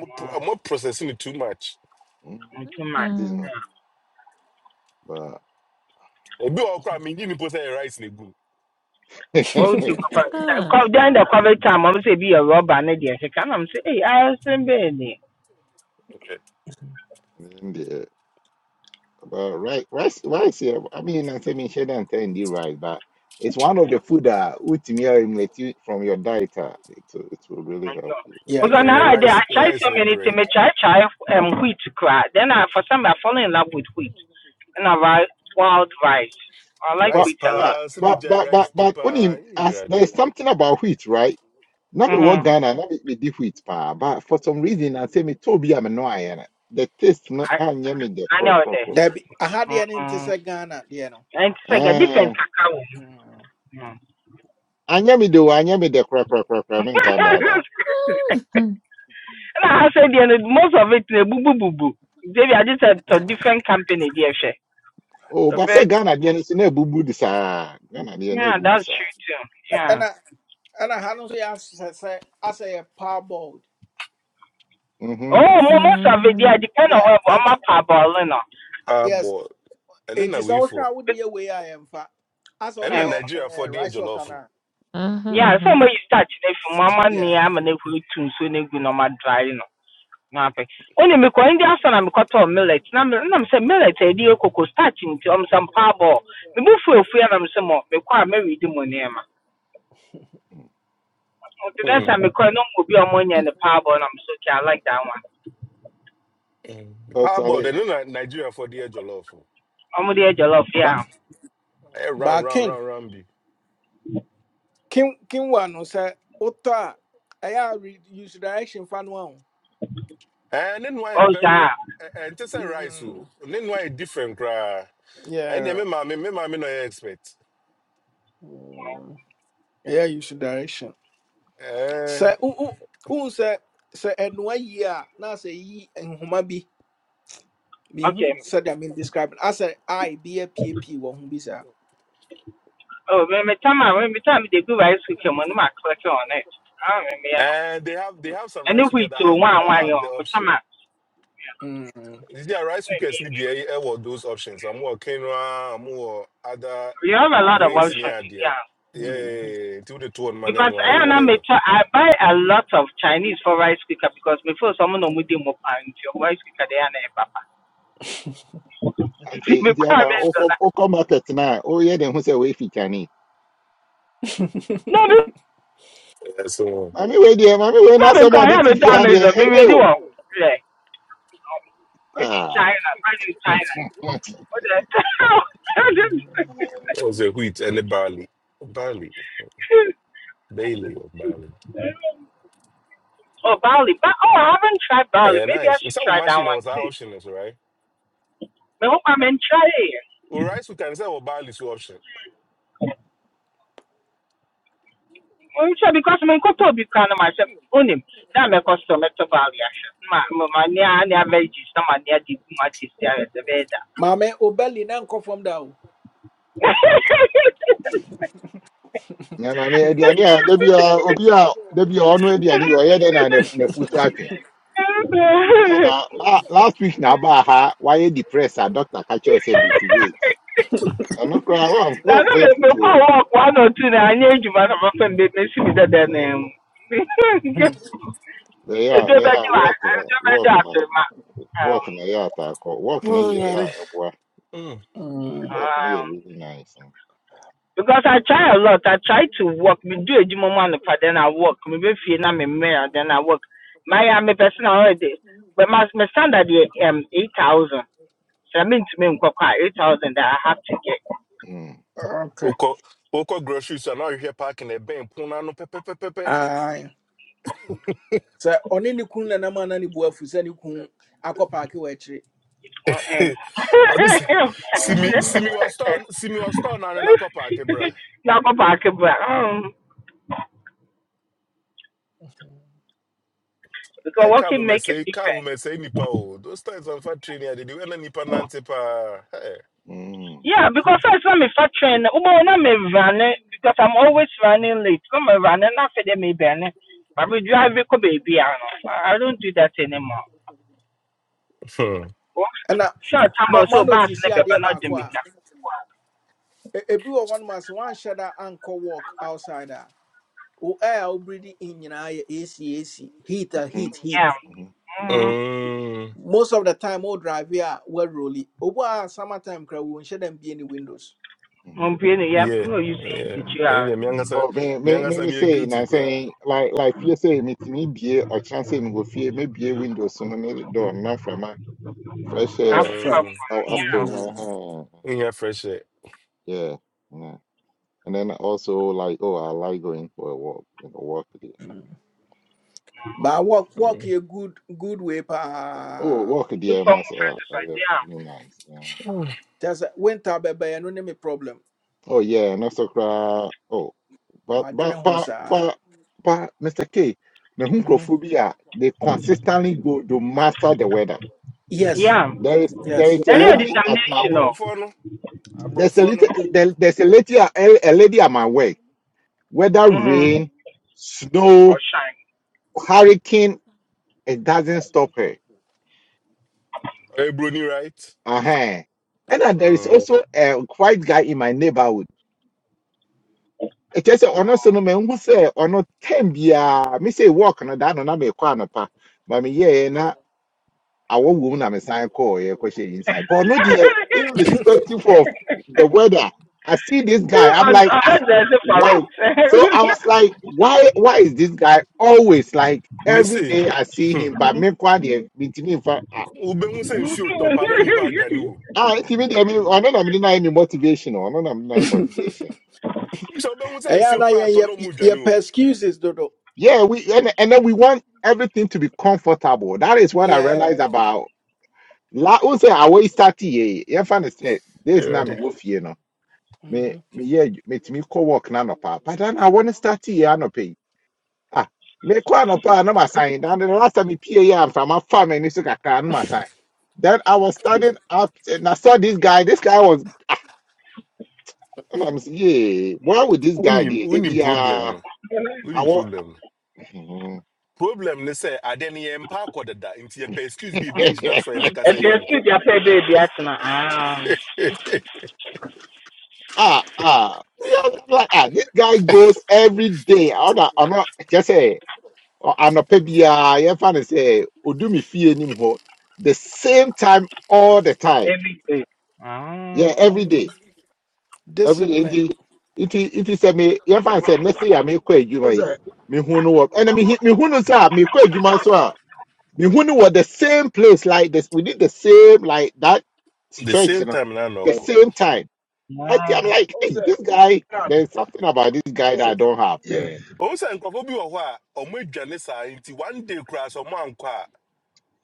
know, I'm processing it too much.
mm,
Mm, too much.
ah,
you know,
Ebi wɔ hɔ koraa mengi mpo sɛ ɛyɛ rice na egu no.
Oh, the
but,
ah, ah.
cover. Then the COVID time, I'm say be a robber. I Need the second. I'm say, hey, I'm saying,
Eh,
Well, right, rice, rice here. I mean, I'm saying share and telling you rice, but it's one of the food that would eliminate you from your diet. ah. It will, it will really
my
help
God.
you.
yeah
eh,
Because
eh,
now I,
rice
try
rice
so
ne
many things.
bread
I try try um wheat cry. Then I for some I fall in love with wheat, and I ri wild rice. I like
But,
rice
wheat a
uh,
lot.
paa sɛ
but,
megyae
but,
rice
but,
di
but,
paa
only as
yɛwurade
there's something about wheat, right? Not me what
Mhm.
Ghana, not me, me the wheat, pa, but for some reason, I say me Toby, I'm no iron. The taste, no,
I
I me the
I
crack,
know
crack,
that.
crack.
dabi aha deɛ ne nte
Mhm.
sɛ ghana deɛ no
And it's like a different
Eh,
cacao.
Mm.
Mm.
I me the, I me the crack, crack, crack, crack, I mean, Canada.
and I said the most of it na boo boo boo boo. Maybe I just said to different company there, she.
Oh,
So
but say
very
Ghana, again, it's in a boo boo, this, ah, Ghana, again, a
yeah,
boo
that's true too. Yeah.
And I, ɛna ha no nso yɛ asɛ sɛ asɛ yɛ parboiled
boo,
Oh, mo- most of it yeah depend on
yeah
what
It
I'm a parboiling
yes
paabɔd ɛno
it
na
is sɛ ɔhwɛ
weifoɔ
a wode yɛ wei a yɛmfa asɛ wode
ɛno na
on.
yɛ eh,
nigeriafoɔ de yɛ
rice water na
jɔlɔfo
ah
Yeah, sɛ
ah
ɔmayi you start, afi mu ama
yeah
nea ama no ahuru tu nsuo no egu na ɔma dry no na apɛ one mekɔ ndi asa na mekɔtɔɔ millet na me na mesɛ millet a ɛdi yɛ koko starch nti ɔm sɛ mpaa bɔɔ me bo fu efu na mesɛ mɔ mekɔ a mɛredi mu nneɛma nti next time mekɔ no mo bi a ɔmo nyɛ ne paa bɔɔ na mesɛ okay I like that one
paabɔd
Totally.
ɛno na nigeriafoɔ de yɛ jɔlɔfo
ɔmo de yɛ jollof
Ba-
yeah
ɛyɛ round
but
round
kin
round round bi
kin kinwa no sɛ wotɔ a ɛyɛ use direction fa no a wo.
Eh, ne noa
Oh,
yɛ
sɛ
very
ah
ɛ- ɛ, ɛnte sɛ rice o
Mm,
ne noa yɛ different koraa ɛnneɛ me
yeah
maame me maame na ɔyɛ expert
Mm, Yeah. use direction
Eh,
sɛ wohu sɛ sɛ ɛnoa yie a na sɛ yi nhoma bi mehu
okay
sɛdeɛ mendescribe no asɛ i be a apiepie wɔ ho bi saa
oh me me tam me me tam de gu rice cooker mu no ma click on it ah me me eh, no
eh, they have they have some rice
ɛne
cooker
wheat
that
o
has
one
that
one.
has
o
the
me time
option
ah.
Mm,
Is there rice
me
cookers ni
me.
be air or those options? I'm more quinoa, I'm more other
We have a lot of
grains
options,
near there.
yeah.
mm.
Yeah, to the two on man
Because
and why
I and I may
whatever.
try, I buy a lot of Chinese for rice cooker because before someone no mudi mo pan to your rice cooker they are na papa. See
Ati
me
nti
cry
akwa
me so
okọ
na.
okọ market now. Oh yeah, then who say we fit Chani?
No,
Yeah, so
Mami we there, mami we na a,
before
oyɛ de ho
me
sɛ wei fi Chinese. Maame wei deɛ, maame wei n'asɛm a
cry
ɔde
I
ti
me
fi
down
ha
me
deɛ,
so me me do one. Yeah. Go to
Ah.
China, go to China. What the hell?
Mm.
also wheat and the barley. Barley. Barley or barley.
Oh, Bali. But, oh, I haven't tried Bali.
Eh,
Maybe I
nice.
should
Instead of
try that
machine
one
was our
too.
option, also, right?
Me hope I may try it.
Well, rice we can say well, barley is option.
nhwɛ because me nkɔtɔ obi kora no mahyɛ onim na mɛkɔ so mɛtɔ baali ahwɛ ma ma mani a ne avegis na mani adi gu ma te si ayɛ sɛ bɛyɛ da
Maame, wo belly na nkɔ fam da o.
Na maame ediani a da a obi a da a ɔno ediani. bi ɔyɛ dɛ na ne n'afutu atwe. Aba la, last week na ba ha wayɛ depressed a doctor ka kyerɛ sɛ lose weight. Ɛno koraa wa
na
wa
no me
fɛ
me kɔ
futuo.
wɔk one or two na anyɛ adwuma na mɛfa mbe mesi mi dɛdɛ na mu
Mm,
Ɛyɛ a
edu
ɛyɛ
bɛgye
a
wa
work na
edu bɛgye
work na
ase ma.
work
um
na ɛyɛ ataakɔ work na deɛ ɛyɛ
Alrighty.
a
Mm.
mm.
Walking here
um
really nice.
Because I try a lot. I try to work. Me do a jimo manufa, then I work. Me be fee na me mayor, then I work. My I'm a person already. But my my standard is um eight thousand. So I mean to me eight thousand that I have to get.
Mm,
Okay.
Oko oko grocery store now you hear parking a bank. puna no pepe pepe pepe.
Aye. Sɛ ɔne ne kun nanam ana ne bu afu sɛ ne kun akɔ paake wɔ akyire.
Oh, this
Uh-uh.
see me see me was store see me was store now in a car park, eh, bruh.
Now go back, but um, because
Hey, come
working
on,
make a
mesɛe Come
difference.
on, mesɛe nipa o those times I'm fat training, I did dede wɛna nipa nante pa. hey.
mm,
Yeah, because first I'm a factory, ubo na me running because I'm always running late. Come on, running after them me burning. But we drive ko baby I I I don't do that anymore.
hmm.
Well,
Ɛna
Sure, time
ma
also
ma
bad
notice
sleep,
adeɛ
but not do
baako
me.
a
ka.
e- ebi wɔ hɔnom ase wanhyɛ da ankɔ walk outside a wo air a wo breathe in nyinaa yɛ AC AC heat a heat
mm,
heat.
Yeah.
mm,
Mm.
um,
Most of the time wo drive a wo aroli. Obu a summer time kura wo nhyɛ da mbie ne windows.
mm.
Um, being yeah,
yeah
no, you see,
yeah
did you
ɛne deɛ
have
meankasa
Oh man, me me
meankasa
me
meyɛ
say na
guilty koraa
say like like fear say me ti me bie or chance me go fear me bie window so no me door na from a fresh
off
air
from.
fun?
um,
out after
Yeah.
my
Mm-hmm.
hand.
wonya fresh
Yeah, yeah. And then also like oh I like going for a walk, you know, walk there.
But walk walk
ɛ
a good good way
Oh
pa.
walk
Two
there
form
must
of
uh, uh
exercise.
really nice. Yeah.
Just winter baby, no name problem.
Oh yeah, and also cry. Oh. But
My dream
but
horse.
but but
Mm-hmm.
but Mr. K, mehunkrophobia, they consistently go to master the weather.
Yeah.
Yes,
Yeah.
There is there
yes.
is a
That is
abro
lady at my
determination. Oh.
aborɔfoɔ no
there's a
aborɔfoɔ
little
no
there, there's a lady a, a lady at my work. Whether
Mm.
rain,
Or
snow,
shine.
hurricane, it doesn't stop her.
ɛyɛ broni right
Uh-huh. And then there is
um,
also a white guy in my neighborhood. It just on us no man who say on no ten bia. Me say walk no that no na me kwa no pa. But me yeah yeah, na our woman I'm a sign call yeah question inside. But no dear, irrespective of the weather, I see this guy.
Or
I'm like,
or
ah,
that's for
what? So I
it.
was like, why why is this guy always like every
mese
day I see
hmm,
him, but me kwa deɛ, mintimi mfa- ah,
wobɛhu sɛ nsuo tɔ paa na nipa adwane
If
wo
ah, nti me deɛ, me- ɔno na mede maa me motivation. ɔno na mede maa me motivation.
sɛ wobɛhu sɛ
Yeah,
nsuo
na yeah,
koraa atɔ
yeah,
na ɔmu
yeah.
dwane wo
Excuses, dodo.
Yeah, we and, and then we want everything to be comfortable. That is what I realized
Yeah.
about La, who say I always start here. You understand? This is not me wolf, you know. me
Mm-hmm.
me yeah me metumi kɔ work na anɔpa but then I want to start here anɔpa pay ah me mekɔ anɔpa na ma sign na the last time me pay pie yɛ mframa fa m'ani so kaka no na sign then I was standing up and I saw this guy this guy was and I'm saying yeah why would this guy
wonim
be they
wonim
be
problem
uh
no
I
Unim
want
problem no problem ne say ade no yɛmpa akɔ dada nti yɛpɛ excuse bi bi gyina so a yɛbɛka sɛ
you
yɛnkɔ
speak, you pay baby, that's not. Ah,
ah ah We are like ah this guy goes every day I don't I not just say Ɔ- anɔpa biara yɛmfa no sɛ odu me fie anim hɔ the same time all the time
everything.
yeah
Ah,
every day every day
Discipline.
nti nti nti sɛ me yɛmfa no sɛ ne se a mekɔ adwuma yi
that?
mehu no wɔ ɛna mehu mehu no sɛ a mekɔ adwuma so a mehu no wɔ the same place like this we did the same like that
the
stretch you
same
know
time na na
the
ɔkɔ
same time I think
no.
I'm like hey this
ɔsɛ
guy
nad
there's something about this guy that I
sɛ-
don't have
yeah
man
ɔhu sɛ nkurɔfoɔ bi wɔ hɔ a ɔmo adwane saa nti one day koraa sɛ ɔmo ankɔ a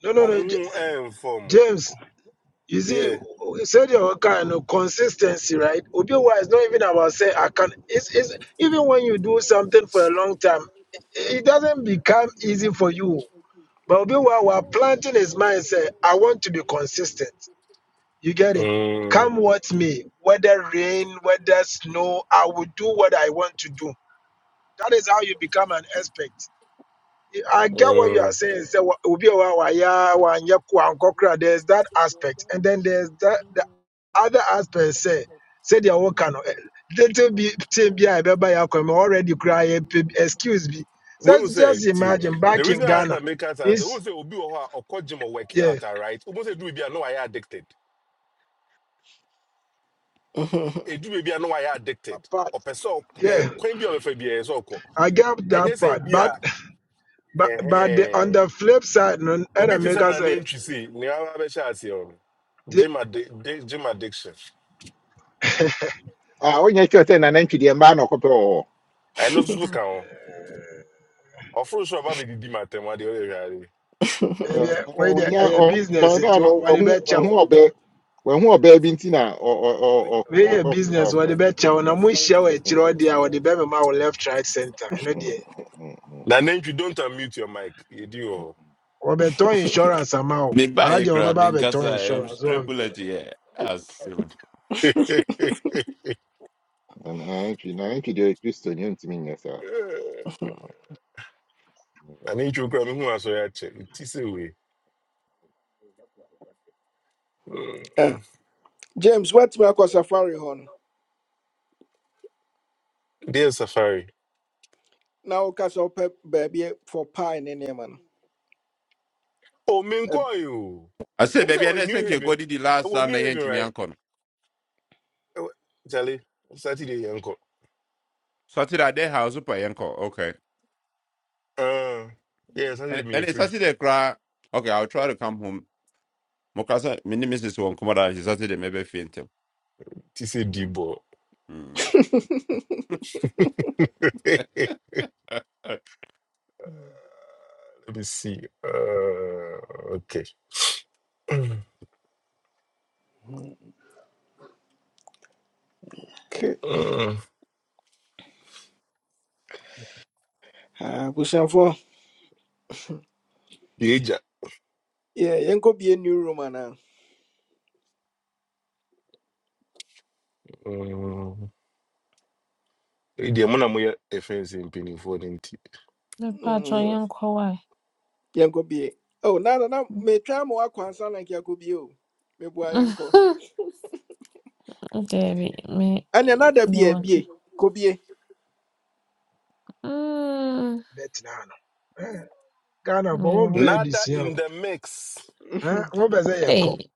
no no
ɔmo
no J-
ho ɛmfɔ
james you see
yeah
you said your kind of consistency right obi wa is not even about say i can it's, it's even when you do something for a long time it doesn't become easy for you But Obi Wa Wa planting his mind say, I want to be consistent. You get it?
Mm,
Come what me, whether rain, whether snow, I will do what I want to do. That is how you become an expert. I get what you are
mm.
saying. Say, "Wa- Obi Wa Wa Ya Wa Nyeku Wa Nkokra." There's that aspect. And then there's that, the other aspect say, say they are working on it. Little bit, thing be I remember you come already cry. Excuse me. So
wehu sɛ
just
tio
imagine
the
back in
reason i
Ghana.
sɛ meka saa sɛ wohu
It's,
sɛ obi wɔ hɔ a ɔkɔ gym
yeah.
out right wohu sɛ ɛduru bi a na wayɛ addicted
Mm-hmm.
ɛduru baabi a no wayɛ addicted O sɛ ɔk- ɛɛ,
Yeah,
kwan bi a ɔbɛfa biara ɛyɛ sɛ ɔkɔ
I get
ɛnyɛ
that part,
bi
but
a
but but the, on
eh
the
eh
flip side, no, other
obi te sɛ
makers
na
say
ne ntwi sei nea waba bɛhyɛ aseɛ wɔ no
the
gym addi- gym addiction
ah onye kyerɛ na nanantwi deɛ mbaa na ɔkɔpɛ wɔ hɔ
I know so ka ho ɔforo i a ɔba bɛdidi ma atɛm adeɛ ɔyɛ hwɛade
Uh,
where the
ọnya ọba
business
ndị a
into
na ọhụ
what the better chow,
ọba ọhụ ọba ebi ntị na ọ ọ ọ ọ
where your
ọkọ
business
fafa
what the
dị.
better na mu share we show a chiro dia what the better ma left right center you know
Na
there
na na na
na nantwi don't unmute your mic yɛdi
na
wɔ
we be ton insurance amount
Me buy
I
a
dey we be
crab
ba
in
be ton
Casa, I'm
insurance
straight
one be
bullet here. I said,
hɔ
na na na na na na na na na na na na na na na na na na
na nantwi okura mehu asɔre akyɛ ti sɛ wei Mm.
Yeah. James, what's my cause safari hon?
deɛ safari
Now, cause our baby for pie in any man.
o menkɔe o obi sɛ
baby, I
wɔ
didn't
new
think you
haven
got it the last
ɛwɔ
time I
new
went
haven
to my
right
uncle.
Charlie. saturday yɛnkɔ
Saturday, I did house up my uncle. Okay.
Ah, yeah saturday
And,
me
and it's
free
Saturday, cry. Okay, I'll try to come home. Mokasa, my name is one Komoda. She's Saturday, maybe faint.
ti sɛ
Hmm.
Let me see. Uh, okay.
Okay.
Uh,
Ah, uh, for
Yeja.
yeah, you go be a new room
Um, the amount of money offense in penny for ninety.
Mepaatɔ
Mm,
yɛnkɔ wae.
yɛnkɔ bi. oh nana na na Me ama wakɔ ansa na nka Me bie o meboa yɛnkɔ
Daabi, me me
ɛneɛ nada bie
mewɔ.
bie kɔ bie
Mm,
bet na no eh Ghana for one
Mewɔ.
be
Nada
this year
in the mix.
eh one be say e ko
Hey,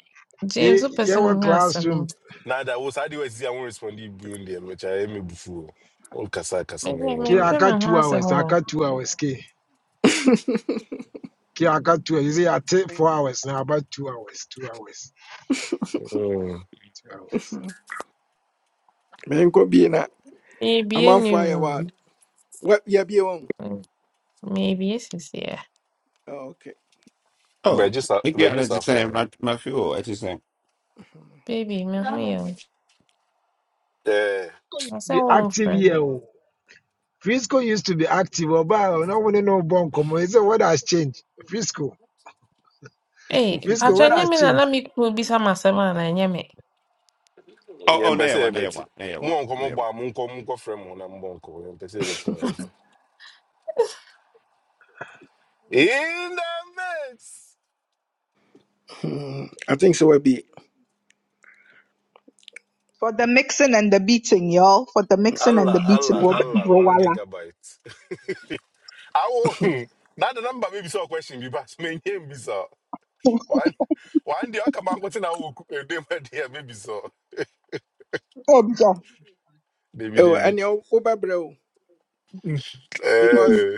e
James, wopɛ
e
sɛ
we
menya
classroom
Nada was how do you see? I won't respond to you in there, which I am before. All kasa
Me
kasa
o?
na
me
yon
ke
mempɛ
kona.
aka
me ho
2
asɛm
hours I
o.
aka 2 hours ke Yeah, I got two. You say I take four hours now, about two hours, two hours,
Um,
two hours.
menkɔ bie na
Meebie ne
amanfoɔ ayɛ
room.
What ya yɛabie wɔn
Meebie sisi a.
Oh, ok
oh,
but just
okay,
but
I'm
just
just saying,
for
my, my fuel, I'm just saying.
Baby, me ho yɛ wo.
eh.
Ɔsɛ
Be active
womfrɛ
here.
me.
oh. Frisco used to be active, oh, but I don't want to know Bonkomo. He said, What has changed? Frisco,
Hey,
Frisco,
patrọ
what
nye
has
me na
changed?
na me kuo bisa m asɛm a na ɛnyɛ me.
Oh,
Yeah,
oh,
mpɛsɛ
never,
yɛbɛte
never, never,
mo wɔ nkɔmmɔ bɔ
never.
a monkɔ monkɔ frɛ mo na mobɔ nkɔ yɛmpɛsɛ yɛbɛte mo yɛmfa in the mix
Hmm, I think so will be.
For the mixing and the beating, y'all. For the mixing and
allah
the beating.
allah allah
Wobɛbrɛ wo
one
ara.
gigabyte I will. Now the number maybe so question be pass me name be so. One one day I come and continue I will them there maybe so.
Ɛgya.
Baby
Oh,
baby.
and your Uber bro, because
Eh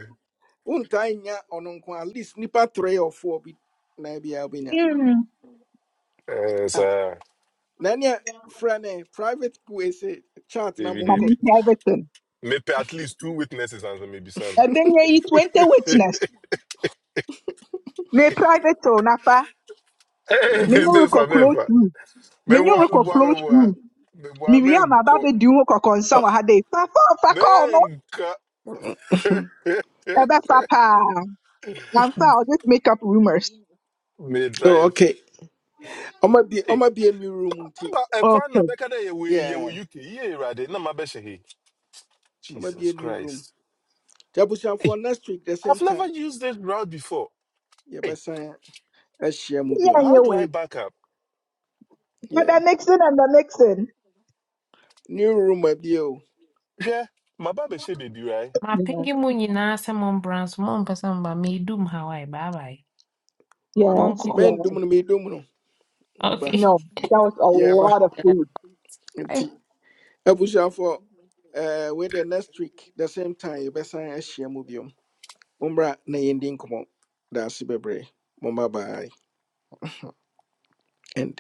one time ya on at least nipa three or four be na be albinya.
eh
Ah,
sir.
nanya friend eh, private way say chat na
Baby
monko.
Mami
baby.
private on.
Maybe at least two witnesses and maybe some.
Ɛbɛnya yi twenty witness. Me private on afa.
Eh
Me nyo
me
rekɔ
for me
close
for.
room.
Me
Me nyo
boy me
rekɔ
boy me
close
boy.
room.
Me boy
Me wia
me
ma ba
nko.
bɛ di ho kɔ concern wɔ ha de. Fafa ɔfa
Me
kɔɔ no.
nka
Ɛbɛfa paa. Anfa I'll just make up rumors.
me
Oh,
drive.
okay. i might be i
Hey,
might be a new room nti.
aba ekwan na
Okay.
beka dey we ye
Yeah.
we UK. Ye rade na mabeshe he.
i might be a
Jesus
new room.
Christ.
Jabusan for next week the same
I've never
time.
used this route before.
Yeah,
Hey,
but sign a share
Yeah,
mubium.
how do I
anyway.
back up?
But
Yeah.
the mixing and the mixing.
New room a be o.
Yeah, my baby should be right.
Yes,
Mapingi mu nyinaa sɛ mombra nso mompɛ sɛ mba meedum Hawaii. Bye bye. Monkɔ.
yes,
Men
yes.
dumunu me dumunu. Niba.
Okay.
No, that was a
Yeah, ba
lot of food.
nti. Jabusan for uh with the next week the same time you best sign a share mubium. Umbra na yendin kumo. That's bebre. Mumba bye. And